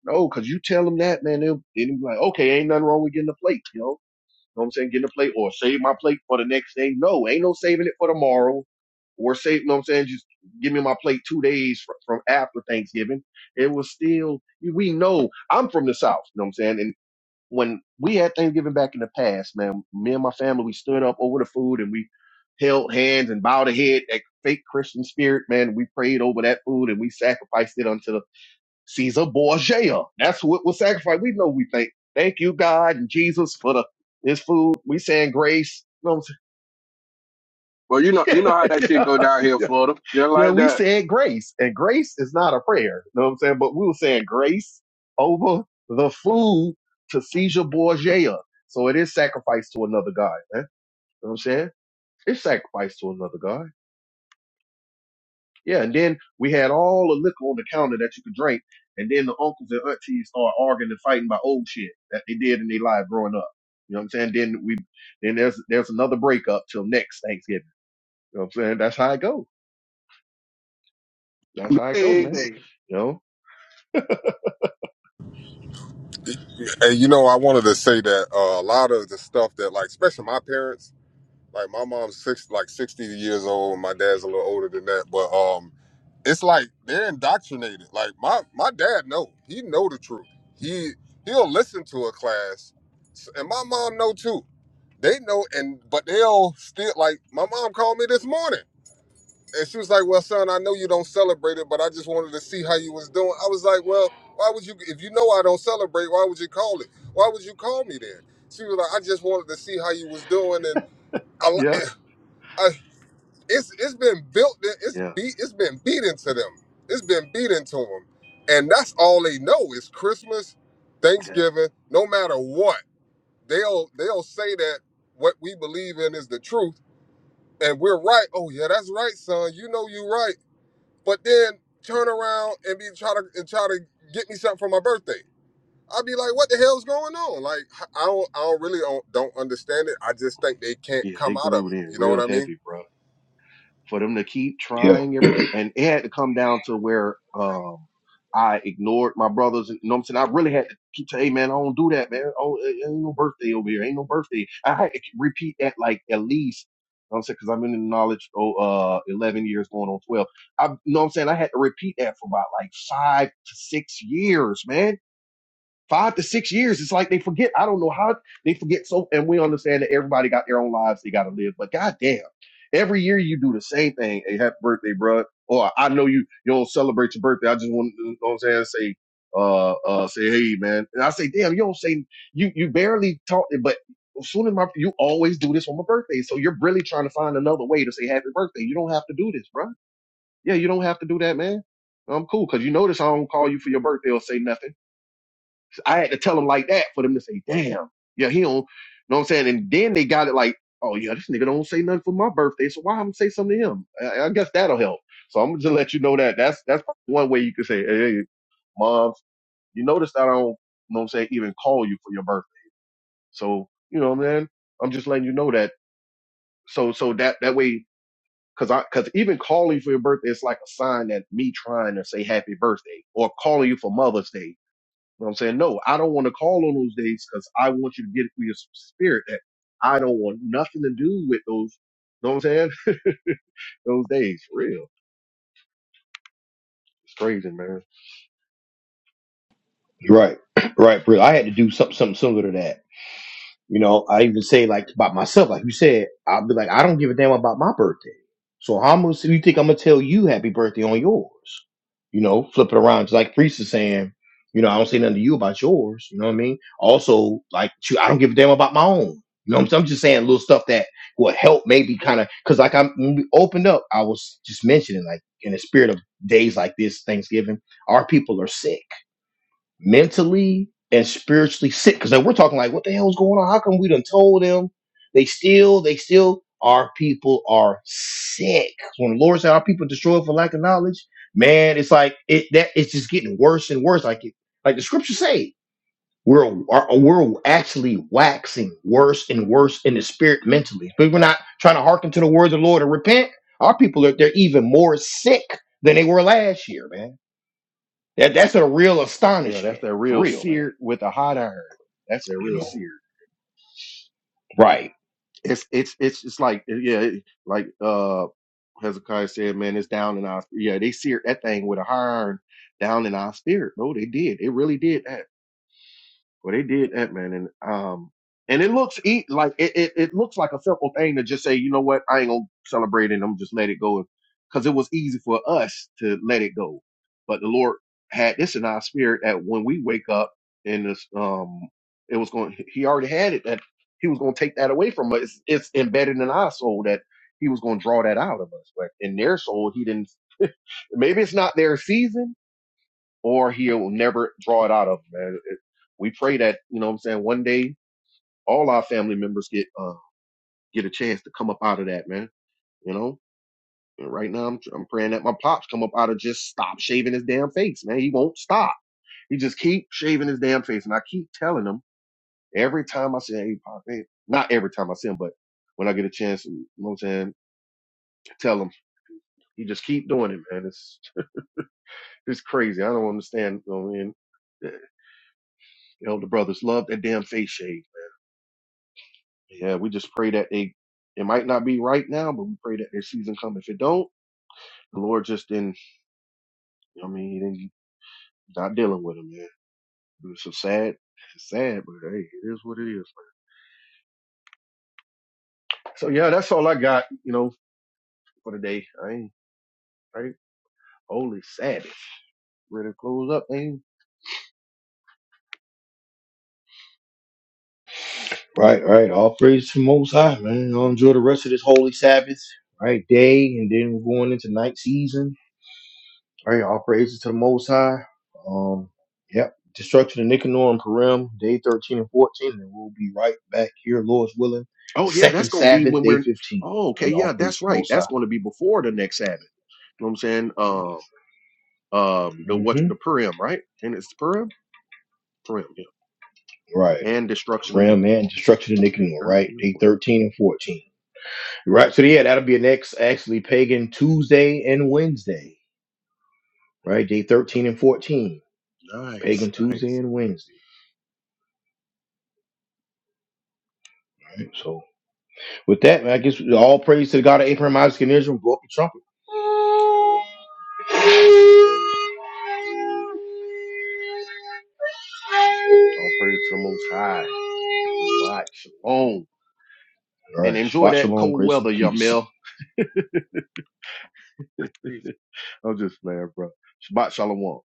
Speaker 3: No, cause you tell them that, man, they'll, they'll be like, okay, ain't nothing wrong with getting a plate, you know? know what I'm saying? Getting a plate or save my plate for the next day. No, ain't no saving it for tomorrow or save, you know what I'm saying? Just give me my plate two days from, from after Thanksgiving. It was still, we know I'm from the South, you know what I'm saying? And when we had Thanksgiving back in the past, man, me and my family, we stood up over the food and we held hands and bowed our head that fake Christian spirit, man. We prayed over that food and we sacrificed it unto the Caesar Borgia. That's what was sacrificed. We know we thank thank you, God and Jesus, for the this food. We saying grace. You know what I'm saying? [laughs]
Speaker 4: Well, you know, you
Speaker 3: Yeah,
Speaker 4: know how that shit go down
Speaker 3: yeah.
Speaker 4: here in Florida. Just
Speaker 3: Yeah,
Speaker 4: like
Speaker 3: we
Speaker 4: that.
Speaker 3: said grace, and grace is not a prayer. You know what I'm saying? But we were saying grace over the food to Caesar Borgia. So it is sacrifice to another God, man. You know what I'm saying? It's sacrifice to another God. Yeah, and then we had all the liquor on the counter that you could drink, and then the uncles and aunties start arguing and fighting about old shit that they did in their life growing up. You know what I'm saying? Then we then there's there's another breakup till next Thanksgiving. You know what I'm saying? That's how it go. That's how it go,
Speaker 4: Hey,
Speaker 3: man. You know?
Speaker 5: And you know, I wanted to say that uh, a lot of the stuff that like, especially my parents. Like my mom's six, like sixty years old, and my dad's a little older than that. But um, it's like they're indoctrinated. Like my my dad know he know the truth. He he'll listen to a class, and my mom know too. They know, and but they'll still like my mom called me this morning, and she was like, "Well, son, I know you don't celebrate it, but I just wanted to see how you was doing." I was like, "Well, why would you? If you know I don't celebrate, why would you call it? Why would you call me then?" She was like, "I just wanted to see how you was doing and."
Speaker 3: Yeah.
Speaker 5: I uh, it's it's been built. It's
Speaker 3: Yeah.
Speaker 5: beat. It's been beat into them. It's been beat into them, and that's all they know is Christmas,
Speaker 3: yeah.
Speaker 5: Thanksgiving. No matter what, they'll they'll say that what we believe in is the truth, and we're right. Oh yeah, that's right, son. You know you are right. But then turn around and be try to and try to get me something for my birthday. I'd be like, what the hell's going on? Like I I don't I don't really don't, don't understand it. I just think they can't
Speaker 3: Yeah,
Speaker 5: come
Speaker 3: they
Speaker 5: out of
Speaker 3: glued
Speaker 5: it.
Speaker 3: in
Speaker 5: You know what
Speaker 3: real
Speaker 5: I mean?
Speaker 3: heavy, bro. For them to keep
Speaker 1: Yeah,
Speaker 3: trying every, and it had to come down to where um I ignored my brothers. You know what I'm saying? I really had to keep saying, hey man, I don't do that, man. Oh, it ain't no birthday over here. Ain't no birthday. I had to repeat that like at least, you know what I'm saying? Cause I've been in knowledge, oh, uh, 11 years going on 12. I, you know what I'm saying? I had to repeat that for about like five to six years, man five to six years. It's like they forget. I don't know how they forget. So, and we understand that everybody got their own lives they got to live. But goddamn, every year you do the same thing. Hey, happy birthday, bro. Or I know you you don't celebrate your birthday. I just want to, you know what I'm saying, say, uh, uh, say, hey, man. And I say, damn, you don't say, you you barely talk, but as soon as my, you always do this on my birthday. So you're really trying to find another way to say happy birthday. You don't have to do this, bro. Yeah, you don't have to do that, man. I'm cool because you notice I don't call you for your birthday or say nothing. I had to tell them like that for them to say, damn, yeah, he don't, you know what I'm saying? And then they got it like, oh, yeah, this nigga don't say nothing for my birthday, so why I'm gonna say something to him? I, I guess that'll help. So I'm gonna just let you know that. That's that's one way you could say, hey, mom, you notice that I don't, you know what I'm saying, even call you for your birthday. So, you know, man, I'm just letting you know that. So, so that, that way, cause I, cause even calling you for your birthday is like a sign that me trying to say happy birthday or calling you for Mother's Day you know what I'm saying? No, I don't want to call on those days because I want you to get it through your spirit that I don't want nothing to do with those, you know what I'm saying? Those days, for real. It's crazy, man.
Speaker 1: you're right. [clears throat] Right, brother. I had to do something, something similar to that. You know, I even say like about myself, like you said, I'll be like, I don't give a damn about my birthday. So how much do you think I'm gonna tell you happy birthday on yours? You know, flip it around. Just like Priest is saying, you know, I don't say nothing to you about yours. You know what I mean? Also, like shoot, I don't give a damn about my own. You know what I'm saying? I'm just saying little stuff that will help maybe kind of because like I'm when we opened up, I was just mentioning like in the spirit of days like this, Thanksgiving, our people are sick mentally and spiritually sick because we're talking like what the hell is going on how come we done told them they still they still our people are sick when the lord said our people destroyed for lack of knowledge man it's like it that it's just getting worse and worse like it like the scriptures say we're are, we're actually waxing worse and worse in the spirit mentally but we're not trying to hearken to the words of the lord and repent our people are they're even more sick than they were last year man that, that's a real
Speaker 3: Yeah, that's
Speaker 1: astonishment
Speaker 3: that
Speaker 1: for
Speaker 3: real
Speaker 1: real man
Speaker 3: seared with a hot iron. That's that
Speaker 1: you
Speaker 3: real
Speaker 1: know.
Speaker 3: seared.
Speaker 1: Right,
Speaker 3: It's, it's, it's, it's like, uh, yeah, it- like, uh, Hezekiah said, man, it's down in our, yeah, they seared that thing with a hot iron down in our spirit, bro. They did. They really did that. Well, they did that, man, and um, and it looks e- like it, it, it looks like a simple thing to just say, you know what, I ain't gonna celebrate it. I'm just let it go, because it was easy for us to let it go, but the Lord had this in our spirit that when we wake up in this, um, it was going. He already had it that He was going to take that away from us. It's, it's embedded in our soul that He was going to draw that out of us, but in their soul, He didn't. [laughs] Maybe it's not their season or he'll never draw it out of him, man. It- We pray that, you know what I'm saying, one day all our family members get uh, get a chance to come up out of that, man. You know? And right now I'm I'm praying that my pops come up out of just stop shaving his damn face, man. He won't stop. He just keep shaving his damn face. And I keep telling him every time I say, hey, pop, hey, not every time I see him, but when I get a chance, you know what I'm saying, tell him. He just keep doing it, man. It's it's crazy. I don't understand. You know, what I mean, the elder brothers love that damn face shave. Yeah, we just pray that they it might not be right now, but we pray that their season come. If it don't, the Lord just didn't you know what I mean, he didn't not dealing with them, man. It's so sad. It's sad, but hey, it is what it is. So yeah, that's all I got, you know, for today. I ain't right. Holy Sabbath. Ready to close up, ain't
Speaker 1: right, right. All praise to the Most High, man. I'll enjoy the rest of this holy Sabbath, right? Day, and then we're going into night season. Right, all praises to the Most High. Um, yep. Destruction of Nicanor and Purim, day thirteen and fourteen, and we'll be right back here, Lord's willing.
Speaker 3: Oh yeah, that's
Speaker 1: Second
Speaker 3: gonna be
Speaker 1: Sabbath,
Speaker 3: when
Speaker 1: day
Speaker 3: we're
Speaker 1: fifteen.
Speaker 3: oh okay,
Speaker 1: Right, all
Speaker 3: yeah,
Speaker 1: praise
Speaker 3: that's
Speaker 1: to the
Speaker 3: right.
Speaker 1: Most
Speaker 3: That's
Speaker 1: High.
Speaker 3: gonna be before the next Sabbath. You know what I'm saying? Um um the
Speaker 1: mm
Speaker 3: what
Speaker 1: hmm
Speaker 3: the Purim, right? And it's Purim? Purim,
Speaker 1: Right,
Speaker 3: yeah. And destruction of
Speaker 1: Purim and
Speaker 3: Nicanor.
Speaker 1: destruction of
Speaker 3: Day
Speaker 1: Nicanor, right?
Speaker 3: thirteen and 14.
Speaker 1: Day thirteen and fourteen. Right, so yeah, that'll be next actually pagan Tuesday and Wednesday. right? Day 13 and 14, Pagan
Speaker 3: Nice,
Speaker 1: Tuesday
Speaker 3: nice.
Speaker 1: and Wednesday. Right? So with that, man, I guess all praise to the God of Abraham, Isaac, and Israel. Blow up the trumpet.
Speaker 3: [laughs] All praise to the Most High. Shabbat shalom.
Speaker 1: All
Speaker 3: And
Speaker 1: right,
Speaker 3: enjoy
Speaker 1: Shabbat
Speaker 3: that
Speaker 1: Shalom,
Speaker 3: cold
Speaker 1: grace and
Speaker 3: weather, y'all,
Speaker 1: peace.
Speaker 3: Mel.
Speaker 4: hey.
Speaker 3: I'm just playing, bro. Shabbat shalom.